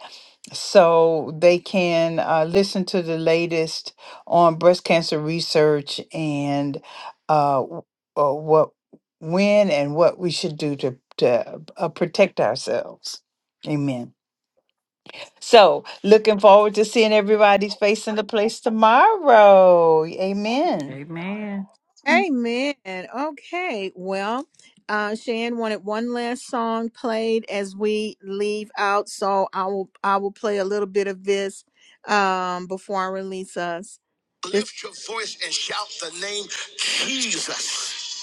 [SPEAKER 5] so they can uh, listen to the latest on breast cancer research and uh, w- uh, what when and what we should do to to uh, protect ourselves. Amen. So, looking forward to seeing everybody's face in the place tomorrow. Amen.
[SPEAKER 1] Amen. Okay. Well, uh, Shan wanted one last song played as we leave out, so I will I will play a little bit of this um, before I release us. Lift your voice and shout the name Jesus.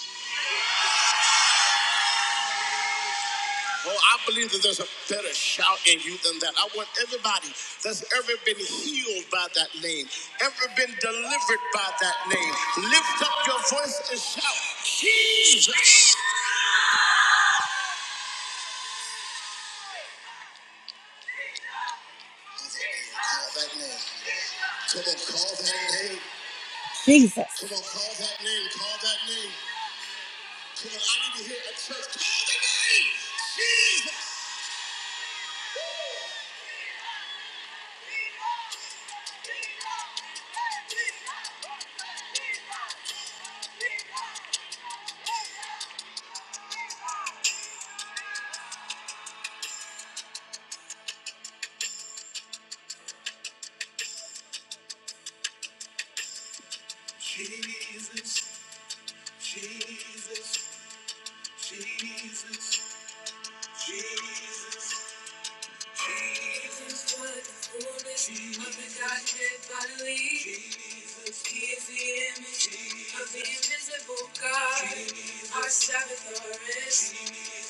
[SPEAKER 1] Well, I believe that there's a better shout in you than that. I want everybody that's ever been healed by that name, ever been delivered by that name, lift up your voice and shout Jesus. Come on, call that name. Jesus. Come on, call that name. Call that name. Come on, I need to hear a church. Call the name. Jesus. bodily. Jesus. He is the image Jesus. of the invisible God. Jesus. Our Sabbath rest.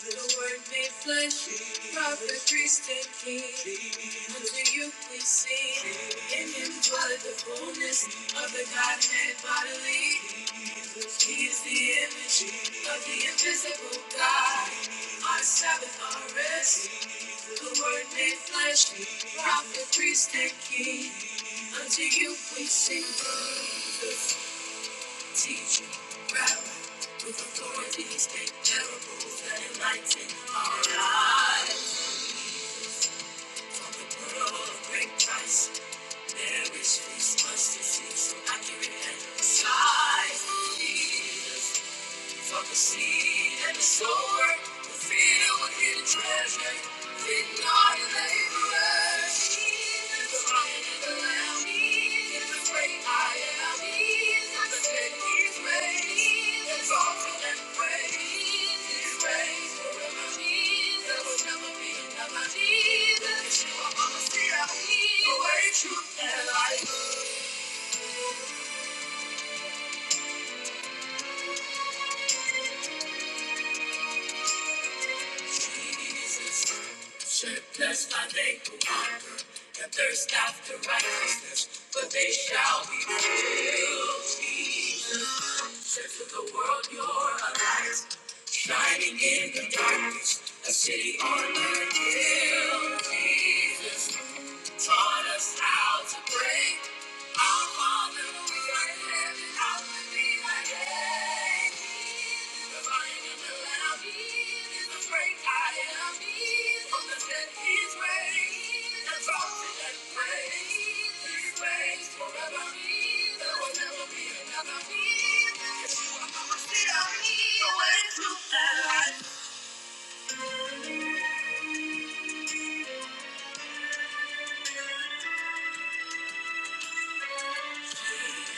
[SPEAKER 1] The Word made flesh. Jesus. Prophet, priest, and king. Jesus. Unto you we sing. Jesus. In Him dwelleth the fullness Jesus of the Godhead bodily. He is the image of the invisible God. Our Sabbath, our rest. The Word made flesh. Prophet, priest, and king. Unto you we sing praises. Teacher, rabbi, with authorities and parables that enlighten our lives. From the pearl of great price. Mary's feast must be seen so accurate and precise. Jesus, From the seed and the sower, the field with hidden treasure, feeding on the laborers. He is the lion and the lamb, he is the great I am, he is the dead he's raised, he is exalted and praised, he is raised forever, Jesus will never be another Jesus, Yeshua, Messiah, the way, truth, and life. Shirtless, my they who hunger and thirst after righteousness, but they shall be filled. Jesus said to the world, you're a light, shining in the darkness, a city on a hill. Jesus taught us how to pray. Our Father who art in heaven, hallowed be thy name. The Lion and the Lamb is the great I am. From the dead he raised, exalted and praised. He reigns forever. There will never be another. Yeshua HaMashiach, the way, truth, and life.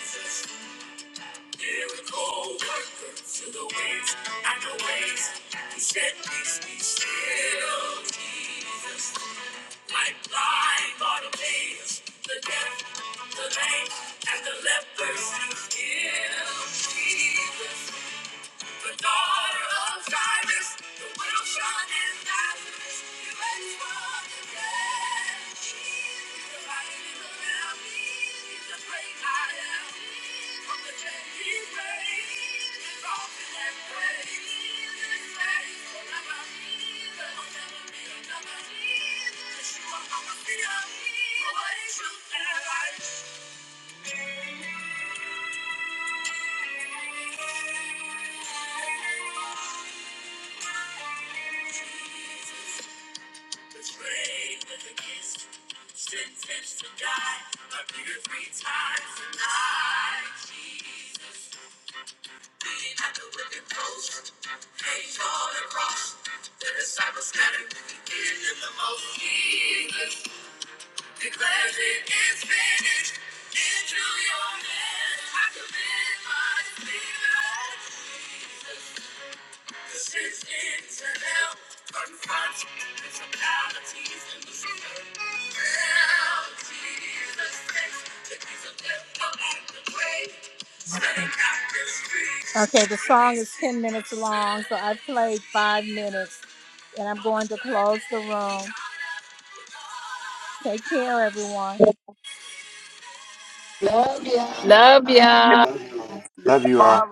[SPEAKER 1] Jesus Miracle worker to the ways and the ways. He said, Peace be still, Jesus. Like blind Bartimaeus, the deaf, the lame, and the lepers he healed, Jesus. The daughter of Jairus, the widow shone in Nazareth. You raised from the dead, Jesus. the are right in the realm, He's the great I am. Sentence to die, a bigger three times tonight, Jesus. beating at the whipping post. Page all across, the disciples scattered, giving them the most. Jesus declares it is finished. Into your hands I commit my spirit. The sins into hell confront principalities and the Okay, the song is 10 minutes long, so I played five minutes. And I'm going to close the room. Take care, everyone.
[SPEAKER 5] Love ya.
[SPEAKER 10] Love you
[SPEAKER 1] I
[SPEAKER 10] all.